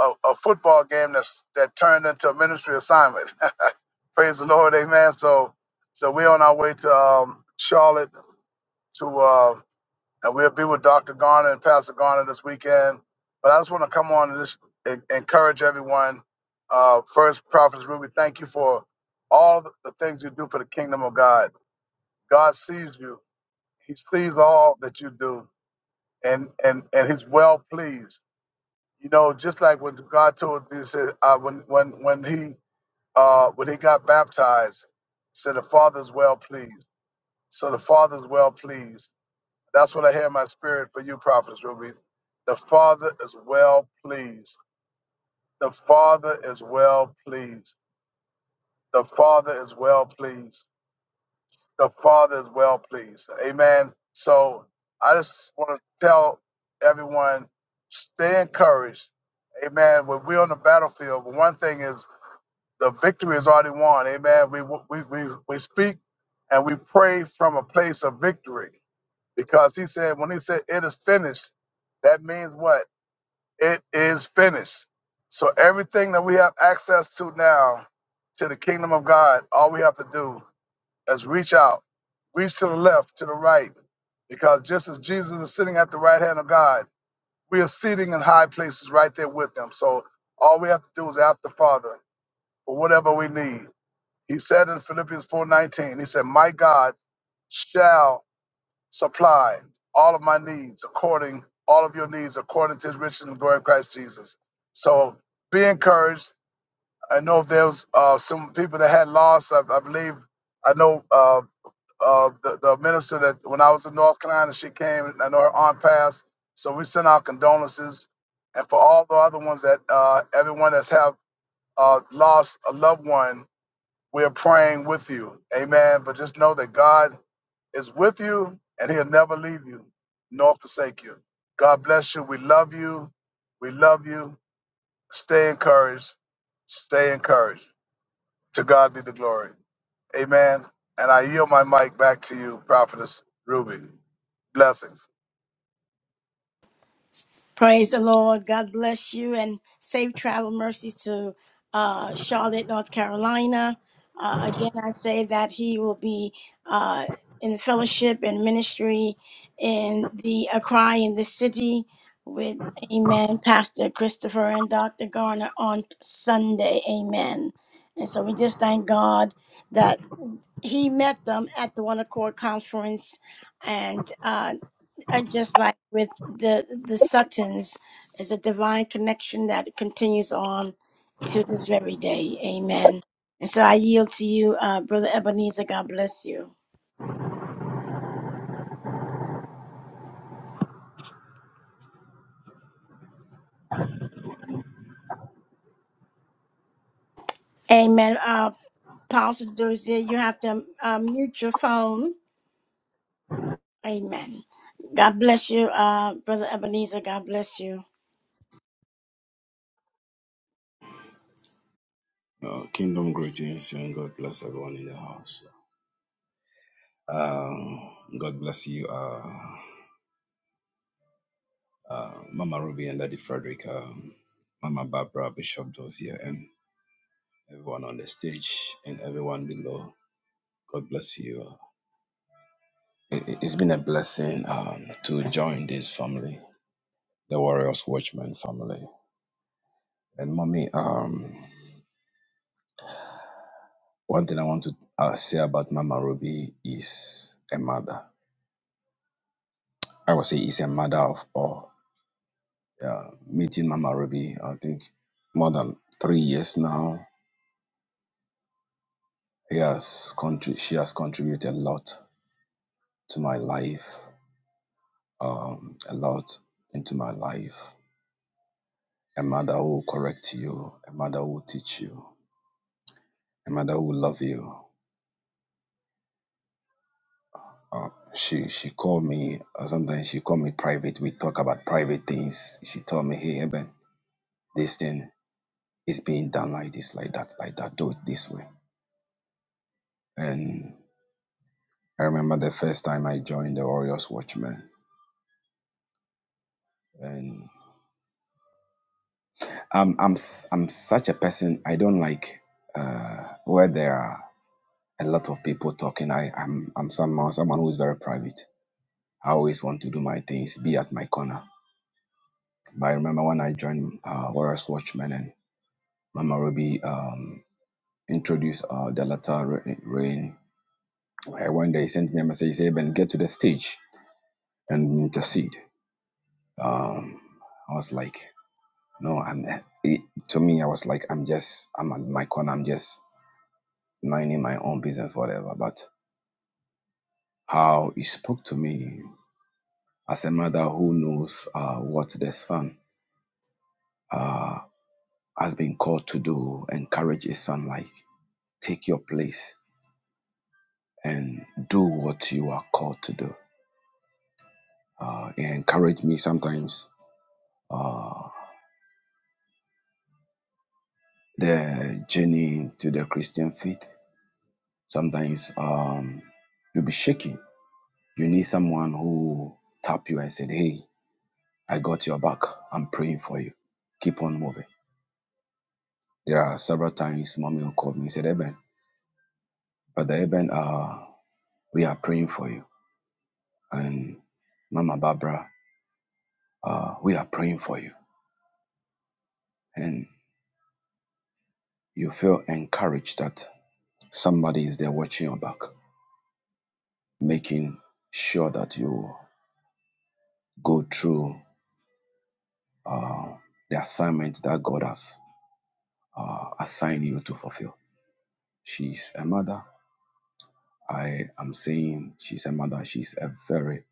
S7: a, a football game that's that turned into a ministry assignment. <laughs> praise the Lord. Amen. So so we're on our way to um, Charlotte to. uh, and we'll be with Dr. Garner and Pastor Garner this weekend. But I just want to come on and just en- encourage everyone. Uh, first, Prophet Ruby, thank you for all the things you do for the kingdom of God. God sees you. He sees all that you do, and and and He's well pleased. You know, just like when God told me, he said uh, when when when he uh, when he got baptized, he said the Father's well pleased. So the Father's well pleased that's what I hear in my spirit for you, prophets, Ruby. The Father is well pleased. The Father is well pleased. The Father is well pleased. The Father is well pleased. Amen. So I just want to tell everyone stay encouraged. Amen. When we're on the battlefield, one thing is the victory is already won. Amen. We, we, we, we speak and we pray from a place of victory. because he said when he said it is finished, that means what? It is finished. So everything that we have access to now to the kingdom of God, all we have to do is reach out, reach to the left, to the right, because just as Jesus is sitting at the right hand of God, we are sitting in high places right there with him. So all we have to do is ask the Father for whatever we need. He said in Philippians 4:19, he said, "My God." shall supply all of my needs according, all of your needs according to his riches and glory in Christ Jesus. So be encouraged. I know there's uh, some people that had lost. I, I believe, I know uh, uh, the, the minister that when I was in North Carolina, she came, and I know her aunt passed. So we send our condolences. And for all the other ones that, uh, everyone that's have uh, lost a loved one, we're praying with you. Amen. But just know that God is with you and he'll never leave you nor forsake you. God bless you. We love you. We love you. Stay encouraged. Stay encouraged. To God be the glory. Amen. And I yield my mic back to you, Prophetess Ruby. Blessings.
S1: Praise the Lord. God bless you and safe travel mercies to uh, Charlotte, North Carolina. Uh, again, I say that he will be uh, in fellowship and ministry in the Accra in the city with Amen, Pastor Christopher and Dr. Garner on Sunday. Amen. And so we just thank God that he met them at the One Accord Conference. And uh, and just like with the the Suttons, is a divine connection that continues on to this very day. Amen. And so I yield to you, uh, Brother Ebenezer. God bless you. Amen. Uh, Pastor Dozier, you have to uh, mute your phone. Amen. God bless you, uh, Brother Ebenezer. God bless you.
S8: Uh, kingdom greetings and God bless everyone in the house. Um, God bless you, uh, uh, Mama Ruby and Daddy Frederick, um, Mama Barbara, Bishop Dozier, and everyone on the stage and everyone below. God bless you. It, it- it's been a blessing um, to join this family, the Warriors Watchmen family. And mommy, um, one thing I want to uh, say about Mama Ruby is a mother. I would say is a mother of all uh, meeting Mama Ruby. I think more than three years now. He has contri- she has contributed a lot to my life, um, a lot into my life. A mother who will correct you, a mother who will teach you, a mother who will love you. Uh, she she called me uh, sometimes she called me private. We talk about private things. She told me, hey Eben, this thing is being done like this, like that, like that. Do it this way. And I remember the first time I joined the Warriors Watchmen. And I'm I'm s- I'm such a person. I don't like uh, where there are a lot of people talking. I I'm I'm someone someone who is very private. I always want to do my things, be at my corner. But I remember when I joined uh, Warriors Watchmen and Mama Ruby um, introduced uh, the latter rain. I went there. He sent me a message. He said, "Ben, get to the stage and intercede." Um, I was like, "No, I'm." eh, It, to me, I was like, "I'm just. I'm at my corner. I'm just." minding my own business, whatever. But how he spoke to me as a mother who knows uh, what the son uh, has been called to do, encourage his son, like, take your place and do what you are called to do. Uh, he encouraged me sometimes uh, the journey to the Christian faith. Sometimes um, you'll be shaking. You need someone who tap you and said, hey, I got your back. I'm praying for you. Keep on moving There are several times mommy will call me and said, Eben, Brother Eben, uh, we are praying for you. And Mama Barbara, uh, we are praying for you. And you feel encouraged that somebody is there watching your back, making sure that you go through uh, the assignment that God has uh, assigned you to fulfill. She's a mother. I am saying she's a mother. She's a very,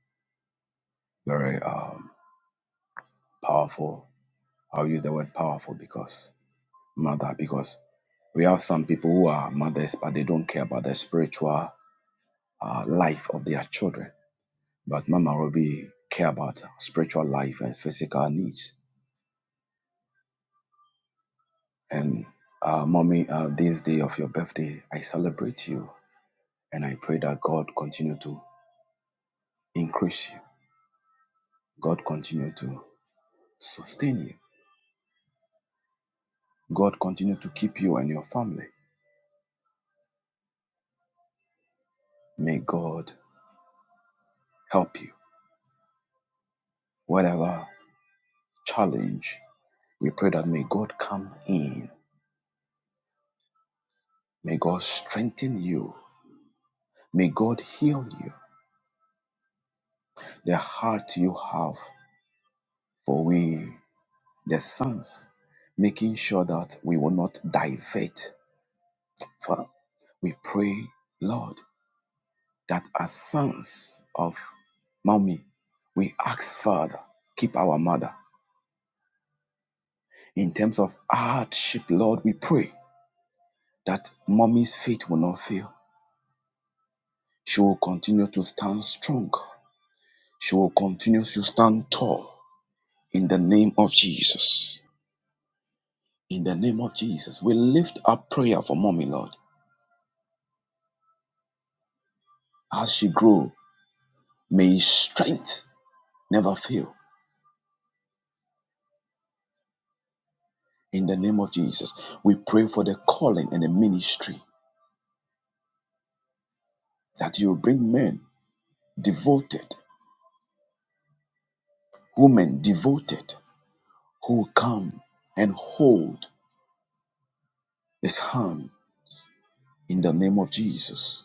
S8: very um, powerful. I'll use the word powerful because mother because we have some people who are mothers but they don't care about the spiritual uh, life of their children. But Mama Ruby care about spiritual life and physical needs. And uh, mommy, uh, this day of your birthday, I celebrate you and I pray that God continue to increase you. God continue to sustain you. God continue to keep you and your family. May God help you. Whatever challenge, we pray that may God come in May God strengthen you. May God heal you. The heart you have for we, the sons, making sure that we will not divert. For we pray, Lord, that as sons of mommy, we ask, Father, keep our mother. In terms of hardship, Lord, we pray that mommy's faith will not fail. She will continue to stand strong. She will continue to stand tall. In the name of Jesus. In the name of Jesus. We lift up prayer for mommy, Lord. As she grow, may his strength never fail. In the name of Jesus. We pray for the calling and the ministry that you will bring men devoted, women devoted, who will come and hold his hand. In the name of Jesus.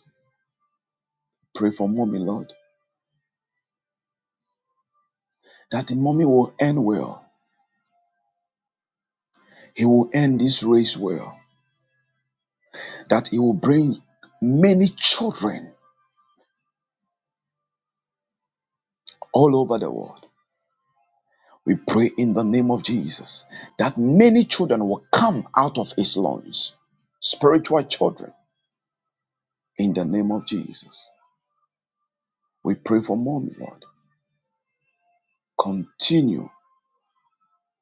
S8: Pray for mommy, Lord, that the mommy will end well. He will end this race well. That he will bring many children all over the world. We pray in the name of Jesus that many children will come out of his loins, spiritual children, in the name of Jesus. We pray for mommy, Lord. Continue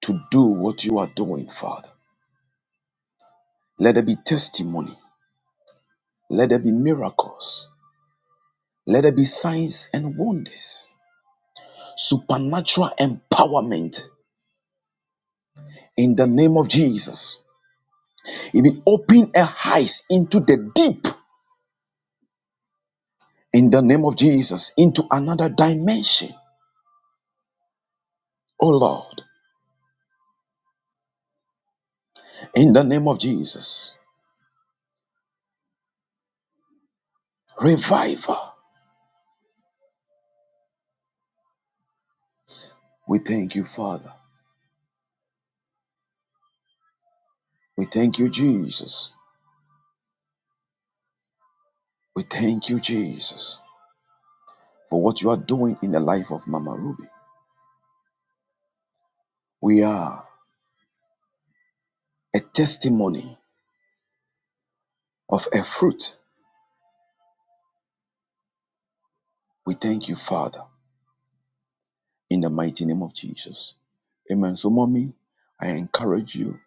S8: to do what you are doing, Father. Let there be testimony. Let there be miracles. Let there be signs and wonders. Supernatural empowerment in the name of Jesus. Even open a eyes into the deep in the name of Jesus into another dimension. Oh Lord, in the name of Jesus, revival. We thank you, Father. We thank you, Jesus. We thank you, Jesus, for what you are doing in the life of Mama Ruby. We are a testimony of a fruit. We thank you, Father, in the mighty name of Jesus. Amen. So, mommy, I encourage you.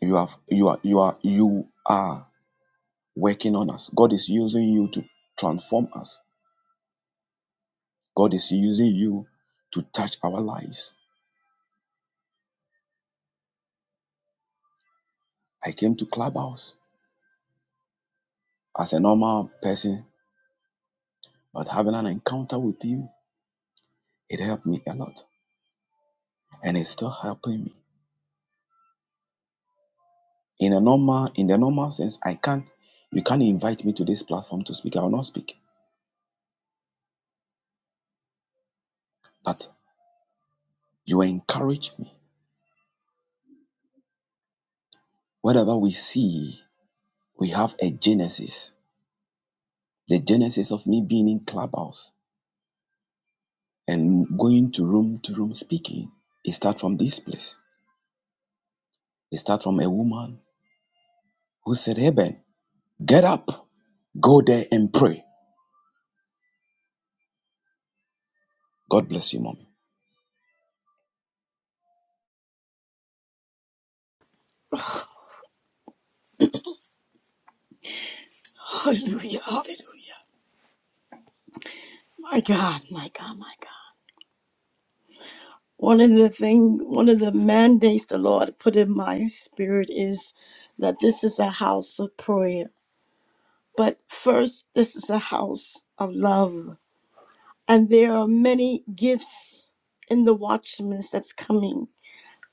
S8: You have you are you are you are working on us. God is using you to transform us. God is using you to touch our lives. I came to Clubhouse as a normal person, but having an encounter with you, it helped me a lot. And it's still helping me. In a normal, in the normal sense, I can't you can't invite me to this platform to speak. I will not speak. But you encourage me. Whatever we see, we have a genesis. The genesis of me being in clubhouse and going to room to room speaking. It starts from this place. It starts from a woman who said, Hey Ben. Get up, go there and pray. God bless you, mommy.
S1: Hallelujah. Hallelujah. My God. My God. My God. One of the thing, one of the mandates the Lord put in my spirit is that this is a house of prayer. But first, this is a house of love. And there are many gifts in the watchmen that's coming.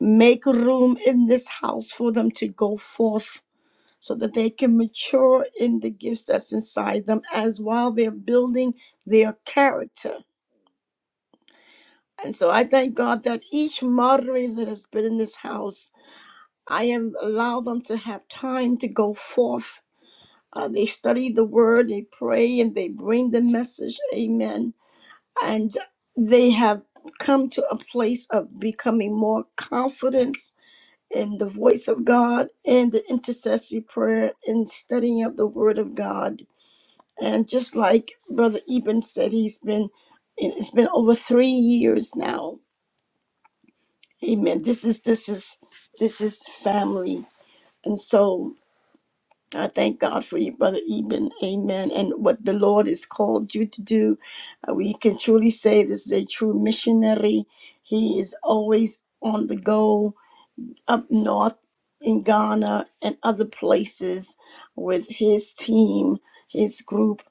S1: Make room in this house for them to go forth so that they can mature in the gifts that's inside them as while they're building their character. And so I thank God that each moderator that has been in this house I am allow them to have time to go forth. Uh, they study the word, they pray, and they bring the message. Amen. And they have come to a place of becoming more confident in the voice of God and the intercessory prayer and studying of the word of God. And just like Brother Eben said, he's been it's been over three years now. Amen. This is this is this is family. And so I thank God for you, Brother Eben. Amen. And what the Lord has called you to do, uh, we can truly say this is a true missionary. He is always on the go up north in Ghana and other places with his team, his group,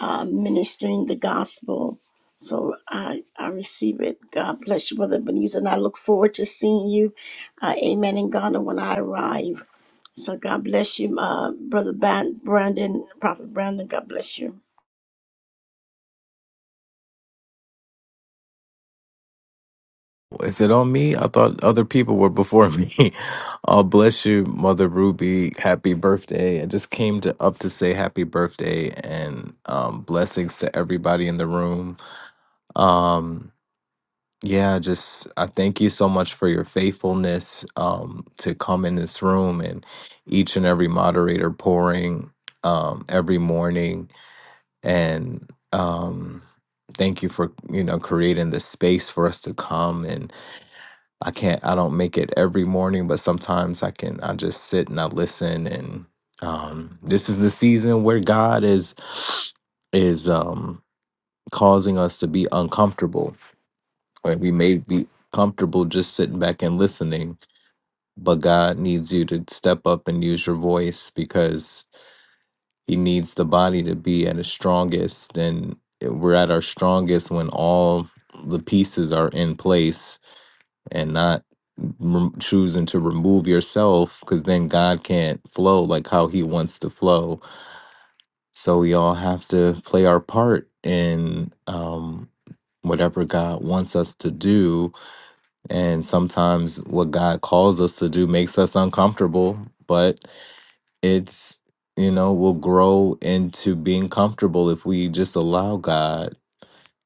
S1: uh, ministering the gospel. So I, I receive it. God bless you, Brother Beniza. And I look forward to seeing you, uh, amen, in Ghana when I arrive. So God bless you, uh, Brother Ban- Brandon, Prophet Brandon. God bless you.
S9: Is it on me? I thought other people were before me. <laughs> Oh, bless you, Mother Ruby. Happy birthday. I just came to up to say happy birthday and um blessings to everybody in the room. Um yeah, just I thank you so much for your faithfulness um to come in this room and each and every moderator pouring um every morning and um thank you for you know creating the space for us to come and. I can't I don't make it every morning, but sometimes I can I just sit and I listen and um this is the season where God is is um causing us to be uncomfortable. Right? We may be comfortable just sitting back and listening, but God needs you to step up and use your voice because he needs the body to be at its strongest and we're at our strongest when all the pieces are in place and not rem- choosing to remove yourself because then God can't flow like how he wants to flow. So we all have to play our part in um, whatever God wants us to do. And sometimes what God calls us to do makes us uncomfortable, but it's, you know, we'll grow into being comfortable if we just allow God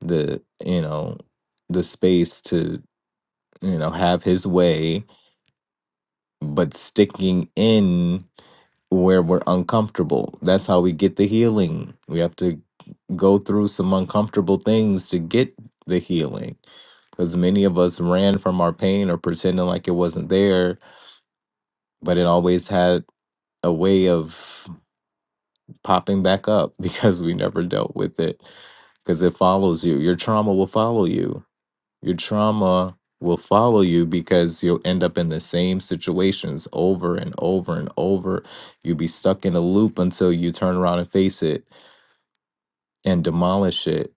S9: the, you know, the space to, you know, have his way but sticking in where we're uncomfortable. That's how we get the healing. We have to go through some uncomfortable things to get the healing. Because many of us ran from our pain or pretending like it wasn't there, but it always had a way of popping back up <laughs> because we never dealt with it. Because it follows you. Your trauma will follow you. Your trauma will follow you because you'll end up in the same situations over and over and over. You'll be stuck in a loop until you turn around and face it and demolish it.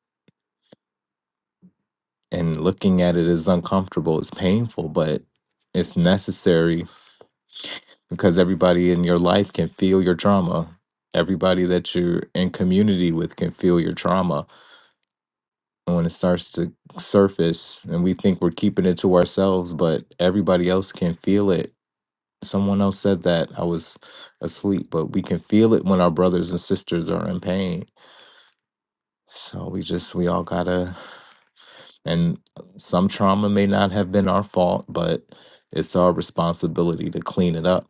S9: And looking at it is uncomfortable, it's painful, but it's necessary because everybody in your life can feel your trauma. Everybody that you're in community with can feel your trauma. And when it starts to surface and we think we're keeping it to ourselves, but everybody else can feel it someone else said that I was asleep, but we can feel it when our brothers and sisters are in pain. So we just we all gotta and some trauma may not have been our fault, but it's our responsibility to clean it up.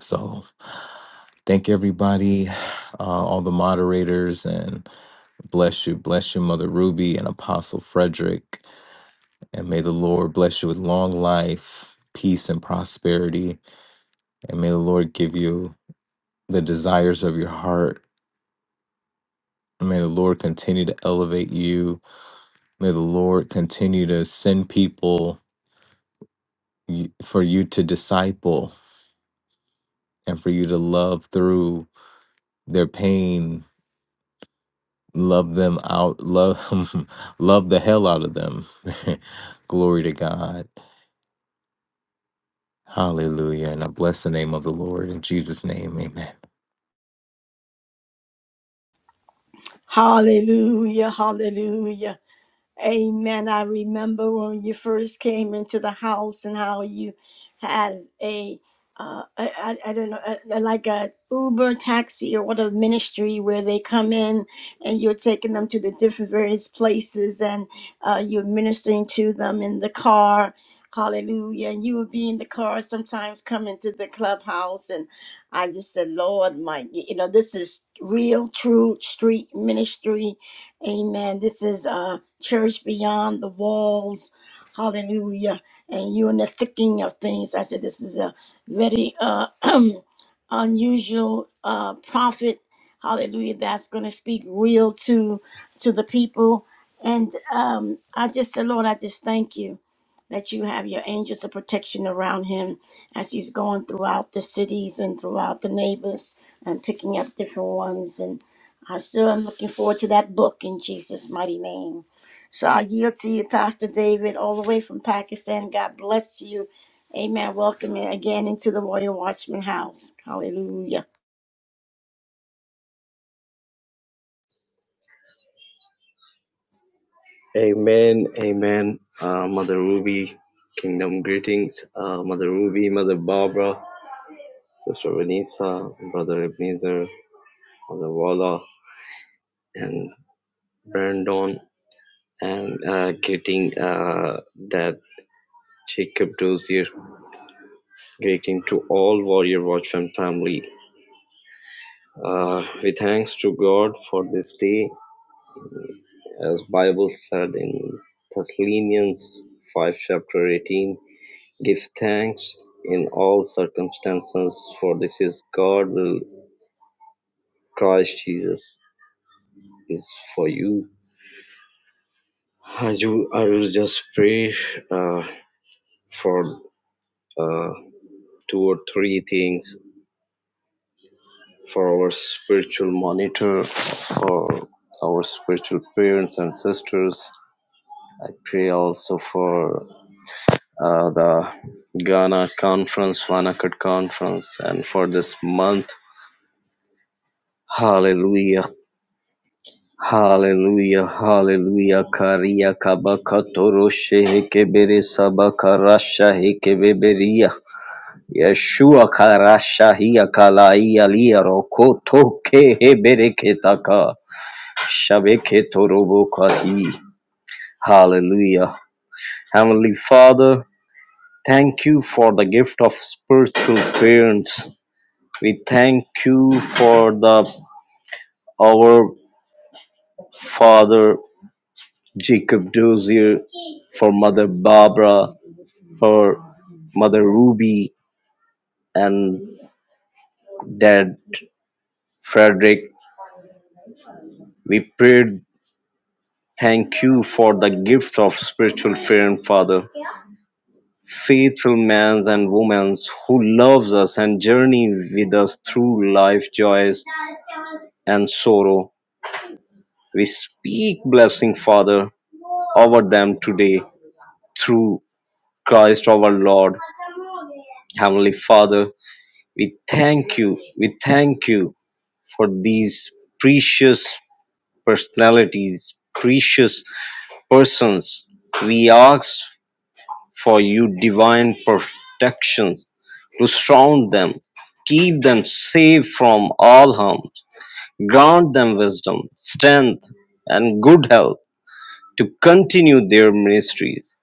S9: So thank everybody, uh, all the moderators, and bless you, bless you, Mother Ruby and Apostle Frederick, and may the Lord bless you with long life, peace, and prosperity, and may the Lord give you the desires of your heart May the Lord continue to elevate you. May the Lord continue to send people y- for you to disciple and for you to love through their pain, love them out, love <laughs> love the hell out of them. <laughs> Glory to God. Hallelujah. And I bless the name of the Lord. In Jesus' name, amen.
S1: Hallelujah, hallelujah. Amen. I remember when you first came into the house and how you had a, uh, I, I I don't know, uh like a Uber taxi or what a ministry where they come in and you're taking them to the different various places and uh, you're ministering to them in the car. Hallelujah. And you would be in the car sometimes come into the clubhouse. And I just said, Lord, my, you know, this is real, true street ministry. Amen. This is, uh, church beyond the walls. Hallelujah. And you in the thickening of things. I said, this is a very uh, <clears throat> unusual uh, prophet. Hallelujah. That's going to speak real to to the people. And um, I just said, Lord, I just thank you that you have your angels of protection around him as he's going throughout the cities and throughout the neighbors and picking up different ones. And I still am looking forward to that book in Jesus' mighty name. So I yield to you, Pastor David, all the way from Pakistan. God bless you. Amen. Welcome you again into the Royal Watchman house. Hallelujah.
S10: Amen, amen. Uh, Mother Ruby, kingdom greetings. Uh, Mother Ruby, Mother Barbara, Sister Vanessa, Brother Ebenezer, Mother Walla, and Brandon, and uh, greeting uh, that Jacob Dozier. Greeting to all Warrior Watchman family. Uh, we thanks to God for this day, as Bible said in Thessalonians 5 chapter 18 Give thanks in all circumstances, for this is God will Christ Jesus is for you. I do I will just pray uh, for uh, two or three things for our spiritual monitor, for our spiritual parents and sisters. I pray also for uh, the Ghana conference, Vanakat conference, and for this month. Hallelujah. Hallelujah, hallelujah, Karia Kabakatoro Shehekebere Sabakarasha Hekebeberia Yeshua Karasha Hiakalaia Lia Rokoto Kehebereketaka Shabeketorobokahi. Hallelujah. Heavenly Father, thank you for the gift of spiritual parents. We thank you for the our Father Jacob Dozier for Mother Barbara, for Mother Ruby, and Dad Frederick. We prayed, Thank you for the gift of spiritual parent, Father, faithful men and women who loves us and journey with us through life joys and sorrow. We speak blessing, Father, over them today through Christ our Lord. Heavenly Father, we thank you, we thank you for these precious personalities, precious persons. We ask for you divine protection to surround them, keep them safe from all harm, grant them wisdom, strength, and good health to continue their ministries.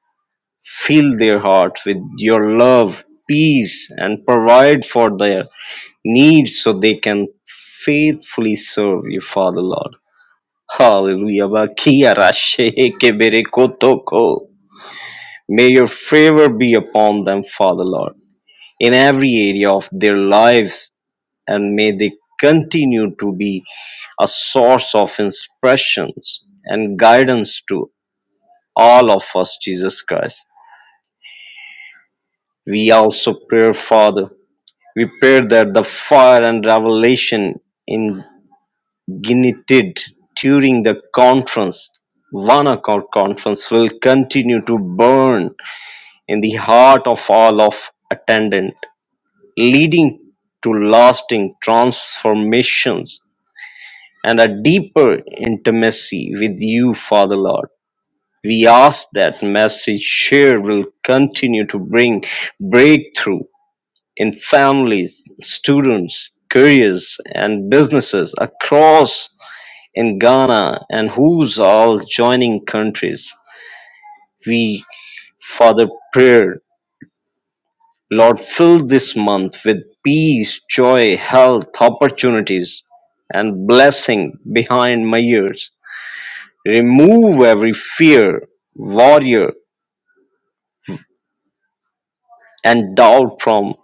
S10: Fill their heart with your love, peace, and provide for their needs so they can faithfully serve you, Father Lord. Hallelujah. Bakia rashe kebere kotoko. May your favor be upon them, Father Lord, in every area of their lives, and may they continue to be a source of inspirations and guidance to all of us, Jesus Christ. We also pray, Father, we pray that the fire and revelation ignited during the conference one accord conference will continue to burn in the heart of all of attendant, leading to lasting transformations and a deeper intimacy with you, Father Lord. We ask that message share will continue to bring breakthrough in families, students, careers, and businesses across in Ghana and who's all joining countries. We, Father, pray Lord, fill this month with peace, joy, health, opportunities, and blessing behind my ears. Remove every fear, warrior, and doubt from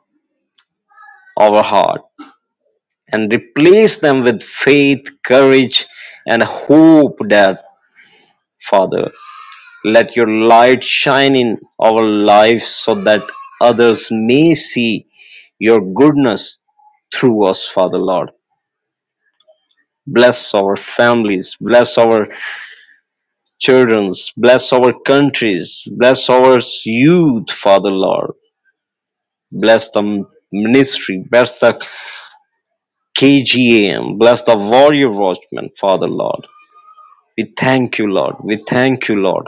S10: our heart, and replace them with faith, courage, and hope that, Father, let your light shine in our lives so that others may see your goodness through us, Father Lord Bless our families, bless our childrens, bless our countries, bless our youth, Father Lord. Bless the ministry, bless the KGM, bless the warrior watchmen, Father Lord. We thank you, Lord. We thank you, Lord.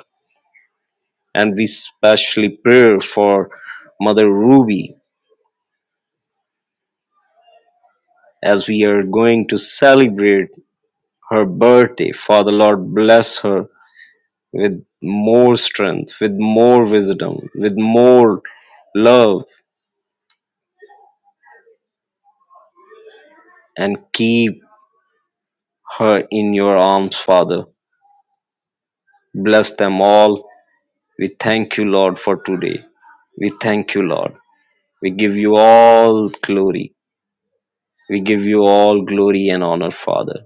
S10: And we specially pray for Mother Ruby as we are going to celebrate her birthday. Father Lord, bless her with more strength, with more wisdom, with more love, and keep her in your arms, Father. Bless them all. We thank you, Lord, for today. We thank you, Lord. We give you all glory. We give you all glory and honor, Father.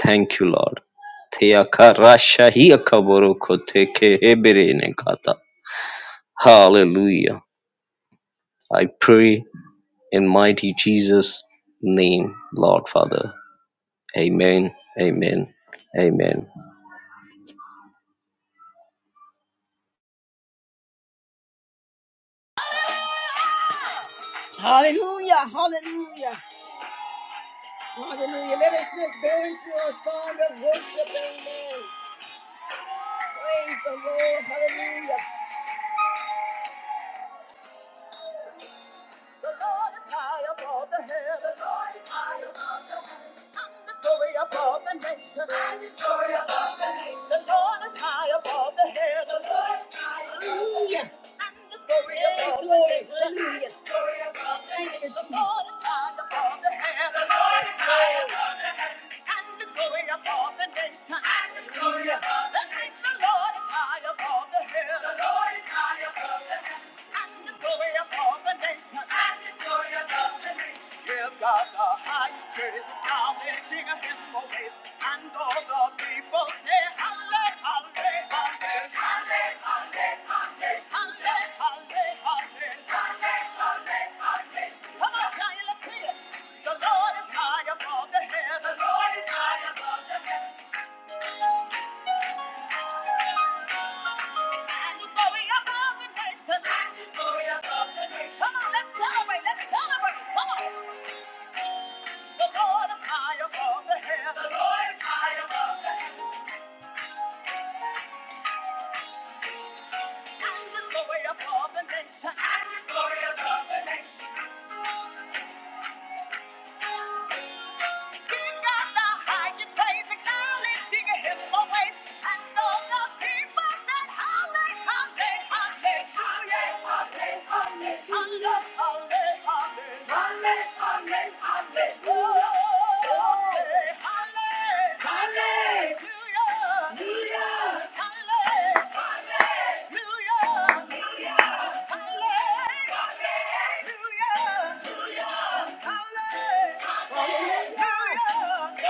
S10: Thank you, Lord. Theaka rasha hiaka boroko teke hebere nekata. Hallelujah. I pray in mighty Jesus' name, Lord Father. Amen. Amen. Amen.
S1: Hallelujah, hallelujah, hallelujah. Let us just go into a song of worship, amen. Praise the Lord, hallelujah. The Lord is high above the heavens. The above the nation. And his above the nation. the Lord is high above the heavens. The glory Hey, above the nation. hallelujah. above the nation. is going above the nation. Hallelujah. The king, the Lord is high above the hill. The Lord is high above the hill. And the glory above the nation. And above the nation. Give God the highest praise, acknowledging him always. And all the people say, Halle, halle, halle. Halle, halle, halle. Halle, halle, halle. Come on, Zion, let's sing it. The Lord is high above the heavens. The Lord is high above the heavens. And His glory above the nations. And His glory above the nations. Come on, let's celebrate. Let's celebrate. Come on. The Lord is high above the heavens. The Lord is high above the heavens. And His glory above the nations. And His glory above the nations. he got the highest praise, acknowledging him always. And all the people said, Halle, halle, halle. Halle, halle, halle. Halle, halle, halle. Halle, halle, halle. Oh, say halle. Hallelujah. Hallelujah. Hallelujah. Hallelujah. Hallelujah!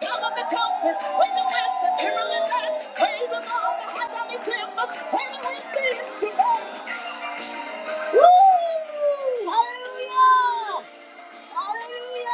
S1: Some of the trumpets, praise him with the timberland dance, praise him on the head of his cymbals, praise him with the instruments. Hallelujah! Hallelujah!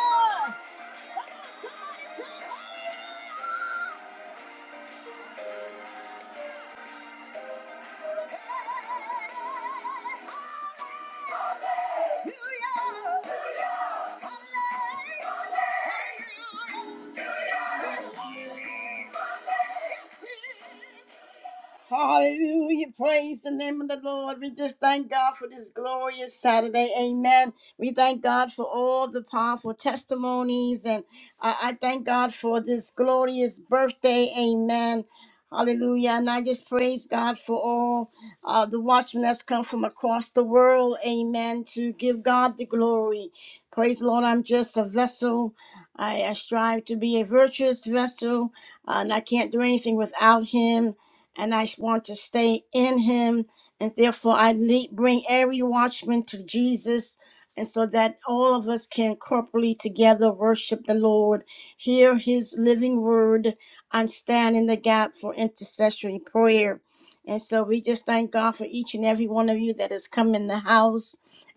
S1: Hallelujah. Praise the name of the Lord. We just thank God for this glorious Saturday. Amen. We thank God for all the powerful testimonies. And I, I thank God for this glorious birthday. Amen. Hallelujah. And I just praise God for all uh, the watchmen that's come from across the world. Amen. To give God the glory. Praise the Lord. I'm just a vessel. I, I strive to be a virtuous vessel. uh, and I can't do anything without Him and I want to stay in him. And therefore, I lead, bring every watchman to Jesus. And so that all of us can corporately together worship the Lord, hear his living word, and stand in the gap for intercessory prayer. And so we just thank God for each and every one of you that has come in the house.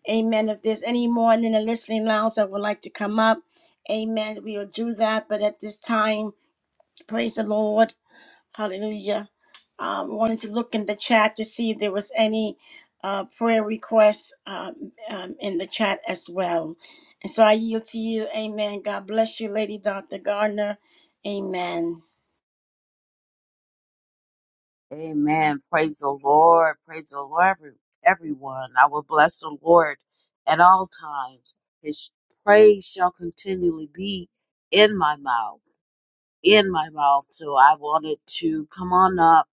S1: Amen. If there's any more in the listening lounge that would like to come up, amen, we will do that. But at this time, praise the Lord. Hallelujah. Um, wanted to look in the chat to see if there was any uh, prayer requests um, um, in the chat as well. And so I yield to you. Amen. God bless you, Lady Dr. Gardner. Amen.
S11: Amen. Praise the Lord. Praise the Lord, every- everyone. I will bless the Lord at all times. His praise shall continually be in my mouth in my mouth. So I wanted to come on up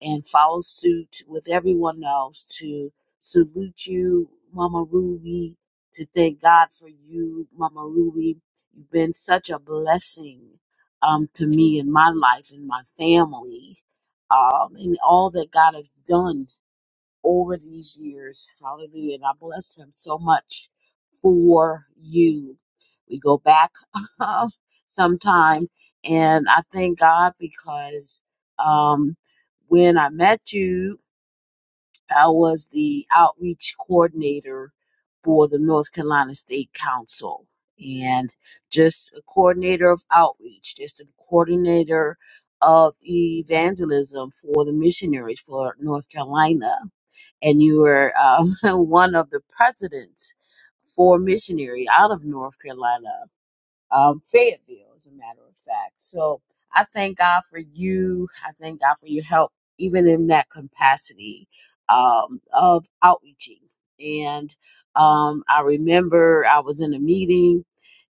S11: and follow suit with everyone else to salute you, Mama Ruby, to thank God for you, Mama Ruby. You've been such a blessing um, to me in my life and my family um, and all that God has done over these years. Hallelujah. And I bless him so much for you. We go back <laughs> sometime and I thank God because um when I met you I was the outreach coordinator for the North Carolina State Council and just a coordinator of outreach, just a coordinator of evangelism for the missionaries for North Carolina. And you were um, <laughs> one of the presidents for missionary out of North Carolina um, Fayetteville, as a matter of fact. So I thank God for you. I thank God for your help, even in that capacity um, of outreaching. And um, I remember I was in a meeting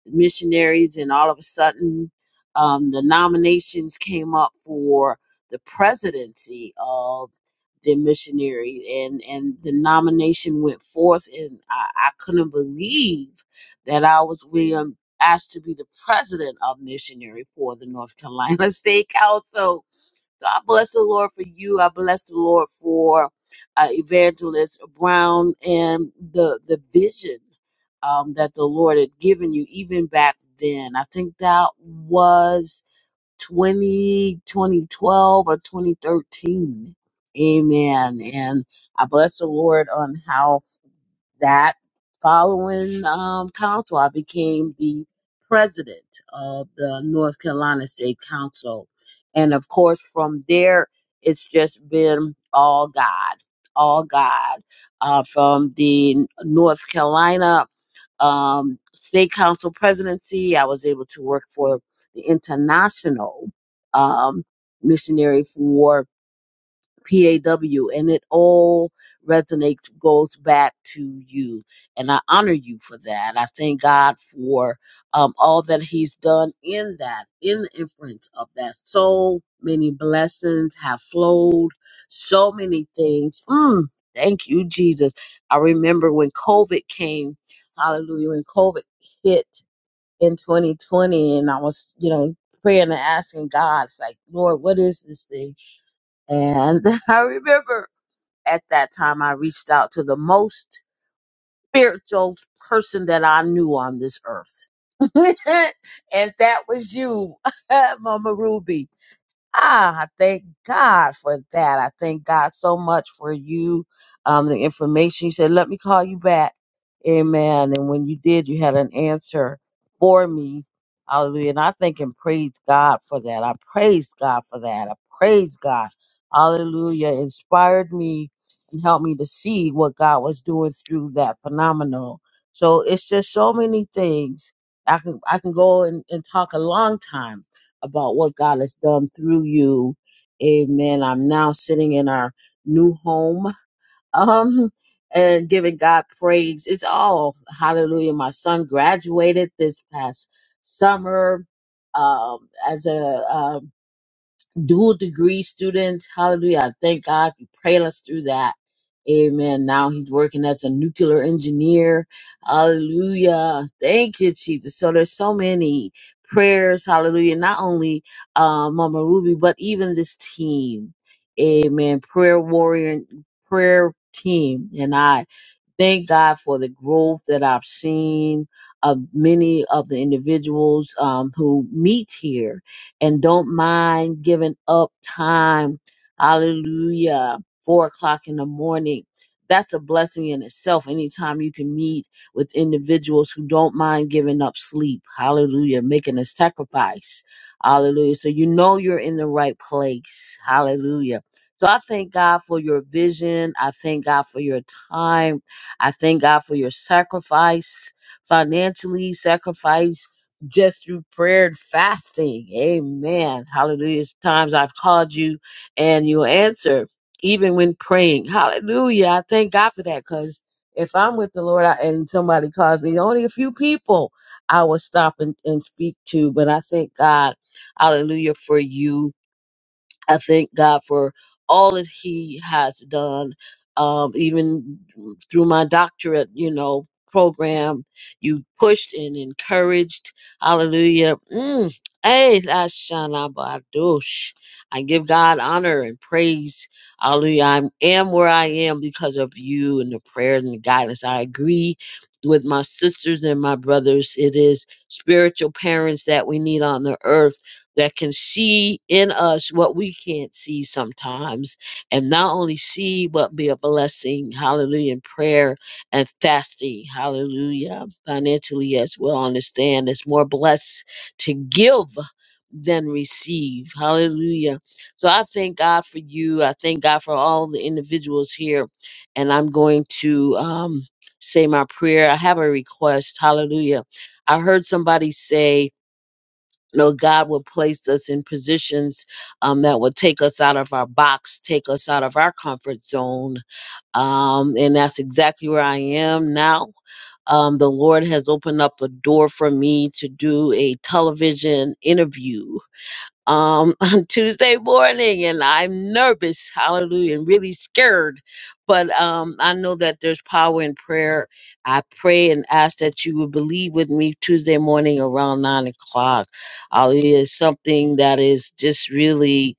S11: missionaries, and all of a sudden, um, the nominations came up for the presidency of the missionary, and and the nomination went forth, and I, I couldn't believe that I was being asked to be the president of missionary for the North Carolina <laughs> State Council so I bless the Lord for you. I bless the Lord for uh, Evangelist Brown and the the vision um, that the Lord had given you even back then. I think that was 20 2012 or 2013. Amen. And I bless the Lord on how that following um, council, I became the president of the North Carolina State Council. And of course, from there, it's just been all God, all God. Uh, from the North Carolina um, State Council presidency, I was able to work for the International um, Missionary for PAW, and it all resonates, goes back to you. And I honor you for that. I thank God for um, all that He's done in that, in the influence of that. So many blessings have flowed, so many things. Mm, thank you, Jesus. I remember when COVID came, hallelujah, when COVID hit in 2020, and I was, you know, praying and asking God, it's like, Lord, what is this thing? And <laughs> I remember at that time I reached out to the most spiritual person that I knew on this earth. <laughs> and that was you, <laughs> Mama Ruby. Ah, I thank God for that. I thank God so much for you, um, the information. You said, let me call you back. Amen. And when you did, you had an answer for me. Hallelujah. And I thank and praise God for that. I praise God for that. I praise God. Hallelujah. Inspired me and helped me to see what God was doing through that phenomenal. So it's just so many things. I can I can go and, and talk a long time about what God has done through you. Amen. I'm now sitting in our new home <laughs> um, and giving God praise. It's all hallelujah. My son graduated this past summer um, as a, um, dual degree students. Hallelujah. I thank God you prayed us through that. Amen. Now he's working as a nuclear engineer. Hallelujah. Thank you, Jesus. So there's so many prayers. Hallelujah. Not only uh, Mama Ruby, but even this team. Amen. Prayer warrior, prayer team, and I thank God for the growth that I've seen of many of the individuals um, who meet here and don't mind giving up time. Hallelujah. Four o'clock in the morning. That's a blessing in itself. Anytime you can meet with individuals who don't mind giving up sleep. Hallelujah. Making a sacrifice. Hallelujah. So you know you're in the right place. Hallelujah. So I thank God for your vision. I thank God for your time. I thank God for your sacrifice financially, sacrifice just through prayer and fasting. Amen. Hallelujah. Times I've called you and you answer even when praying. Hallelujah. I thank God for that because if I'm with the Lord I, and somebody calls me, only a few people I will stop and, and speak to. But I thank God, hallelujah, for you I thank God for all that He has done, um, even through my doctorate, you know, program. You pushed and encouraged. Hallelujah. Mm. Hey, that's Shana Badush. I give God honor and praise. Hallelujah. I am where I am because of you and the prayer and the guidance. I agree with my sisters and my brothers. It is spiritual parents that we need on the earth that can see in us what we can't see sometimes, and not only see but be a blessing, hallelujah, in prayer and fasting, hallelujah, financially as well. Understand it's more blessed to give than receive, hallelujah. So I thank God for you. I thank God for all the individuals here, and I'm going to um, say my prayer. I have a request, hallelujah. I heard somebody say, no, God will place us in positions um, that will take us out of our box, take us out of our comfort zone. Um, and that's exactly where I am now. Um, the Lord has opened up a door for me to do a television interview um, <laughs> on Tuesday morning, and I'm nervous, hallelujah, and really scared. But um, I know that there's power in prayer. I pray and ask that you would believe with me Tuesday morning around nine o'clock. Hallelujah. It's Something that is just really.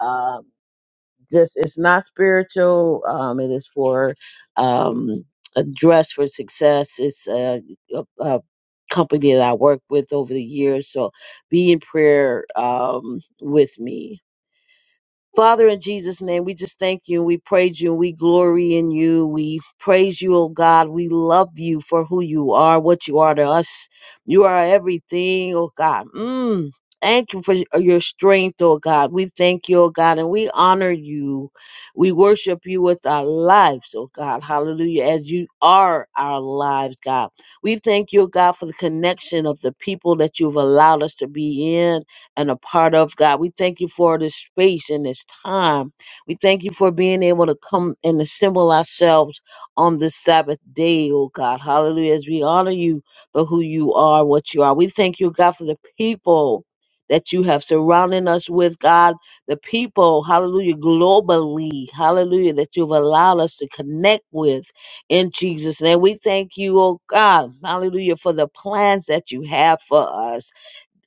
S11: um, just it's not spiritual um it is for um a dress for success it's a, a, a company that i worked with over the years so be in prayer um with me Father, in Jesus' name, we just thank you and we praise you and we glory in you. We praise you, oh God. We love you for who you are, what you are to us. You are everything, oh God. Mm. Thank you for your strength, oh God. We thank you, oh God, and we honor you. We worship you with our lives, oh God. Hallelujah. As you are our lives, God. We thank you, oh God, for the connection of the people that you've allowed us to be in and a part of God. We thank you for this space and this time. We thank you for being able to come and assemble ourselves on this Sabbath day, oh God. Hallelujah. As we honor you for who you are, what you are. We thank you, God, for the people that you have surrounded us with, God, the people, hallelujah, globally, hallelujah, that you've allowed us to connect with in Jesus' name. We thank you, oh God, hallelujah, for the plans that you have for us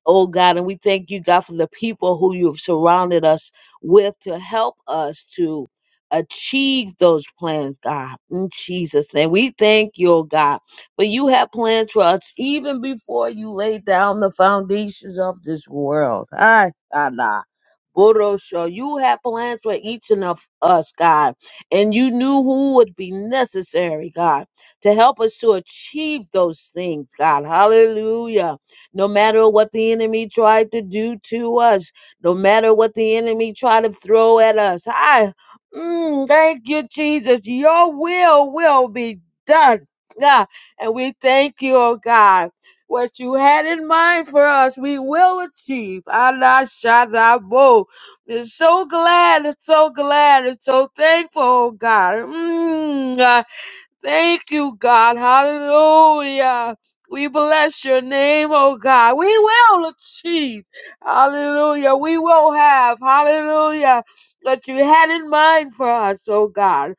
S11: oh God, and we thank you, God, for the people who you've surrounded us with to help us to achieve those plans, God, in Jesus' name. We thank you, oh God, for you have plans for us even before you laid down the foundations of this world. Ay, Allah. Borosho, you have plans for each and of us, God, and you knew who would be necessary, God, to help us to achieve those things, God. Hallelujah no matter what the enemy tried to do to us, no matter what the enemy tried to throw at us. I mm, thank you, Jesus. Your will will be done. Yeah, And we thank you, oh God. What you had in mind for us, we will achieve. Allah Shadabo. I'm so glad, I'm so glad, I'm so thankful, oh God. Mm, Thank you, God. Hallelujah. We bless your name, oh God. We will achieve. Hallelujah. We will have. Hallelujah. What you had in mind for us, oh God.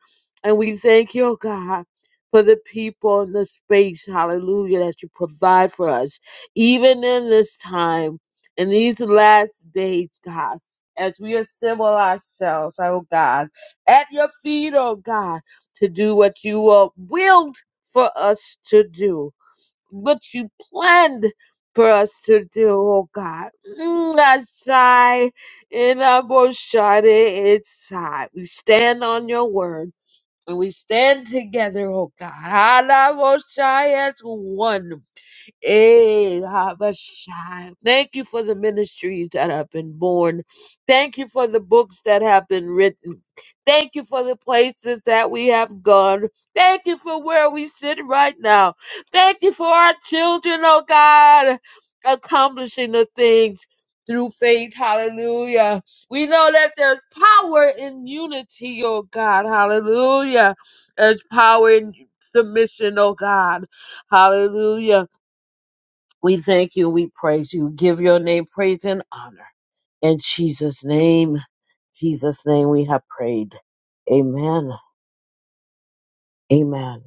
S11: And we thank you, oh God. For the people in the space, hallelujah, that you provide for us, even in this time, in these last days, God, as we assemble ourselves, oh God, at your feet, oh God to do what you uh, willed for us to do, what you planned for us to do, oh God. Mm, I in our boshade, it's high. We stand on your word and we stand together, oh God. Ala boshai as one. Eh, Habashai. Thank you for the ministries that have been born. Thank you for the books that have been written. Thank you for the places that we have gone. Thank you for where we sit right now. Thank you for our children, oh God, accomplishing the things through faith. Hallelujah. We know that there's power in unity, oh God. Hallelujah. There's power in submission, oh God. Hallelujah. We thank you. We praise you. Give your name praise and honor. In Jesus' name, Jesus' name we have prayed. Amen. Amen.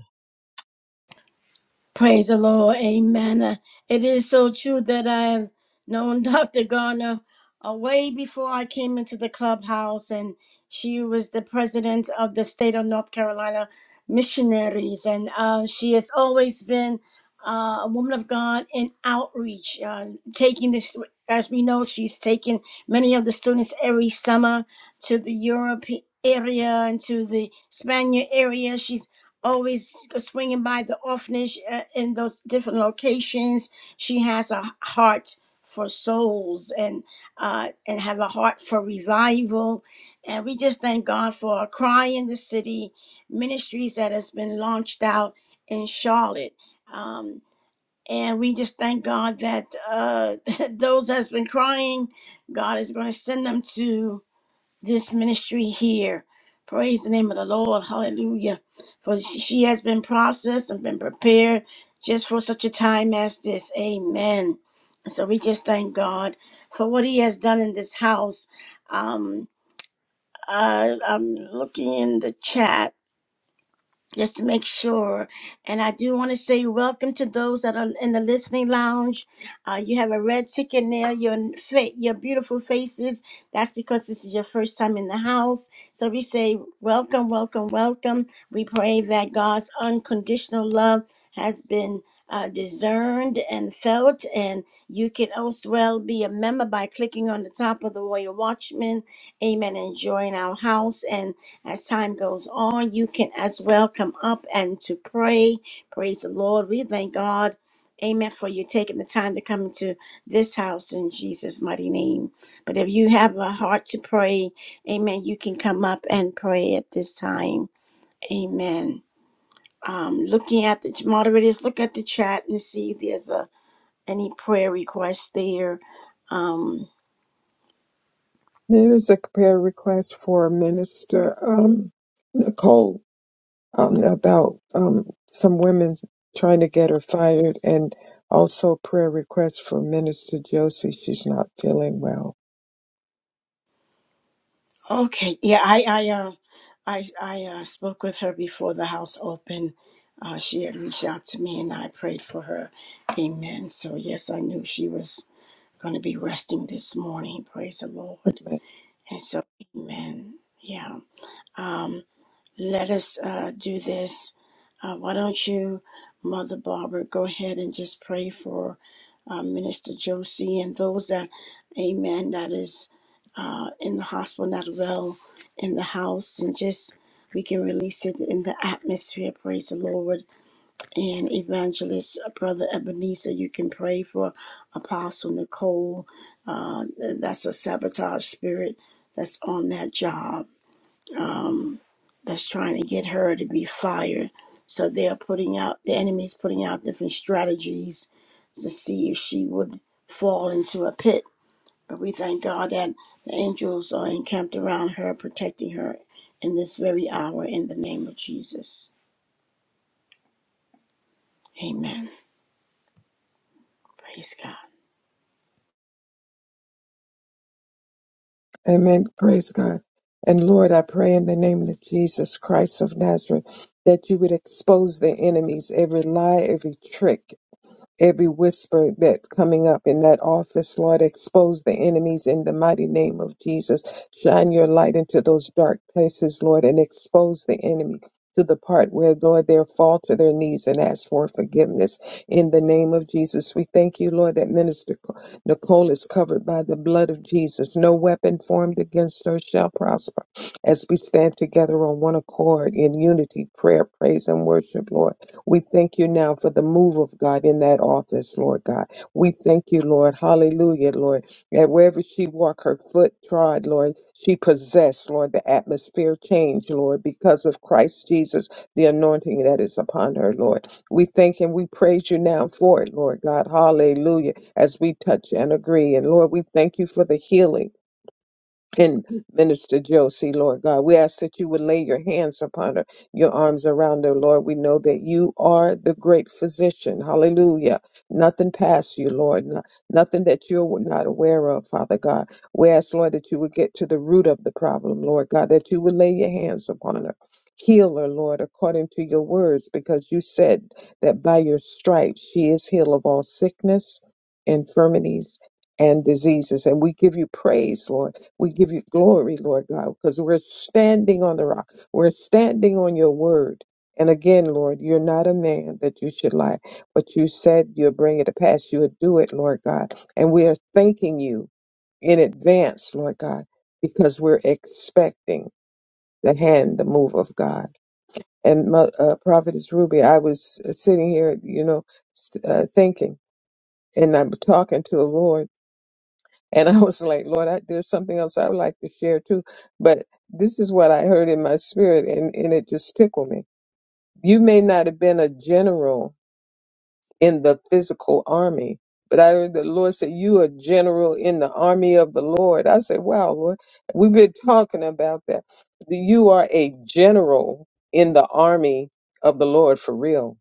S1: Praise the Lord. Amen. Uh, It is so true that I have known <laughs> Dr. Garner uh, way before I came into the clubhouse, and she was the president of the state of North Carolina missionaries. And uh, she has always been uh, a woman of God in outreach, uh, taking this, as we know, she's taken many of the students every summer to the Europe area and to the Spaniard area. She's always swinging by the orphanage uh, in those different locations. She has a heart for souls and uh, and have a heart for revival. And we just thank God for a cry in the city ministries that has been launched out in Charlotte. Um, and we just thank God that uh, <laughs> those that's been crying, God is going to send them to this ministry here. Praise the name of the Lord. Hallelujah. For she she has been processed and been prepared just for such a time as this. Amen. And So we just thank God for what He has done in this house. Um, uh, I'm looking in the chat just to make sure. And I do want to say welcome to those that are in the listening lounge. Uh, you have a red ticket there. Your fa- your beautiful faces. That's because this is your first time in the house. So we say welcome, welcome, welcome. We pray that God's unconditional love has been. Uh, discerned and felt, and you can also well be a member by clicking on the top of the Royal Watchman. Amen. Enjoying our house. And as time goes on, you can as well come up and to pray. Praise the Lord. We thank God. Amen. For you taking the time to come into this house in Jesus' mighty name. But if you have a heart to pray, amen, you can come up and pray at this time. Amen. Um, looking at the moderators, look at the chat and see if there's a any prayer requests there. Um,
S2: There is a prayer request for Minister um, Nicole um, about um, some women trying to get her fired, and also prayer request for Minister Josie. She's not feeling well.
S1: Okay. Yeah, I I uh I I uh, spoke with her before the house opened. Uh, she had reached out to me, and I prayed for her. Amen. So yes, I knew she was going to be resting this morning. Praise the Lord. And so, Amen. Yeah let us uh, do this. Uh, why don't you, Mother Barbara, go ahead and just pray for uh, Minister Josie and those that, amen, that is uh, in the hospital, not well, in the house, and just we can release it in the atmosphere. Praise the Lord. And evangelist, uh, Brother Ebenezer, you can pray for Apostle Nicole. Uh, that's a sabotage spirit that's on that job that's trying to get her to be fired. So they are putting out the enemy's putting out different strategies to see if she would fall into a pit. But we thank God that the angels are encamped around her, protecting her in this very hour in the name of Jesus. Amen. Praise God.
S2: Amen. Praise God. And Lord, I pray in the name of Jesus Christ of Nazareth that you would expose the enemies, every lie, every trick. Every whisper that's coming up in that office, Lord, expose the enemies in the mighty name of Jesus. Shine your light into those dark places, Lord, and expose the enemy to the part where, Lord, they fall to their knees and ask for forgiveness. In the name of Jesus, we thank you, Lord, that Minister Nicole is covered by the blood of Jesus. No weapon formed against her shall prosper as we stand together on one accord in unity, prayer, praise, and worship, Lord. We thank you now for the move of God in that office, Lord God. We thank you, Lord. Hallelujah, Lord. That wherever she walked, her foot trod, Lord, she possessed, Lord, the atmosphere change, Lord, because of Christ Jesus, the anointing that is upon her, Lord. We thank and we praise you now for it, Lord God. Hallelujah. As we touch and agree. And Lord, we thank you for the healing and Minister Josie, Lord God. We ask that you would lay your hands upon her, your arms around her, Lord. We know that you are the great physician. Hallelujah. Nothing past you, Lord. No- nothing that you're not aware of, Father God. We ask, Lord, that you would get to the root of the problem, Lord God, that you would lay your hands upon her. Heal her, Lord, according to your words, because you said that by your stripes she is healed of all sickness, infirmities, and diseases. And we give you praise, Lord. We give you glory, Lord God, because we're standing on the rock. We're standing on your word. And again, Lord, you're not a man that you should lie, but you said you'll bring it to pass. You'll do it, Lord God. And we are thanking you in advance, Lord God, because we're expecting the hand, the move of God. And Mo- uh, Prophetess Ruby, I was uh, sitting here, you know, s- uh, thinking, and I'm talking to the Lord and I was like, Lord, I, there's something else I would like to share too. But this is what I heard in my spirit, and, and it just tickled me. You may not have been a general in the physical army, but I heard the Lord say, You are general in the army of the Lord. I said, Wow, Lord, we've been talking about that. You are a general in the army of the Lord for real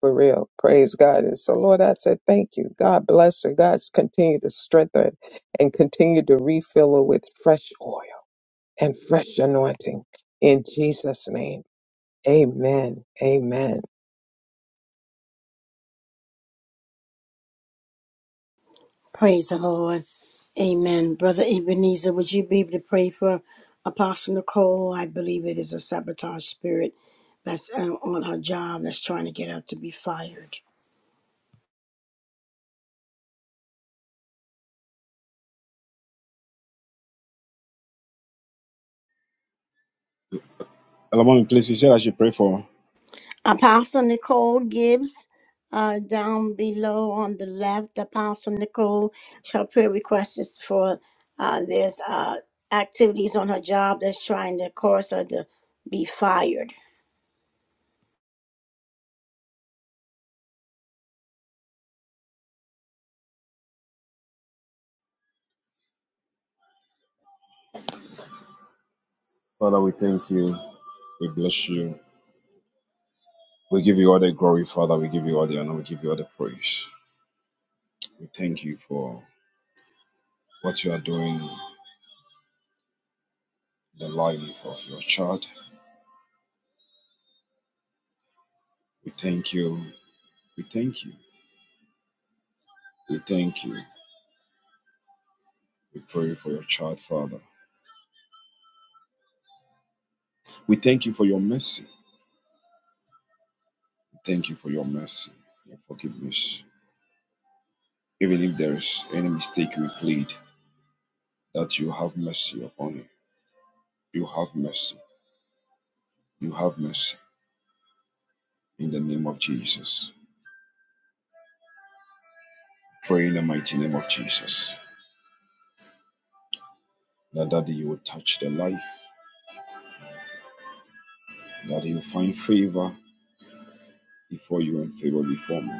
S2: for real. Praise God. And so, Lord, I said, thank you. God bless her. God's continue to strengthen her and continue to refill her with fresh oil and fresh anointing. In Jesus' name, amen. Amen.
S1: Praise the Lord. Amen. Brother Ebenezer, would you be able to pray for Apostle Nicole? I believe it is a sabotage spirit that's uh, on her job that's trying to get her to be fired.
S8: Hello, mommy, please, you said I should pray for.
S1: Apostle Nicole Gibbs, uh, down below on the left, Apostle Nicole, her prayer request is for uh, there's uh, activities on her job that's trying to cause her to be fired.
S8: Father, we thank you. We bless you. We give you all the glory, Father. We give you all the honor. We give you all the praise. We thank you for what you are doing in the life of your child. We thank you. We thank you. We thank you. We pray for your child, Father. We thank you for your mercy. We thank you for your mercy, your forgiveness. Even if there is any mistake we plead, that you have mercy upon it. You have mercy. You have mercy in the name of Jesus. Pray in the mighty name of Jesus that that you will touch the life, that you find favor before you and favor before me.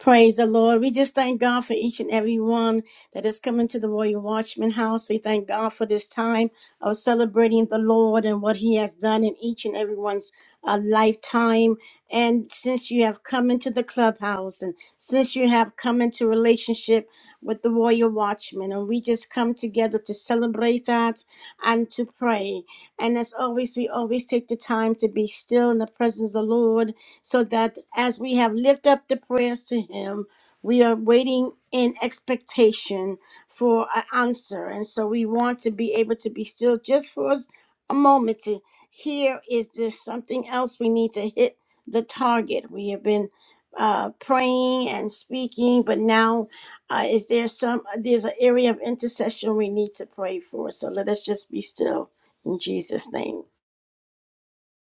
S1: Praise the Lord. We just thank God for each and every one that is coming to the Royal Watchman House. We thank God for this time of celebrating the Lord and what He has done in each and everyone's uh, lifetime. And since you have come into the clubhouse and since you have come into relationship with the Royal Watchman, and we just come together to celebrate that and to pray. And as always, we always take the time to be still in the presence of the Lord so that as we have lifted up the prayers to Him, we are waiting in expectation for an answer. And so we want to be able to be still just for us a moment to hear is there something else we need to hit the target? We have been uh, praying and speaking, but now uh, is there some, there's an area of intercession we need to pray for. So let us just be still in Jesus' name.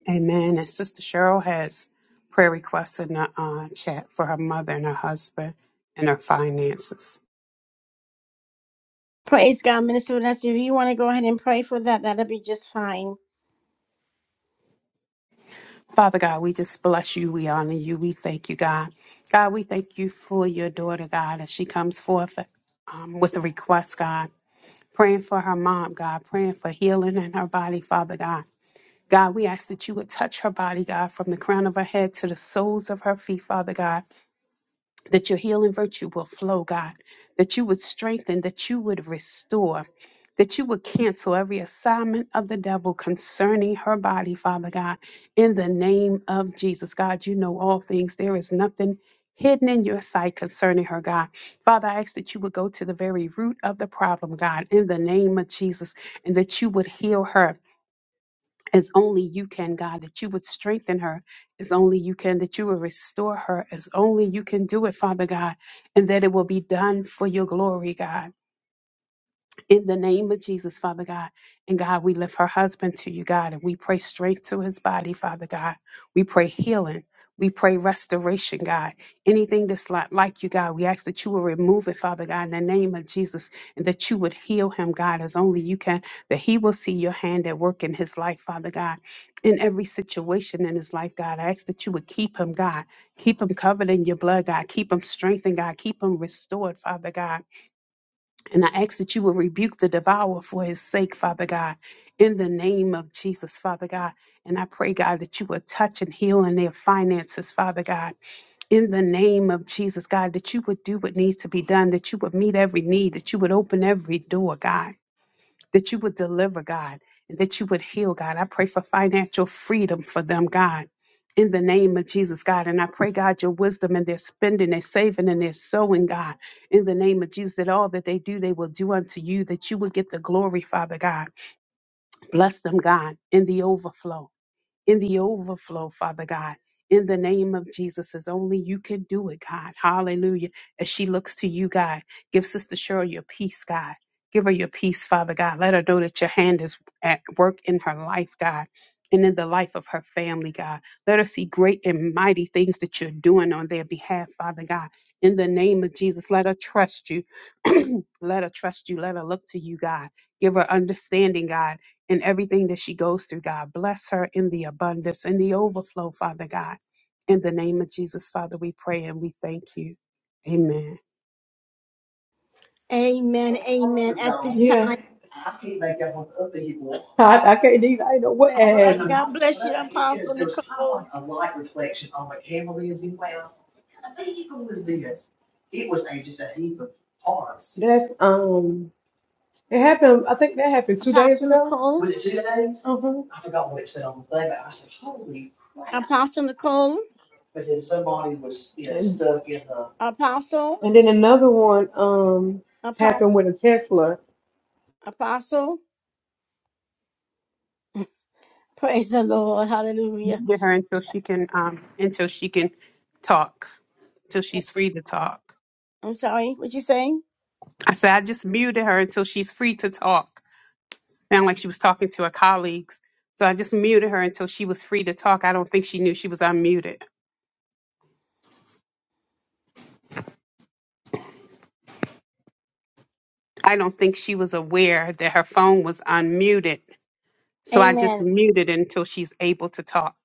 S5: Amen. And Sister Cheryl has prayer requests in the uh, chat for her mother and her husband and her finances.
S1: Praise God, Minister Vanessa. If you want to go ahead and pray for that, that'll be just fine.
S5: Father God, we just bless you. We honor you. We thank you, God. God, we thank you for your daughter, God, as she comes forth um, with a request, God. Praying for her mom, God. Praying for healing in her body, Father God God, we ask that you would touch her body, God, from the crown of her head to the soles of her feet, Father God, that your healing virtue will flow, God, that you would strengthen, that you would restore, that you would cancel every assignment of the devil concerning her body, Father God, in the name of Jesus. God, you know all things. There is nothing. Hidden in your sight concerning her, God. Father, I ask that you would go to the very root of the problem, God, in the name of Jesus, and that you would heal her as only you can, God, that you would strengthen her. as only you can, that you would restore her. as only you can do it, Father God, and that it will be done for your glory, God in the name of Jesus, Father God. And God, we lift her husband to you, God, and we pray strength to his body, Father God. We pray healing. We pray restoration, God. Anything that's not like you, God, we ask that you will remove it, Father God, in the name of Jesus, and that you would heal him, God, as only you can, that he will see your hand at work in his life, Father God, in every situation in his life, God. I ask that you would keep him, God. Keep him covered in your blood, God. Keep him strengthened, God. Keep him restored, Father God and I ask that you will rebuke the devourer for his sake, Father God, in the name of Jesus, Father God. And I pray, God, that you will touch and heal in their finances, Father God, in the name of Jesus, God, that you would do what needs to be done, that you would meet every need, that you would open every door, God that you would deliver, God, and that you would heal, God. I pray for financial freedom for them, God. In the name of Jesus, God. And I pray, God, your wisdom and their spending, their saving, and their sowing, God. In the name of Jesus, that all that they do, they will do unto you, that you will get the glory, Father God. Bless them, God, in the overflow in the overflow, Father God. In the name of Jesus, as only you can do it, God. Hallelujah. As she looks to you, God, give Sister Cheryl your peace, God. Give her your peace, Father God. Let her know that your hand is at work in her life, God, and in the life of her family, God. Let her see great and mighty things that you're doing on their behalf, Father God. In the name of Jesus, let her trust you. <clears throat> let her trust you. Let her look to you, God. Give her understanding, God and everything that she goes through, God. Bless her in the abundance and the overflow, Father God. In the name of Jesus, Father, we pray and we thank you. Amen.
S1: Amen. Amen. At this
S12: Yeah,
S1: time.
S12: So I, I can't either. I ain't know what
S1: All
S12: has me.
S1: right. God bless you, Apostle
S12: That's
S1: Nicole.
S12: um, it happened. I think that happened two days
S1: Apostle
S12: ago. Uh
S1: Nicole.
S12: huh.
S1: Apostle Nicole.
S12: And
S1: Apostle.
S12: and then another one um happened
S1: Apostle.
S12: with a Tesla.
S1: Apostle. Praise the Lord. Hallelujah.
S5: Get her until she can um until she can talk, till she's free to talk.
S1: I'm sorry. What you saying?
S5: I said I just muted her until she's free to talk. Sound like she was talking to her colleagues. So I just muted her until she was free to talk. I don't think she knew she was unmuted. I don't think she was aware that her phone was unmuted. So I just
S1: Amen.
S5: muted until she's able to talk.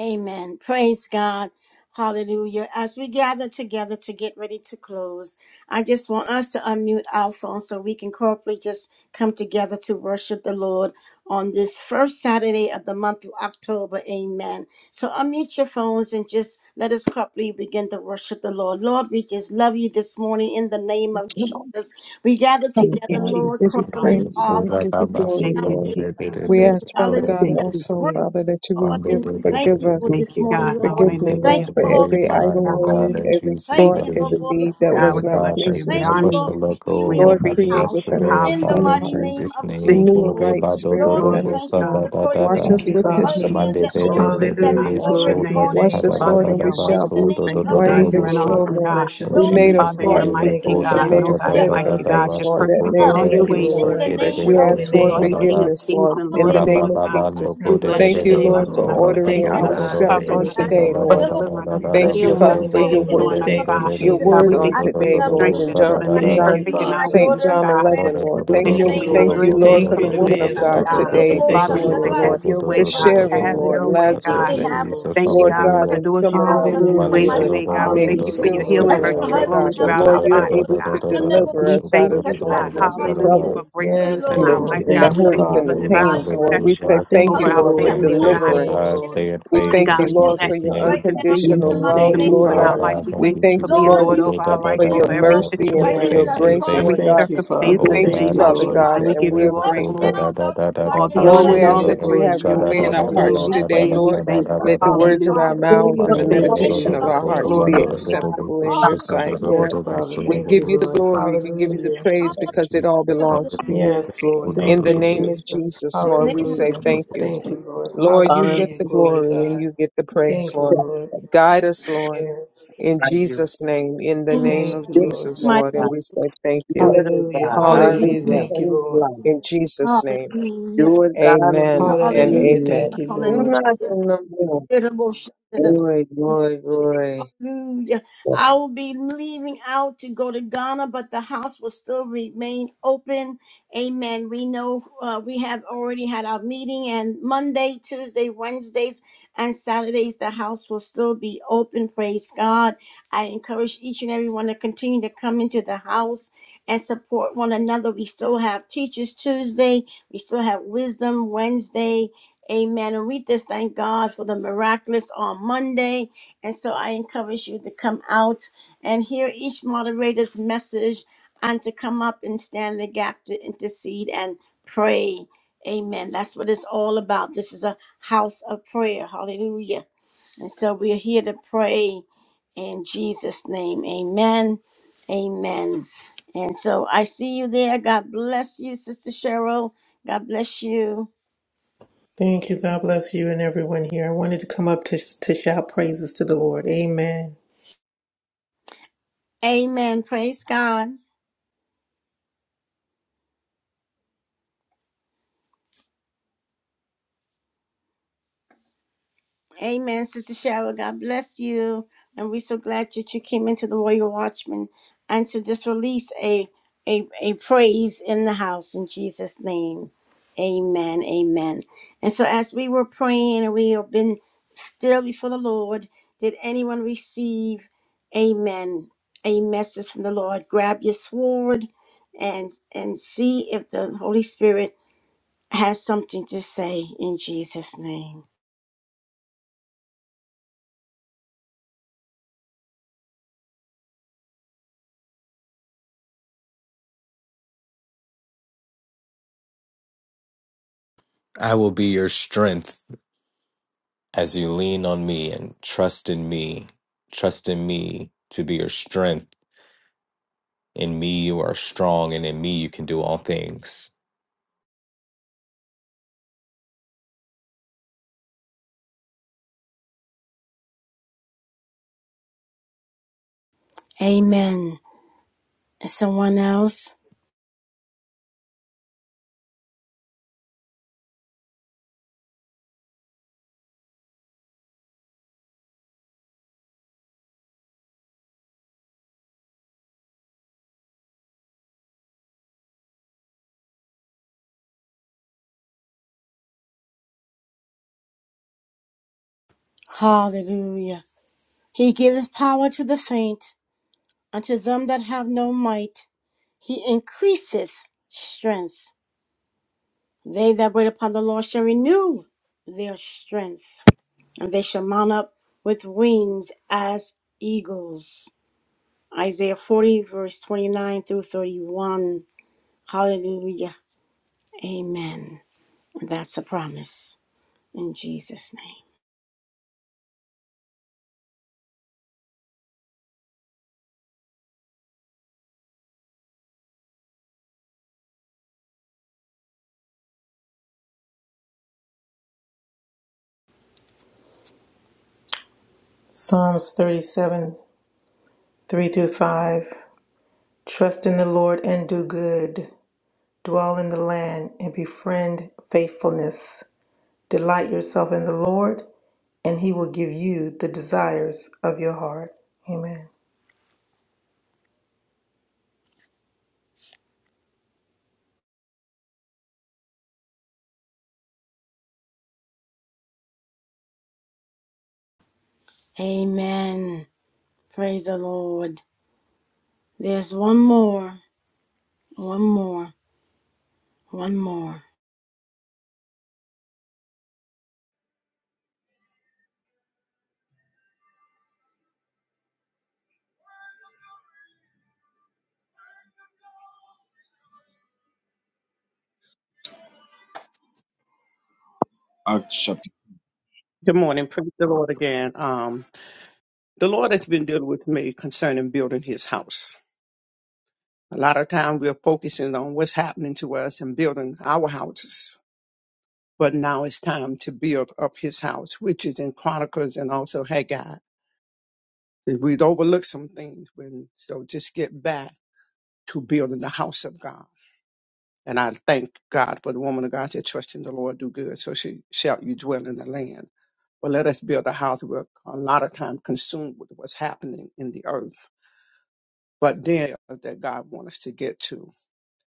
S1: Amen. Praise God. Hallelujah. As we gather together to get ready to close, I just want us to unmute our phones so we can corporately just come together to worship the Lord on this first Saturday of the month of October. Amen. So unmute your phones and just let us corporately begin to worship the Lord. Lord, we just love you this morning in the name of
S2: Lord,
S1: Jesus. We gather
S2: Father
S5: Thank you,
S1: together,
S2: God, we
S5: Jesus.
S1: Lord,
S2: give you
S5: Hallelujah.
S1: corporately,
S2: praise and we
S1: Father,
S2: give you glory,
S1: lifting
S5: Thank
S1: our
S5: you,
S2: Lord.
S1: voice up
S5: Jesus.
S1: to
S2: We
S1: you.
S2: ask, Father God,
S5: Thank you,
S2: also,
S1: Hallelujah
S5: Jesus.
S2: Father, that you will
S1: Lord,
S9: Monday,
S2: give,
S1: and
S9: day,
S1: we
S9: day, day,
S1: thank
S2: forgive
S1: you
S9: day,
S2: us.
S1: for
S9: day.
S5: Thank
S1: this
S5: you,
S9: Lord,
S5: God.
S1: morning, Lord.
S2: Forgive
S9: before
S2: me,
S9: give
S1: Thank
S2: Lord,
S9: us
S5: Hallelujah.
S9: a
S1: you
S2: for
S1: for
S5: Thank
S1: all the
S5: you,
S9: renewed
S2: every
S5: Father
S9: mind,
S2: idle
S9: oh
S5: God.
S9: God,
S2: word,
S1: testimonies.
S9: in
S2: every
S9: Jesus'
S1: Thank
S5: Thank
S2: thought,
S1: you,
S5: you,
S1: Lord,
S2: every
S9: name.
S1: for
S5: Jesus.
S1: all the
S2: deed that
S5: God, we
S2: was
S9: Oh
S1: prayers.
S2: not
S5: bless
S9: God, thank
S5: you.
S2: pleasing
S9: you.
S5: We
S1: Thank
S2: to
S9: Help
S5: honor
S1: you,
S2: you.
S9: us to
S1: Lord,
S5: you.
S1: for
S9: let go of
S5: We
S1: healing
S9: what
S1: in
S2: Lord,
S1: this
S9: happened
S2: create
S5: appreciate
S1: house.
S5: you.
S2: within
S9: yesterday,
S2: us
S9: oh
S1: In the
S9: God,
S2: clean
S9: in
S5: Hallelujah.
S1: mighty
S9: Jesus'
S2: hearts.
S1: name of
S9: name.
S5: Thank
S1: Jesus,
S2: Renew a
S5: you,
S1: Lord.
S2: right
S5: Jesus.
S2: spirit
S1: Lord, we
S2: within
S5: Glory
S2: us,
S5: to
S1: thank you for
S2: Lord.
S5: God.
S1: the
S2: Wash
S9: Kada,
S13: Thank
S1: prayers.
S2: us
S13: you,
S5: Thank
S2: with
S5: you,
S2: hyssop
S13: Father.
S1: Hallelujah,
S2: and
S5: Jesus.
S1: and
S2: we
S1: the
S2: shall be
S5: Glory to
S1: answers that
S2: clean,
S5: God.
S1: is
S13: Hallelujah.
S5: Bless
S2: Lord.
S13: Glory
S5: your
S1: already
S9: maso,
S13: to
S9: da,
S5: name.
S13: your
S1: on its
S9: da,
S2: Wash
S9: da,
S13: name,
S2: us,
S1: way.
S5: Father,
S2: Lord,
S13: Lord.
S2: and
S5: you're
S2: we
S5: a
S9: da,
S1: In
S2: shall
S1: the
S5: wonderful
S9: so,
S2: be
S9: do,
S1: name
S9: do,
S5: Savior,
S13: I
S1: of
S2: whiter
S5: God.
S13: thank you,
S2: than
S5: You're an
S1: Jesus,
S13: Lord.
S9: sha.
S2: snow,
S1: Father.
S13: I
S5: awesome
S2: Lord.
S5: God.
S13: bless your
S9: In
S2: We
S1: Lord,
S13: holy
S9: Jesus'
S2: may
S1: we
S2: have
S13: name,
S1: just
S5: Father, you're a
S2: thought
S13: Lord.
S1: thank
S2: some
S1: you,
S9: name,
S13: Thank
S5: mighty
S13: you,
S9: da,
S2: things.
S1: hallelujah,
S2: We
S5: God.
S9: da, da,
S2: may
S9: da,
S2: have
S13: Jesus,
S1: for
S13: for
S1: your
S13: your
S5: Nobody
S2: said
S9: da,
S5: like
S9: da,
S2: some
S5: you,
S13: love.
S9: da,
S5: God.
S9: da,
S2: things,
S5: You're
S2: Lord,
S1: unconditional
S9: so,
S2: that
S5: perfect
S2: may
S5: in
S2: have
S5: all
S9: do, do,
S1: love.
S5: your
S13: Thank
S9: do,
S13: you,
S2: offended
S9: do,
S5: ways.
S9: sa,
S13: Lord.
S1: In the
S2: someone.
S9: ke, de, de,
S1: name
S13: Bless your
S2: We
S9: de,
S1: of
S9: de,
S13: holy
S2: ask
S5: We
S9: do,
S2: for
S5: call
S9: da,
S13: name,
S5: you
S9: da,
S1: Jesus.
S9: da.
S5: King
S13: Lord.
S5: of
S2: forgiveness,
S5: Kings
S2: Lord,
S5: and
S2: in
S5: Lord
S2: the
S5: of
S1: Hallelujah,
S2: name
S5: Lords,
S2: of
S5: God.
S9: Rabababando
S2: Jesus.
S13: And
S5: We
S1: hallelujah.
S9: kore
S5: bless
S9: de
S13: bless
S2: Thank
S5: you
S9: de de
S13: your
S2: you,
S5: for
S9: de
S13: name,
S9: de
S2: Lord, for
S5: blessing
S9: to
S5: us,
S13: Lord.
S1: And
S13: We
S5: for
S2: ordering
S13: thank
S9: ramando
S13: you,
S1: That
S5: keeping
S9: do
S5: us,
S2: our
S9: do
S1: which
S5: for
S1: she
S13: God,
S9: do
S13: for
S9: do
S2: steps
S9: do
S5: covering
S2: on
S5: us,
S13: everything,
S9: shanda
S1: desires.
S2: today,
S9: da
S13: Lord.
S5: for
S9: da
S2: Lord.
S9: da da
S5: delivering
S9: da
S5: us,
S13: We
S9: da
S5: for
S1: Hallelujah.
S9: da
S2: Thank
S13: bless
S2: you,
S9: da
S13: your
S5: healing us,
S2: Father,
S13: holy
S2: for
S9: fonde
S5: for
S1: Hallelujah.
S2: your
S9: de
S13: name,
S2: work
S1: In
S9: de
S1: the
S9: de
S13: Lord.
S5: restoring us,
S1: name
S9: de
S1: of
S13: Thank
S9: de
S13: you,
S5: God.
S9: de de
S2: your
S9: de
S1: Jesus,
S5: God,
S2: word
S5: we
S9: so in
S2: on
S5: thank
S1: I
S13: Jesus.
S5: you
S9: do
S1: lift
S5: for
S9: do
S5: your
S2: today,
S9: do
S1: up,
S9: do
S2: Lord,
S9: do
S5: strength
S2: in
S5: that
S9: sa
S5: has
S1: hallelujah,
S2: John,
S9: da
S5: been
S9: da
S1: my
S5: made
S9: da
S13: Thank
S9: da
S13: you,
S2: John,
S5: perfect
S1: family,
S5: in
S1: my
S5: our
S13: Father.
S2: St.
S5: weakness,
S1: daughter,
S2: John
S1: my
S5: God.
S9: ando
S2: 11,
S9: do do
S2: Lord.
S5: We
S1: grandchild.
S9: do
S2: Thank
S1: In
S9: do
S5: thank
S1: the
S5: you
S13: Thank
S2: you,
S9: do
S13: you,
S5: for
S1: name
S5: your
S9: go
S1: of
S2: thank
S9: do
S2: you,
S5: joy
S9: go
S13: Lord.
S5: that
S9: do
S2: Lord,
S5: is
S13: Thank
S9: do
S2: for
S1: the
S13: you
S9: do
S2: the
S13: in
S1: Lord,
S9: do
S5: complete
S2: woman
S9: do
S2: of
S5: in
S9: do
S13: advance,
S5: us,
S1: we
S2: God
S9: do do
S13: Father
S1: thank
S5: God.
S9: do
S1: you,
S13: God.
S1: the
S13: We
S2: today,
S9: do
S1: most
S2: this
S13: thank
S5: Father,
S9: do
S13: you,
S5: we
S2: morning,
S13: Lord.
S5: say,
S9: do do do do
S2: Lord,
S5: have
S1: Shantarabasi,
S9: go
S5: your
S9: do
S2: for
S5: way,
S9: do do
S1: the
S9: do
S5: God.
S1: most
S9: do
S2: sharing,
S5: Have
S9: go
S2: Lord,
S5: your
S13: Hallelujah.
S5: way,
S9: Uh,
S2: Lazarus
S9: thank
S5: God.
S9: you
S1: continually
S13: Thank you,
S2: and
S1: have
S13: Lord.
S9: Jesus
S5: Thank you,
S2: Lord
S1: a
S5: God, for
S2: God,
S5: the
S9: hallelujah
S2: and
S1: protection
S5: doors
S2: some
S5: you've
S2: of our
S1: around them
S5: opened and the
S1: in the
S9: mando
S2: wounds
S5: ways
S9: do
S5: you
S13: Hallelujah.
S2: that
S1: mighty
S9: do
S5: made,
S9: do
S1: name
S5: God.
S9: do
S1: of
S5: We
S2: may
S9: do
S2: be
S5: thank
S9: do
S5: you
S9: do
S5: for
S1: Jesus.
S13: Hallelujah.
S2: still
S5: your
S9: go se
S13: Glory
S5: healing
S13: to
S9: ke
S1: Touch
S2: smelling,
S1: my
S13: God.
S5: virtue
S2: Lord
S13: Thank you,
S1: husband
S2: God.
S9: babando
S5: flowing
S1: now,
S2: But
S9: ko
S5: throughout
S9: da
S2: Lord,
S13: Jesus.
S5: our
S9: da
S2: you're
S9: da da
S5: bodies,
S2: able
S9: da
S1: hallelujah,
S9: da
S5: God.
S2: to
S9: da
S1: and
S9: da
S1: the
S9: da da
S2: deliver
S1: most
S5: We
S9: shu
S2: us
S9: go
S2: out
S5: thank
S9: do
S2: of the
S9: do
S5: you,
S1: touch
S9: do
S2: Lord,
S9: do
S5: God,
S1: Pastor
S9: do
S2: Lord, the
S9: sa da
S1: Crossman
S5: hallelujah,
S9: da
S1: this
S5: for
S2: troubles
S1: way,
S5: breakthroughs
S13: Yes,
S5: in
S2: and
S9: Thank
S2: the,
S1: Lord.
S5: our
S9: you,
S13: Lord.
S5: life,
S2: and
S5: God.
S2: the
S1: Let
S13: Thank
S9: Jesus.
S5: We
S13: you,
S1: there be
S5: thank
S2: hurts
S5: you
S2: and
S5: for
S2: the
S13: Father.
S9: Hallelujah.
S5: divine
S2: pains,
S1: Divine
S2: Lord.
S1: mercy
S2: We
S5: protection
S2: say
S1: flood.
S9: Hallelujah. Help
S2: thank
S13: Thank
S5: over
S2: you,
S9: us
S13: you,
S9: to
S5: our
S2: Lord, for
S1: Hallelujah.
S9: stay
S13: Lord.
S9: in
S5: families,
S13: Bless
S9: faith,
S13: your
S5: God.
S1: Apostle
S9: oh
S13: name,
S2: deliverance.
S9: God.
S1: Dulcie, as
S13: Lord.
S9: Stay
S1: he's
S9: in
S2: We
S1: flying
S9: faith
S5: And
S2: thank
S1: to
S9: in
S2: you,
S5: God, we just
S2: Lord,
S1: Charlotte
S5: ask
S2: for
S9: Jesus'
S5: that
S2: your
S5: you would
S1: right
S9: name.
S1: now in
S5: continue
S1: the
S2: unconditional
S9: Thank you,
S1: mighty
S2: love,
S5: to
S13: Thank
S9: Lord.
S13: you,
S5: move
S1: name
S2: Lord
S5: in
S1: of
S9: Oh
S5: our
S2: God.
S5: life.
S13: Father.
S9: God.
S5: We
S1: Jesus.
S9: Thank
S2: We
S5: thank
S9: you,
S5: you
S2: thank
S5: for
S2: you,
S5: being
S9: Jesus.
S2: Lord,
S1: Lord,
S9: So
S5: Lord
S1: give
S2: this,
S9: da
S5: over
S9: da
S5: our
S9: da
S5: life,
S2: for
S9: da
S1: provisions
S2: your
S5: over
S9: da da.
S5: every
S1: for,
S9: da.
S2: mercy
S9: We're
S2: and
S9: gonna
S5: situation,
S2: for your
S9: stay
S1: amen,
S13: Yes,
S1: a
S9: in
S2: grace,
S13: Jesus.
S1: crying
S9: faith.
S5: every
S2: Lord
S1: in the
S2: God.
S13: Thank you,
S1: city.
S2: We
S5: circumstance
S13: Father.
S5: in
S9: Oh
S2: thank
S5: the
S2: you,
S13: Thank
S5: name
S13: you,
S9: God,
S5: of
S9: in
S1: Holy
S2: Father
S13: Lord.
S5: Jesus.
S2: God,
S5: And
S1: Father,
S5: we
S9: Jesus'
S2: and
S5: give
S2: we're
S9: name.
S5: you all the
S1: touch
S9: Oh da
S2: grateful.
S5: glory,
S9: da
S1: down,
S9: da
S1: Dr.
S9: da da
S1: God,
S9: da
S5: all
S1: in
S5: the
S9: da.
S1: the
S2: Lord,
S5: honor,
S9: Sho
S5: and
S2: we
S1: mighty
S9: da
S5: all
S2: ask
S1: name
S9: da
S13: Hallelujah.
S1: of
S5: the
S2: that
S9: da
S2: you
S13: Glory
S9: da.
S13: to
S5: praise.
S2: have
S1: Jesus,
S9: Sha
S5: In
S2: your
S13: God.
S9: da
S2: way
S9: da
S2: in
S1: oh
S5: Jesus'
S9: da
S2: our
S13: Thank
S1: Lord,
S13: you,
S9: da
S5: name
S9: da
S2: hearts
S5: we
S13: Lord.
S9: da
S1: as
S9: da
S2: today,
S1: they
S5: pray and
S9: da
S1: minister
S5: we
S2: Lord.
S9: da
S5: thank
S9: da
S1: this
S5: you.
S9: da
S2: Let the
S9: da da.
S1: weekend,
S2: words of our
S5: Hallelujah.
S1: Father,
S2: mouths and
S1: in
S2: the
S9: Mando da
S5: Thank
S1: the
S9: da
S5: you,
S13: Yes,
S9: da
S1: name
S2: meditation
S9: da
S5: Jesus.
S2: of
S9: da.
S1: of
S13: Jesus.
S2: our
S9: Bo bo
S13: Thank
S2: hearts
S13: you,
S2: be
S5: Glory
S9: mando da
S1: Jesus.
S13: Lord.
S5: to
S9: da da da.
S5: God.
S2: acceptable
S9: Bo
S2: in your
S9: shi
S1: Hallelujah.
S9: da da
S2: sight,
S9: da da
S2: Lord.
S13: Yes,
S9: da. Bo
S13: Father.
S9: so da
S2: We
S9: da
S13: Thank
S2: give
S13: you,
S2: you
S9: bo
S2: the
S9: sa
S13: Lord.
S9: da.
S2: glory. We give you the
S13: Hallelujah.
S2: praise
S9: Thank
S2: because
S1: Hallelujah.
S2: it
S9: you,
S2: all
S9: Jesus.
S2: belongs
S1: Hallelujah.
S2: to you.
S13: Yes, Lord.
S2: In
S13: Thank
S2: the
S13: you,
S9: Hallelujah.
S2: name of
S13: Jesus.
S2: Jesus,
S1: In
S2: Lord,
S1: the
S2: we
S1: name of
S2: say
S13: Hallelujah.
S2: thank
S1: Jesus.
S2: you.
S13: Thank you, Lord.
S2: Lord, you
S11: Honor
S2: get
S13: Hallelujah.
S2: the
S13: Glory to
S2: glory and
S13: God.
S2: you get the praise,
S13: Thank you,
S2: Lord.
S13: Lord.
S2: Guide us, Lord,
S13: you.
S2: in
S11: by you.
S2: Jesus' name, in the
S1: In
S2: name
S13: Thank
S2: of
S13: you,
S11: This
S13: Lord.
S11: is
S1: Jesus'
S2: Jesus,
S11: what
S1: mighty
S2: Lord,
S1: name.
S2: and
S11: God.
S2: we say thank you.
S11: Do it, oh
S13: Hallelujah.
S11: God. Hallelujah.
S13: Hallelujah.
S1: Hallelujah,
S2: Hallelujah.
S13: Thank you,
S11: Praise
S13: Lord.
S11: God.
S2: In Jesus' name,
S1: hallelujah,
S11: Do it, God, in
S2: amen
S11: the
S2: and
S11: name.
S13: Hallelujah. Thank
S1: hallelujah,
S2: amen.
S13: you, Lord.
S11: Not
S1: hallelujah.
S11: in the world.
S1: Iraboshandera,
S11: Glory, glory, glory.
S1: Hallelujah.
S11: Yes,
S1: I will be leaving out to go to Ghana, but the house will still remain open. Amen. We know uh, we have already had our meeting, and Monday, Tuesday, Wednesdays, and Saturdays, the house will still be open. Praise God. I encourage each and everyone to continue to come into the house and support one another. We still have Teachers Tuesday, we still have Wisdom Wednesday. Amen. And we just thank God for the miraculous on Monday. And so I encourage you to come out and hear each moderator's message and to come up and stand in the gap to intercede and pray. Amen. That's what it's all about. This is a house of prayer. Hallelujah. And so we are here to pray in Jesus' name. Amen. Amen. And so I see you there. God bless you, Sister Cheryl. God bless you.
S13: Thank you. God bless you and everyone here. I wanted to come up to, to shout praises to the Lord. Amen.
S1: Amen. Praise God. Amen, Sister Cheryl. God bless you. And we're so glad that you came into the Royal Watchman and to just release a, a, a praise in the house in Jesus' name. Amen. Amen. And so as we were praying and we have been still before the Lord, did anyone receive, amen, a message from the Lord? Grab your sword and and see if the Holy Spirit has something to say in Jesus' name.
S9: I will be your strength as you lean on me and trust in me. Trust in me to be your strength. In me, you are strong, and in me, you can do all things.
S1: Amen. And someone else. Hallelujah. He giveth power to the faint, unto them that have no might. He increaseth strength. They that wait upon the Lord shall renew their strength, and they shall mount up with wings as eagles. Isaiah 40, verse 29 through 31. Hallelujah. Amen. That's a promise in Jesus' name.
S13: Psalms 37, 3 through 5. Trust in the Lord and do good. Dwell in the land and befriend faithfulness. Delight yourself in the Lord, and he will give you the desires of your heart. Amen.
S1: Amen. Praise the Lord. There's one more, one more, one more.
S8: Acts chapter,
S4: Good morning. Praise the Lord again. Um, the Lord has been dealing with me concerning building his house. A lot of time we're focusing on what's happening to us and building our houses. But now it's time to build up his house, which is in Chronicles and also Haggai. We'd overlook some things when, so just get back to building the house of God. And I thank God for the woman of God that trusts in the Lord do good. So she shall you dwell in the land. But let us build a house. We're a lot of time consumed with what's happening in the earth. But then that God wants us to get to.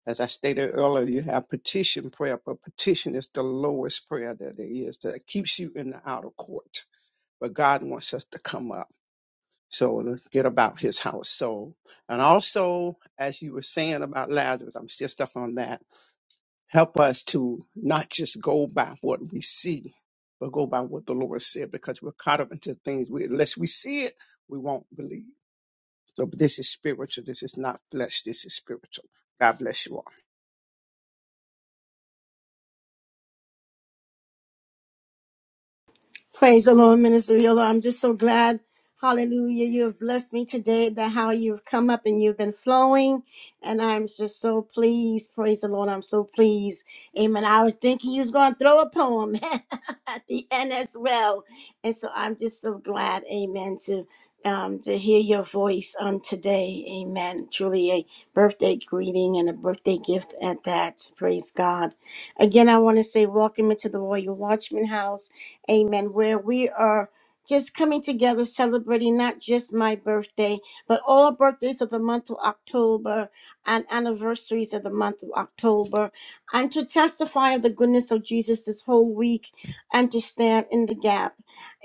S4: As I stated earlier, you have petition prayer, but petition is the lowest prayer that there is that keeps you in the outer court. But God wants us to come up. So let's get about his house household. And also, as you were saying about Lazarus, I'm still stuck on that. Help us to not just go by what we see, but go by what the Lord said, because we're caught up into things. We, unless we see it, we won't believe. So this is spiritual. This is not flesh. This is spiritual. God bless you all.
S1: Praise the Lord, Minister Yola. I'm just so glad. Hallelujah. You have blessed me today that how you've come up and you've been flowing. And I'm just so pleased. Praise the Lord. I'm so pleased. Amen. I was thinking you was going to throw a poem <laughs> at the end as well. And so I'm just so glad. Amen. To um, to hear your voice on today. Amen. Truly a birthday greeting and a birthday gift at that. Praise God. Again, I want to say welcome into the Royal Watchman House. Amen. Where we are just coming together celebrating not just my birthday, but all birthdays of the month of October and anniversaries of the month of October, and to testify of the goodness of Jesus this whole week and to stand in the gap.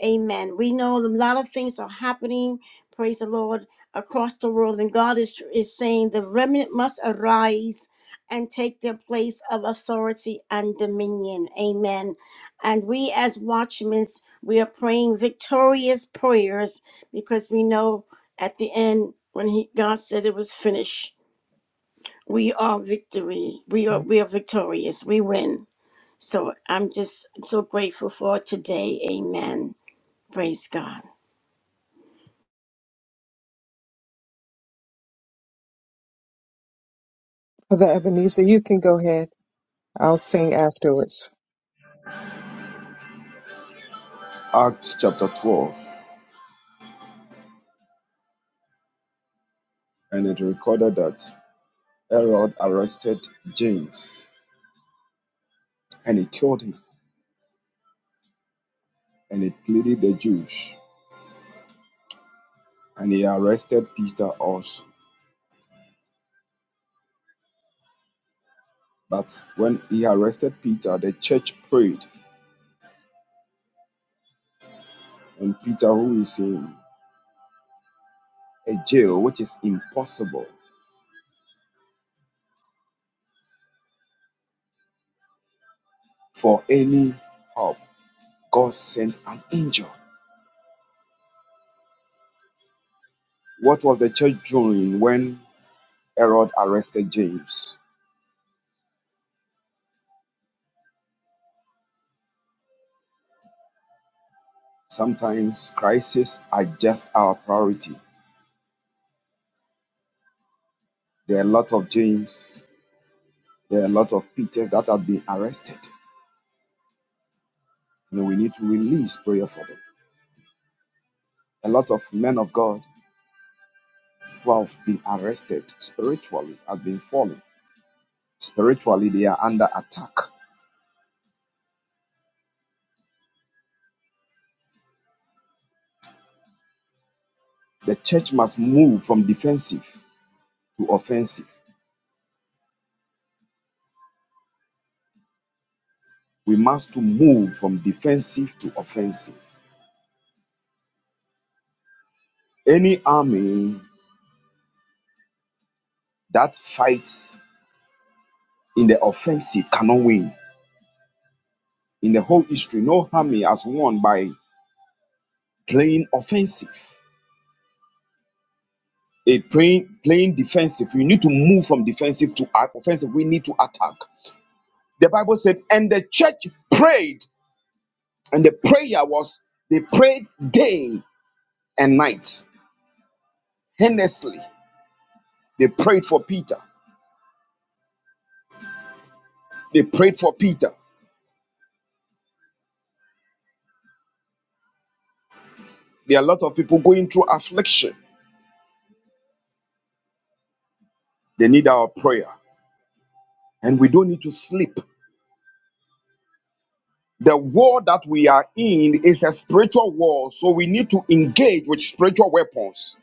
S1: Amen. We know a lot of things are happening. Praise the Lord across the world, and God is, is saying the remnant must arise and take their place of authority and dominion. Amen. And we, as watchmen, we are praying victorious prayers because we know at the end, when he, God said it was finished, we are victory. We are, we are victorious. We win. So I'm just so grateful for today. Amen. Praise God.
S2: Brother Ebenezer, you can go ahead. I'll sing afterwards.
S8: Acts chapter 12, and it recorded that Herod arrested James and he killed him and he pleaded the Jews and he arrested Peter also. But when he arrested Peter, the church prayed and who is in a jail, which is possible for any help, God sent an angel. What was the church doing when Herod arrested James? Sometimes crises are just our priority. There are a lot of James, there are a lot of Peters that have been arrested, and we need to release prayer for them. A lot of men of God who have been arrested spiritually have been falling. Spiritually, they are under attack. The church must move from defensive a playing playing defensive. You need to move from defensive to offensive. We need to attack. The Bible said, and the church prayed, and the prayer was they prayed day and night. Earnestly, they prayed for Peter. They prayed for Peter. There are a lot of people going through affliction. They need our prayer, and we don't need to sleep. The war that we are in is a spiritual war, so we need to engage with spiritual weapons.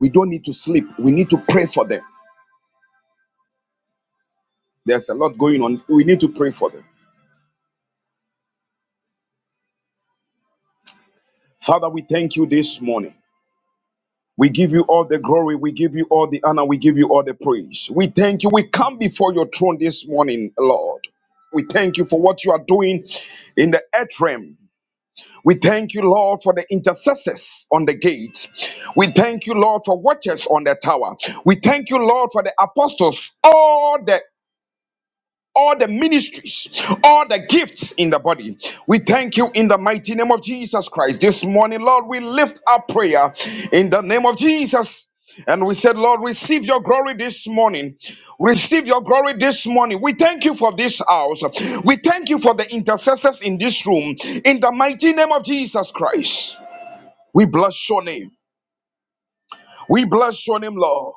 S8: We don't need to sleep. We need to pray for them. There's a lot going on. We need to pray for them. Father, we thank you this morning. We give you all the glory. We give you all the honor. We give you all the praise. We thank you. We come before your throne this morning, Lord. We thank you for what you are doing in the earth realm. We thank you, Lord, for the intercessors on the gate. We thank you, Lord, for watchers on the tower. We thank you, Lord, for the apostles, all the all the ministries, all the gifts in the body. We thank you in the mighty name of Jesus Christ. This morning, Lord, we lift up prayer in the name of Jesus. And we said, Lord, receive your glory this morning. Receive your glory this morning. We thank you for this house. We thank you for the intercessors in this room. In the mighty name of Jesus Christ, we bless your name. We bless your name, Lord.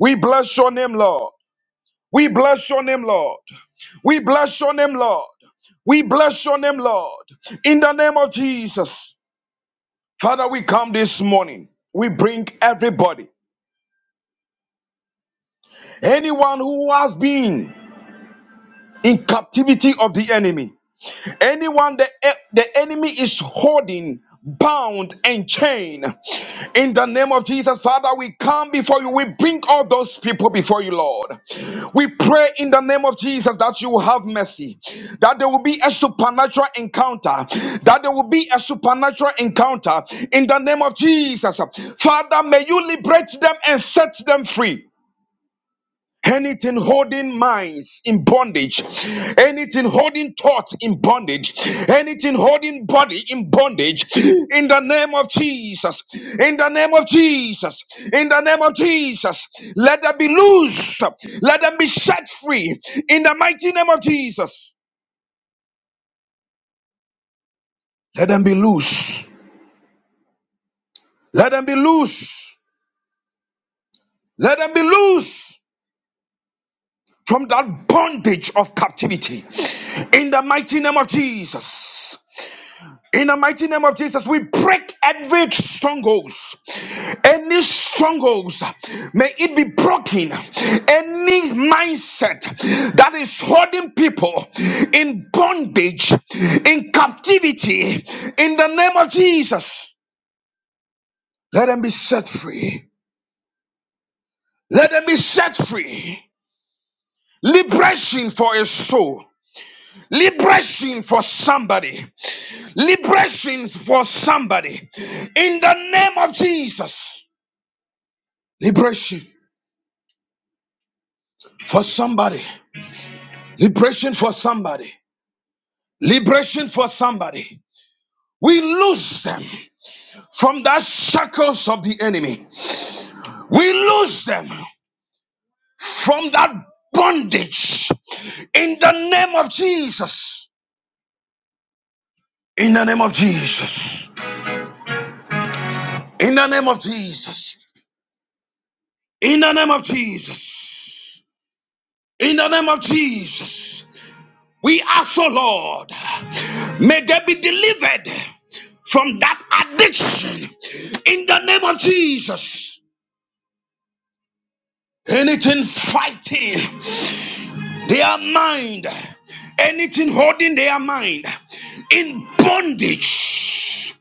S8: We bless your name, Lord. We bless your name, Lord. We bless your name, Lord. We bless your name, Lord. In the name of Jesus. Father, we come this morning. We bring everybody, anyone who has been in captivity of the enemy. Anyone the, e, the enemy is holding bound and chained. In the name of Jesus, Father, we come before you. We bring all those people before you, Lord. We pray in the name of Jesus that you will have mercy, that there will be a supernatural encounter, that there will be a supernatural encounter in the name of Jesus. Father, may you liberate them and set them free. Anything holding minds in bondage, anything holding thoughts in bondage, anything holding body in bondage, in the name of Jesus, in the name of Jesus, in the name of Jesus, let them be loose, let them be set free, in the mighty name of Jesus, let them be loose, let them be loose, let them be loose from that bondage of captivity, in the mighty name of Jesus. In the mighty name of Jesus, we break every strongholds. Any strongholds, may it be broken. Any mindset that is holding people in bondage, in captivity, in the name of Jesus, let them be set free. Let them be set free. Liberation for a soul. Liberation for somebody. Liberation for somebody. In the name of Jesus. Liberation for somebody. Liberation for somebody. Liberation for somebody. We lose them from that shackles of the enemy. We lose them from that bondage. In the name of Jesus. In the name of Jesus. In the name of Jesus. In the name of Jesus. In the name of Jesus. We ask, O Lord, may they be delivered from that addiction in the name of Jesus. Anything fighting their mind, anything holding their mind in bondage,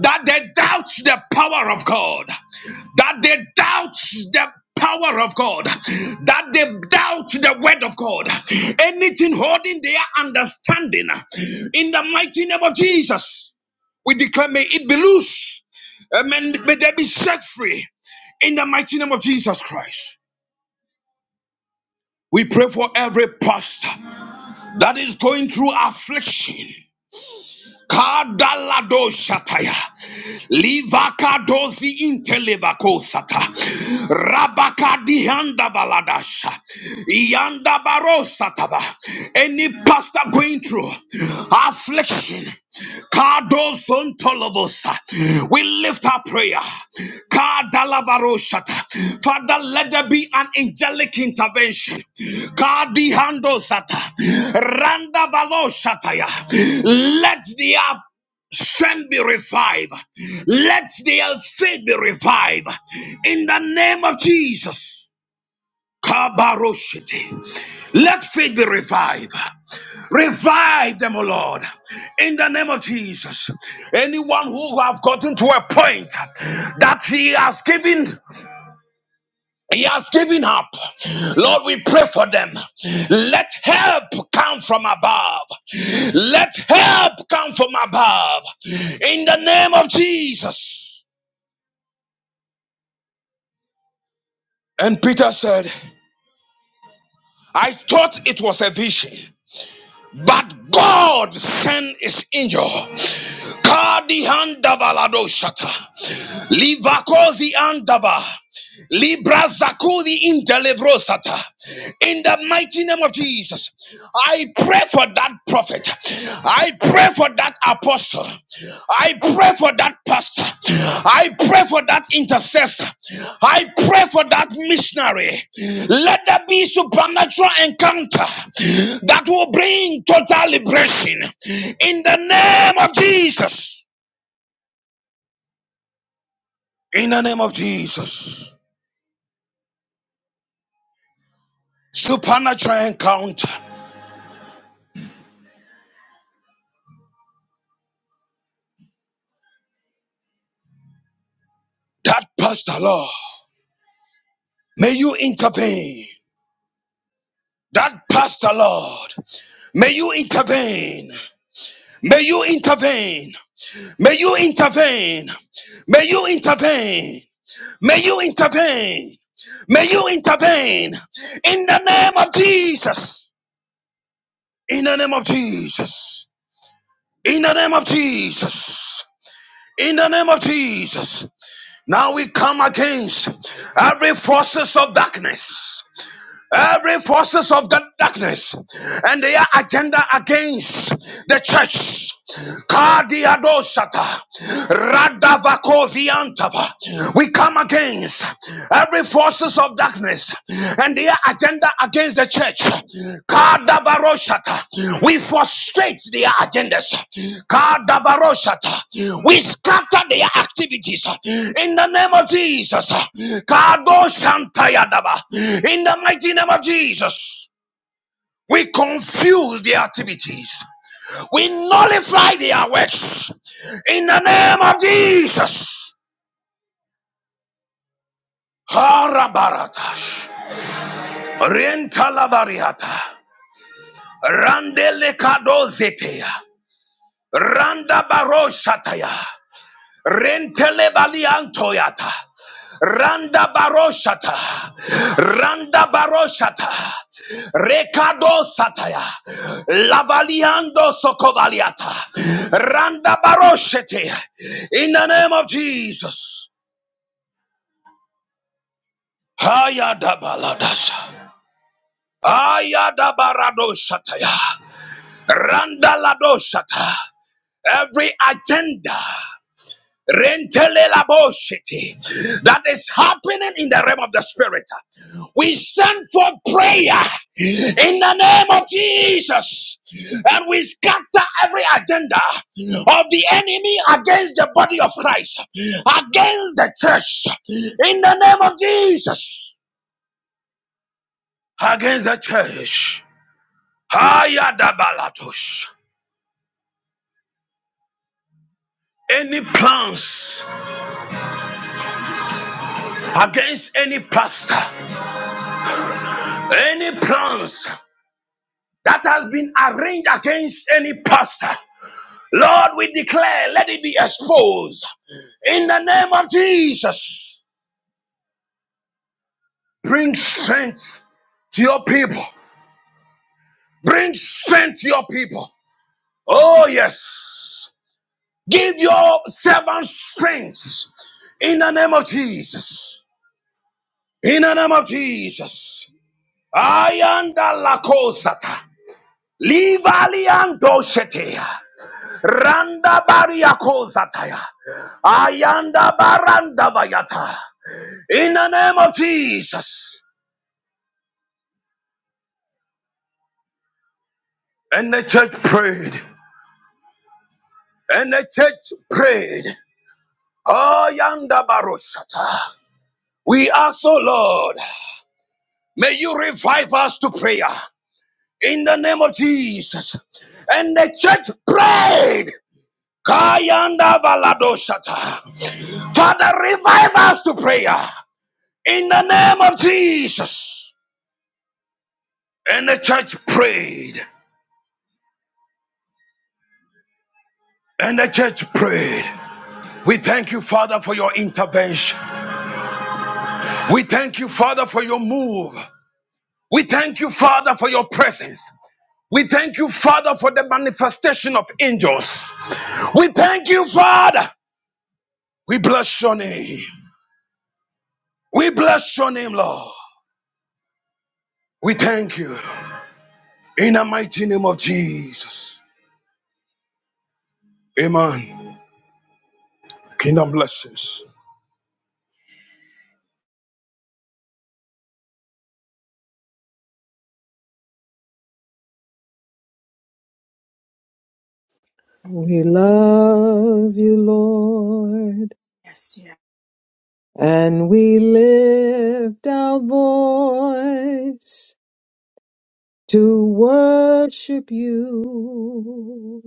S8: that they doubt the power of God, that they doubt the power of God, that they doubt the word of God, anything holding their understanding in the mighty name of Jesus. We declare, may it be loose. Amen. May they be set free in the mighty name of Jesus Christ. We pray for every pastor that is going through affliction. Kadalado shataya, livakadozi intelevaco sata, rabakadi handa valadasha, yanda barosatava. Any pastor going through affliction, Kadosontolobosa. We lift our prayer. Kadalavaroshata. Father, let there be an angelic intervention. Kadihandosata. Randavaloshataya. Let the up strength be revived. Let their faith be revived. In the name of Jesus. Kabaroshete. Let faith be revived. Revive them, O Lord, in the name of Jesus. Anyone who have gotten to a point that he has given, he has given up. Lord, we pray for them. Let help come from above. Let help come from above. In the name of Jesus. And Peter said, I thought it was a vision. But God sent his angel. Kadi handava ladoshata. Livakozi andava. Libra Zakudi in Delevrosata. In the mighty name of Jesus, I pray for that prophet. I pray for that apostle. I pray for that pastor. I pray for that intercessor. I pray for that missionary. Let there be supernatural encounter that will bring total liberation. In the name of Jesus. In the name of Jesus. Supernatural encounter. That pastor, Lord, may you intervene. That pastor, Lord, may you intervene. May you intervene. May you intervene. May you intervene. May you intervene. May you intervene. In the name of Jesus. In the name of Jesus. In the name of Jesus. In the name of Jesus. Now we come against every forces of darkness. every forces of the darkness and their agenda against the church. Kadiadosata, Radavakoviantava. We come against every forces of darkness and their agenda against against the church. Kadavaroshata. We frustrate their agendas. Kadavaroshata. We scatter their activities in the name of Jesus. Kadoshantayadaba. In the mighty name of Jesus. We confuse the activities. We nullify their works. In the name of Jesus. Harabaratash. Rentalavariata. Randele kadozetea. Randa baro shataya. Rentele baliantoyata. Randa baroshata, shata. Randa baro shata. Recado sataya. Lavaliando sokovaliata. Randa baro In the name of Jesus. Hayada baladasa. Ayada barado shataya. Randa lado shata. Every agenda. Rentelelabosity. That is happening in the realm of the spirit. We send for prayer in the name of Jesus and we scatter every agenda of the enemy against the body of Christ, against the church, in the name of Jesus, against the church. Hayadabalatos. Any plans against any pastor, any plans that has been arranged against any pastor. Lord, we declare, let it be exposed. In the name of Jesus, bring strength to your people. Bring strength to your people. Oh, yes. Give your servant strength. In the name of Jesus. In the name of Jesus. I am the Lakosata. Live Aliando Randa bariakozataya. Ayanda baranda vayata. In the name of Jesus. And the church prayed. And the church prayed. Ayanda baroshata. We ask, O Lord, may you revive us to prayer. In the name of Jesus. And the church prayed. Kayanda valadoshata. Father, revive us to prayer. In the name of Jesus. And the church prayed. And the church prayed. We thank you, Father, for your intervention. We thank you, Father, for your move. We thank you, Father, for your presence. We thank you, Father, for the manifestation of angels. We thank you, Father. We bless your name. We bless your name, Lord. We thank you. In the mighty name of Jesus. Amen. Kingdom blessings.
S2: We love you, Lord, and we lift our voice to worship you.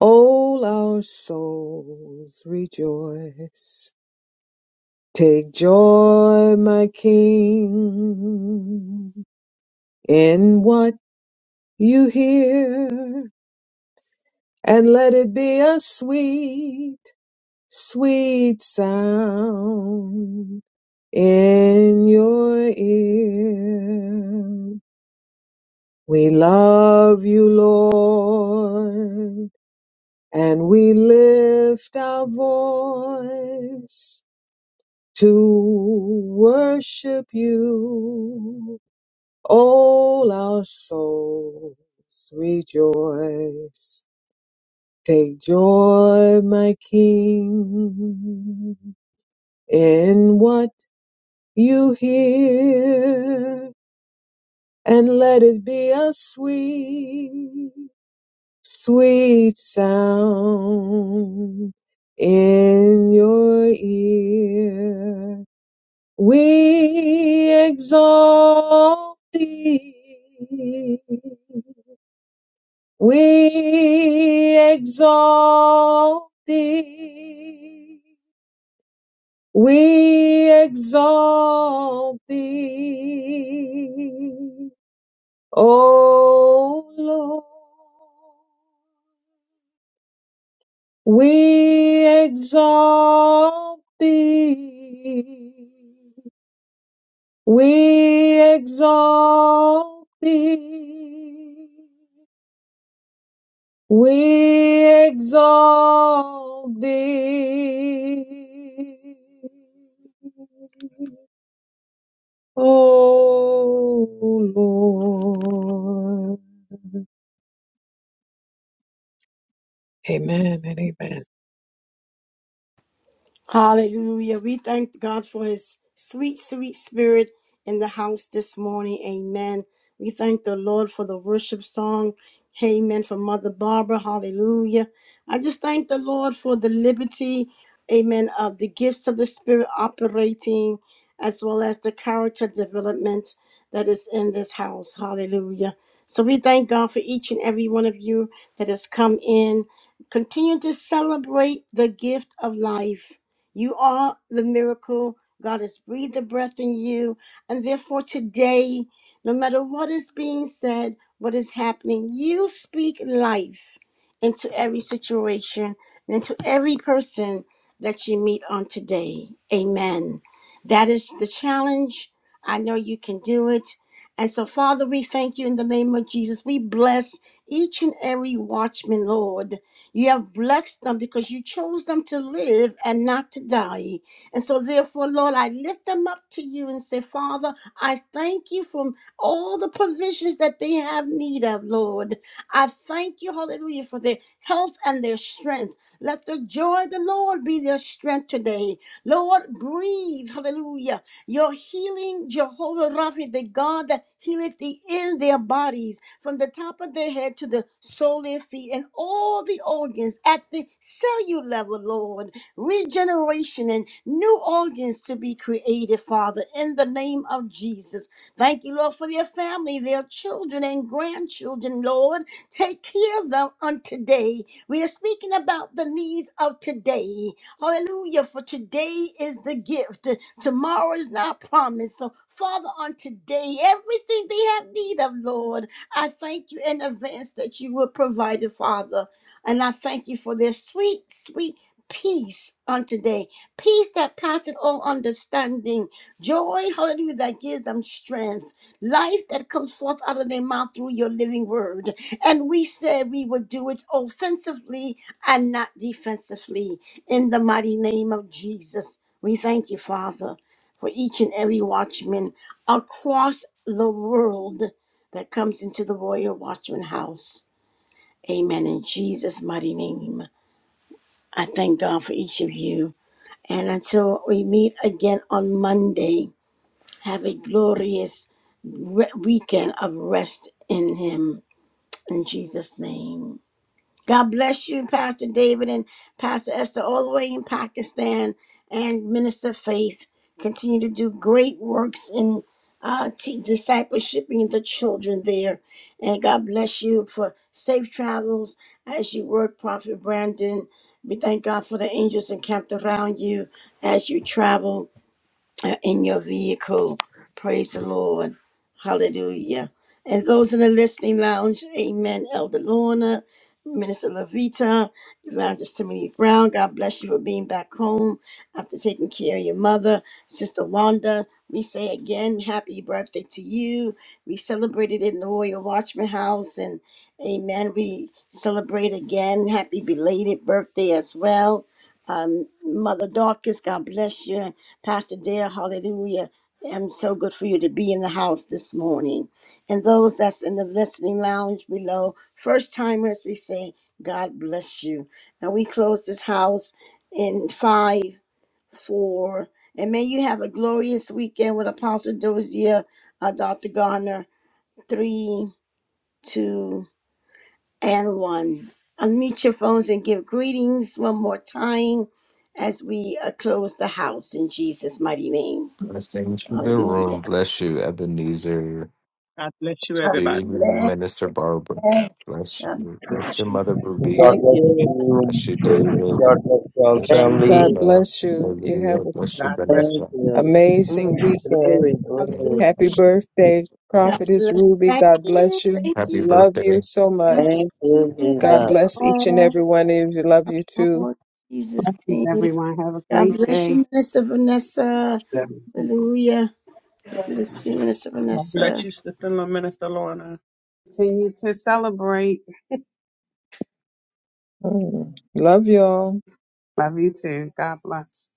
S2: All our souls rejoice. Take joy, my King, in what you hear, and let it be a sweet, sweet sound in your ear. We love you, Lord and we lift our voice to worship you. All our souls rejoice. Take joy, my King, in what you hear, and let it be a sweet sweet sound in your ear. We exalt thee. We exalt thee. We exalt thee. O Lord. We exalt thee. We exalt thee. We exalt thee. Oh Lord. Amen and amen.
S1: Hallelujah. We thank God for his sweet, sweet spirit in the house this morning. Amen. We thank the Lord for the worship song. Amen. For Mother Barbara. Hallelujah. I just thank the Lord for the liberty, amen, of the gifts of the spirit operating as well as the character development that is in this house. Hallelujah. So we thank God for each and every one of you that has come in. Continue to celebrate the gift of life you are the miracle. God has breathed the breath in you. And therefore, today, no matter what is being said, what is happening, you speak life into every situation and into every person that you meet on today. Amen. That is the challenge. I know you can do it. And so, Father, we thank you in the name of Jesus. We bless each and every watchman, Lord. You have blessed them because you chose them to live and not to die. And so, therefore, Lord, I lift them up to you and say, Father, I thank you for all the provisions that they have need of, Lord. I thank you, hallelujah, for their health and their strength. Let the joy of the Lord be their strength today. Lord, breathe, hallelujah your healing, Jehovah Rapha, the God that healeth thee in their bodies, from the top of their head to the sole of their feet, and all the organs at the cellular level, Lord. Regeneration and new organs to be created, Father, in the name of Jesus. Thank you, Lord, for their family, their children and grandchildren, Lord. Take care of them on today. We are speaking about the needs of today Hallelujah. For today is the gift. Tomorrow is not promised. So, Father, on today, everything they have need of, Lord, I thank you in advance that you will provide it, Father. And I thank you for their sweet, sweet peace on today. Peace that passeth all understanding Joy, hallelujah, that gives them strength. Life that comes forth out of their mouth through your living word. And we said we would do it offensively and not defensively. In the mighty name of Jesus, we thank you, Father, for each and every watchman across the world that comes into the Royal Watchman House. Amen. In Jesus' mighty name, I thank God for each of you. And until we meet again on Monday, have a glorious re- weekend of rest in Him. In Jesus' name. God bless you, Pastor David and Pastor Esther, all the way in Pakistan, and Minister Faith. Continue to do great works in uh, t- discipleshiping the children there. And God bless you for safe travels as you work, Prophet Brandon. We thank God for the angels encamped around you as you travel uh, in your vehicle. Praise the Lord. Hallelujah. And those in the listening lounge, amen. Elder Lorna, Minister Levita, Evangelist Timothy Brown, God bless you for being back home after taking care of your mother. Sister Wanda, we say again, happy birthday to you. We celebrated in the Royal Watchman House and Amen. We celebrate again. Happy belated birthday as well um, Mother Dorcas, God bless you. And Pastor Dale, hallelujah. I'm so good for you to be in the house this morning. And those that's in the listening lounge below, first timers, we say, God bless you. And we close this house in five, four, and may you have a glorious weekend with Apostle Dozier, uh, Dr. Garner, three, two, and one. Unmute your phones and give greetings one more time as we uh, close the house in Jesus' mighty name.
S9: Blessings to the
S1: Hallelujah.
S9: room. Bless you, Ebenezer.
S4: God bless you,
S1: God
S9: To
S4: everybody.
S9: you,
S1: bless.
S9: Minister Barbara. Bless
S1: God
S9: you.
S4: Thank you,
S9: Bless your mother,
S4: Jesus.
S9: Ruby.
S10: God
S11: Thank
S10: bless
S11: you.
S10: you.
S9: Bless you,
S1: bless. you.
S9: David.
S10: God bless you all
S9: Bless you,
S11: Thank
S10: family.
S2: God
S11: you.
S9: Viola.
S2: bless you. You have
S9: Hallelujah.
S2: an
S9: Bless you,
S4: God bless
S11: Thank
S9: Vanessa.
S11: you.
S2: amazing
S11: Mm,
S2: weekend.
S11: glory,
S1: Hallelujah.
S11: glory.
S2: Happy birthday,
S1: God
S2: Prophetess
S1: bless.
S2: Ruby.
S1: Thank
S2: God
S1: you.
S2: bless you.
S1: Thank
S9: Happy
S1: you.
S2: Love you
S9: birthday.
S2: so much.
S1: God bless
S11: Thank
S1: you.
S11: you,
S1: Love
S2: God
S1: you
S4: you.
S11: Jesus.
S2: bless each and
S1: all.
S2: every one of you. Love
S1: Love
S2: you
S1: you
S2: too.
S1: all. In Jesus'
S5: Blessings,
S1: name.
S5: everyone. Have a
S1: God
S5: great
S1: bless
S5: day.
S1: you, Minister Vanessa. Hallelujah. God bless you, Minister
S4: God bless
S1: Vanessa.
S4: you, Sister Minister Lorna.
S5: Continue to celebrate.
S2: Mm. Love y'all.
S5: Love you too. God bless.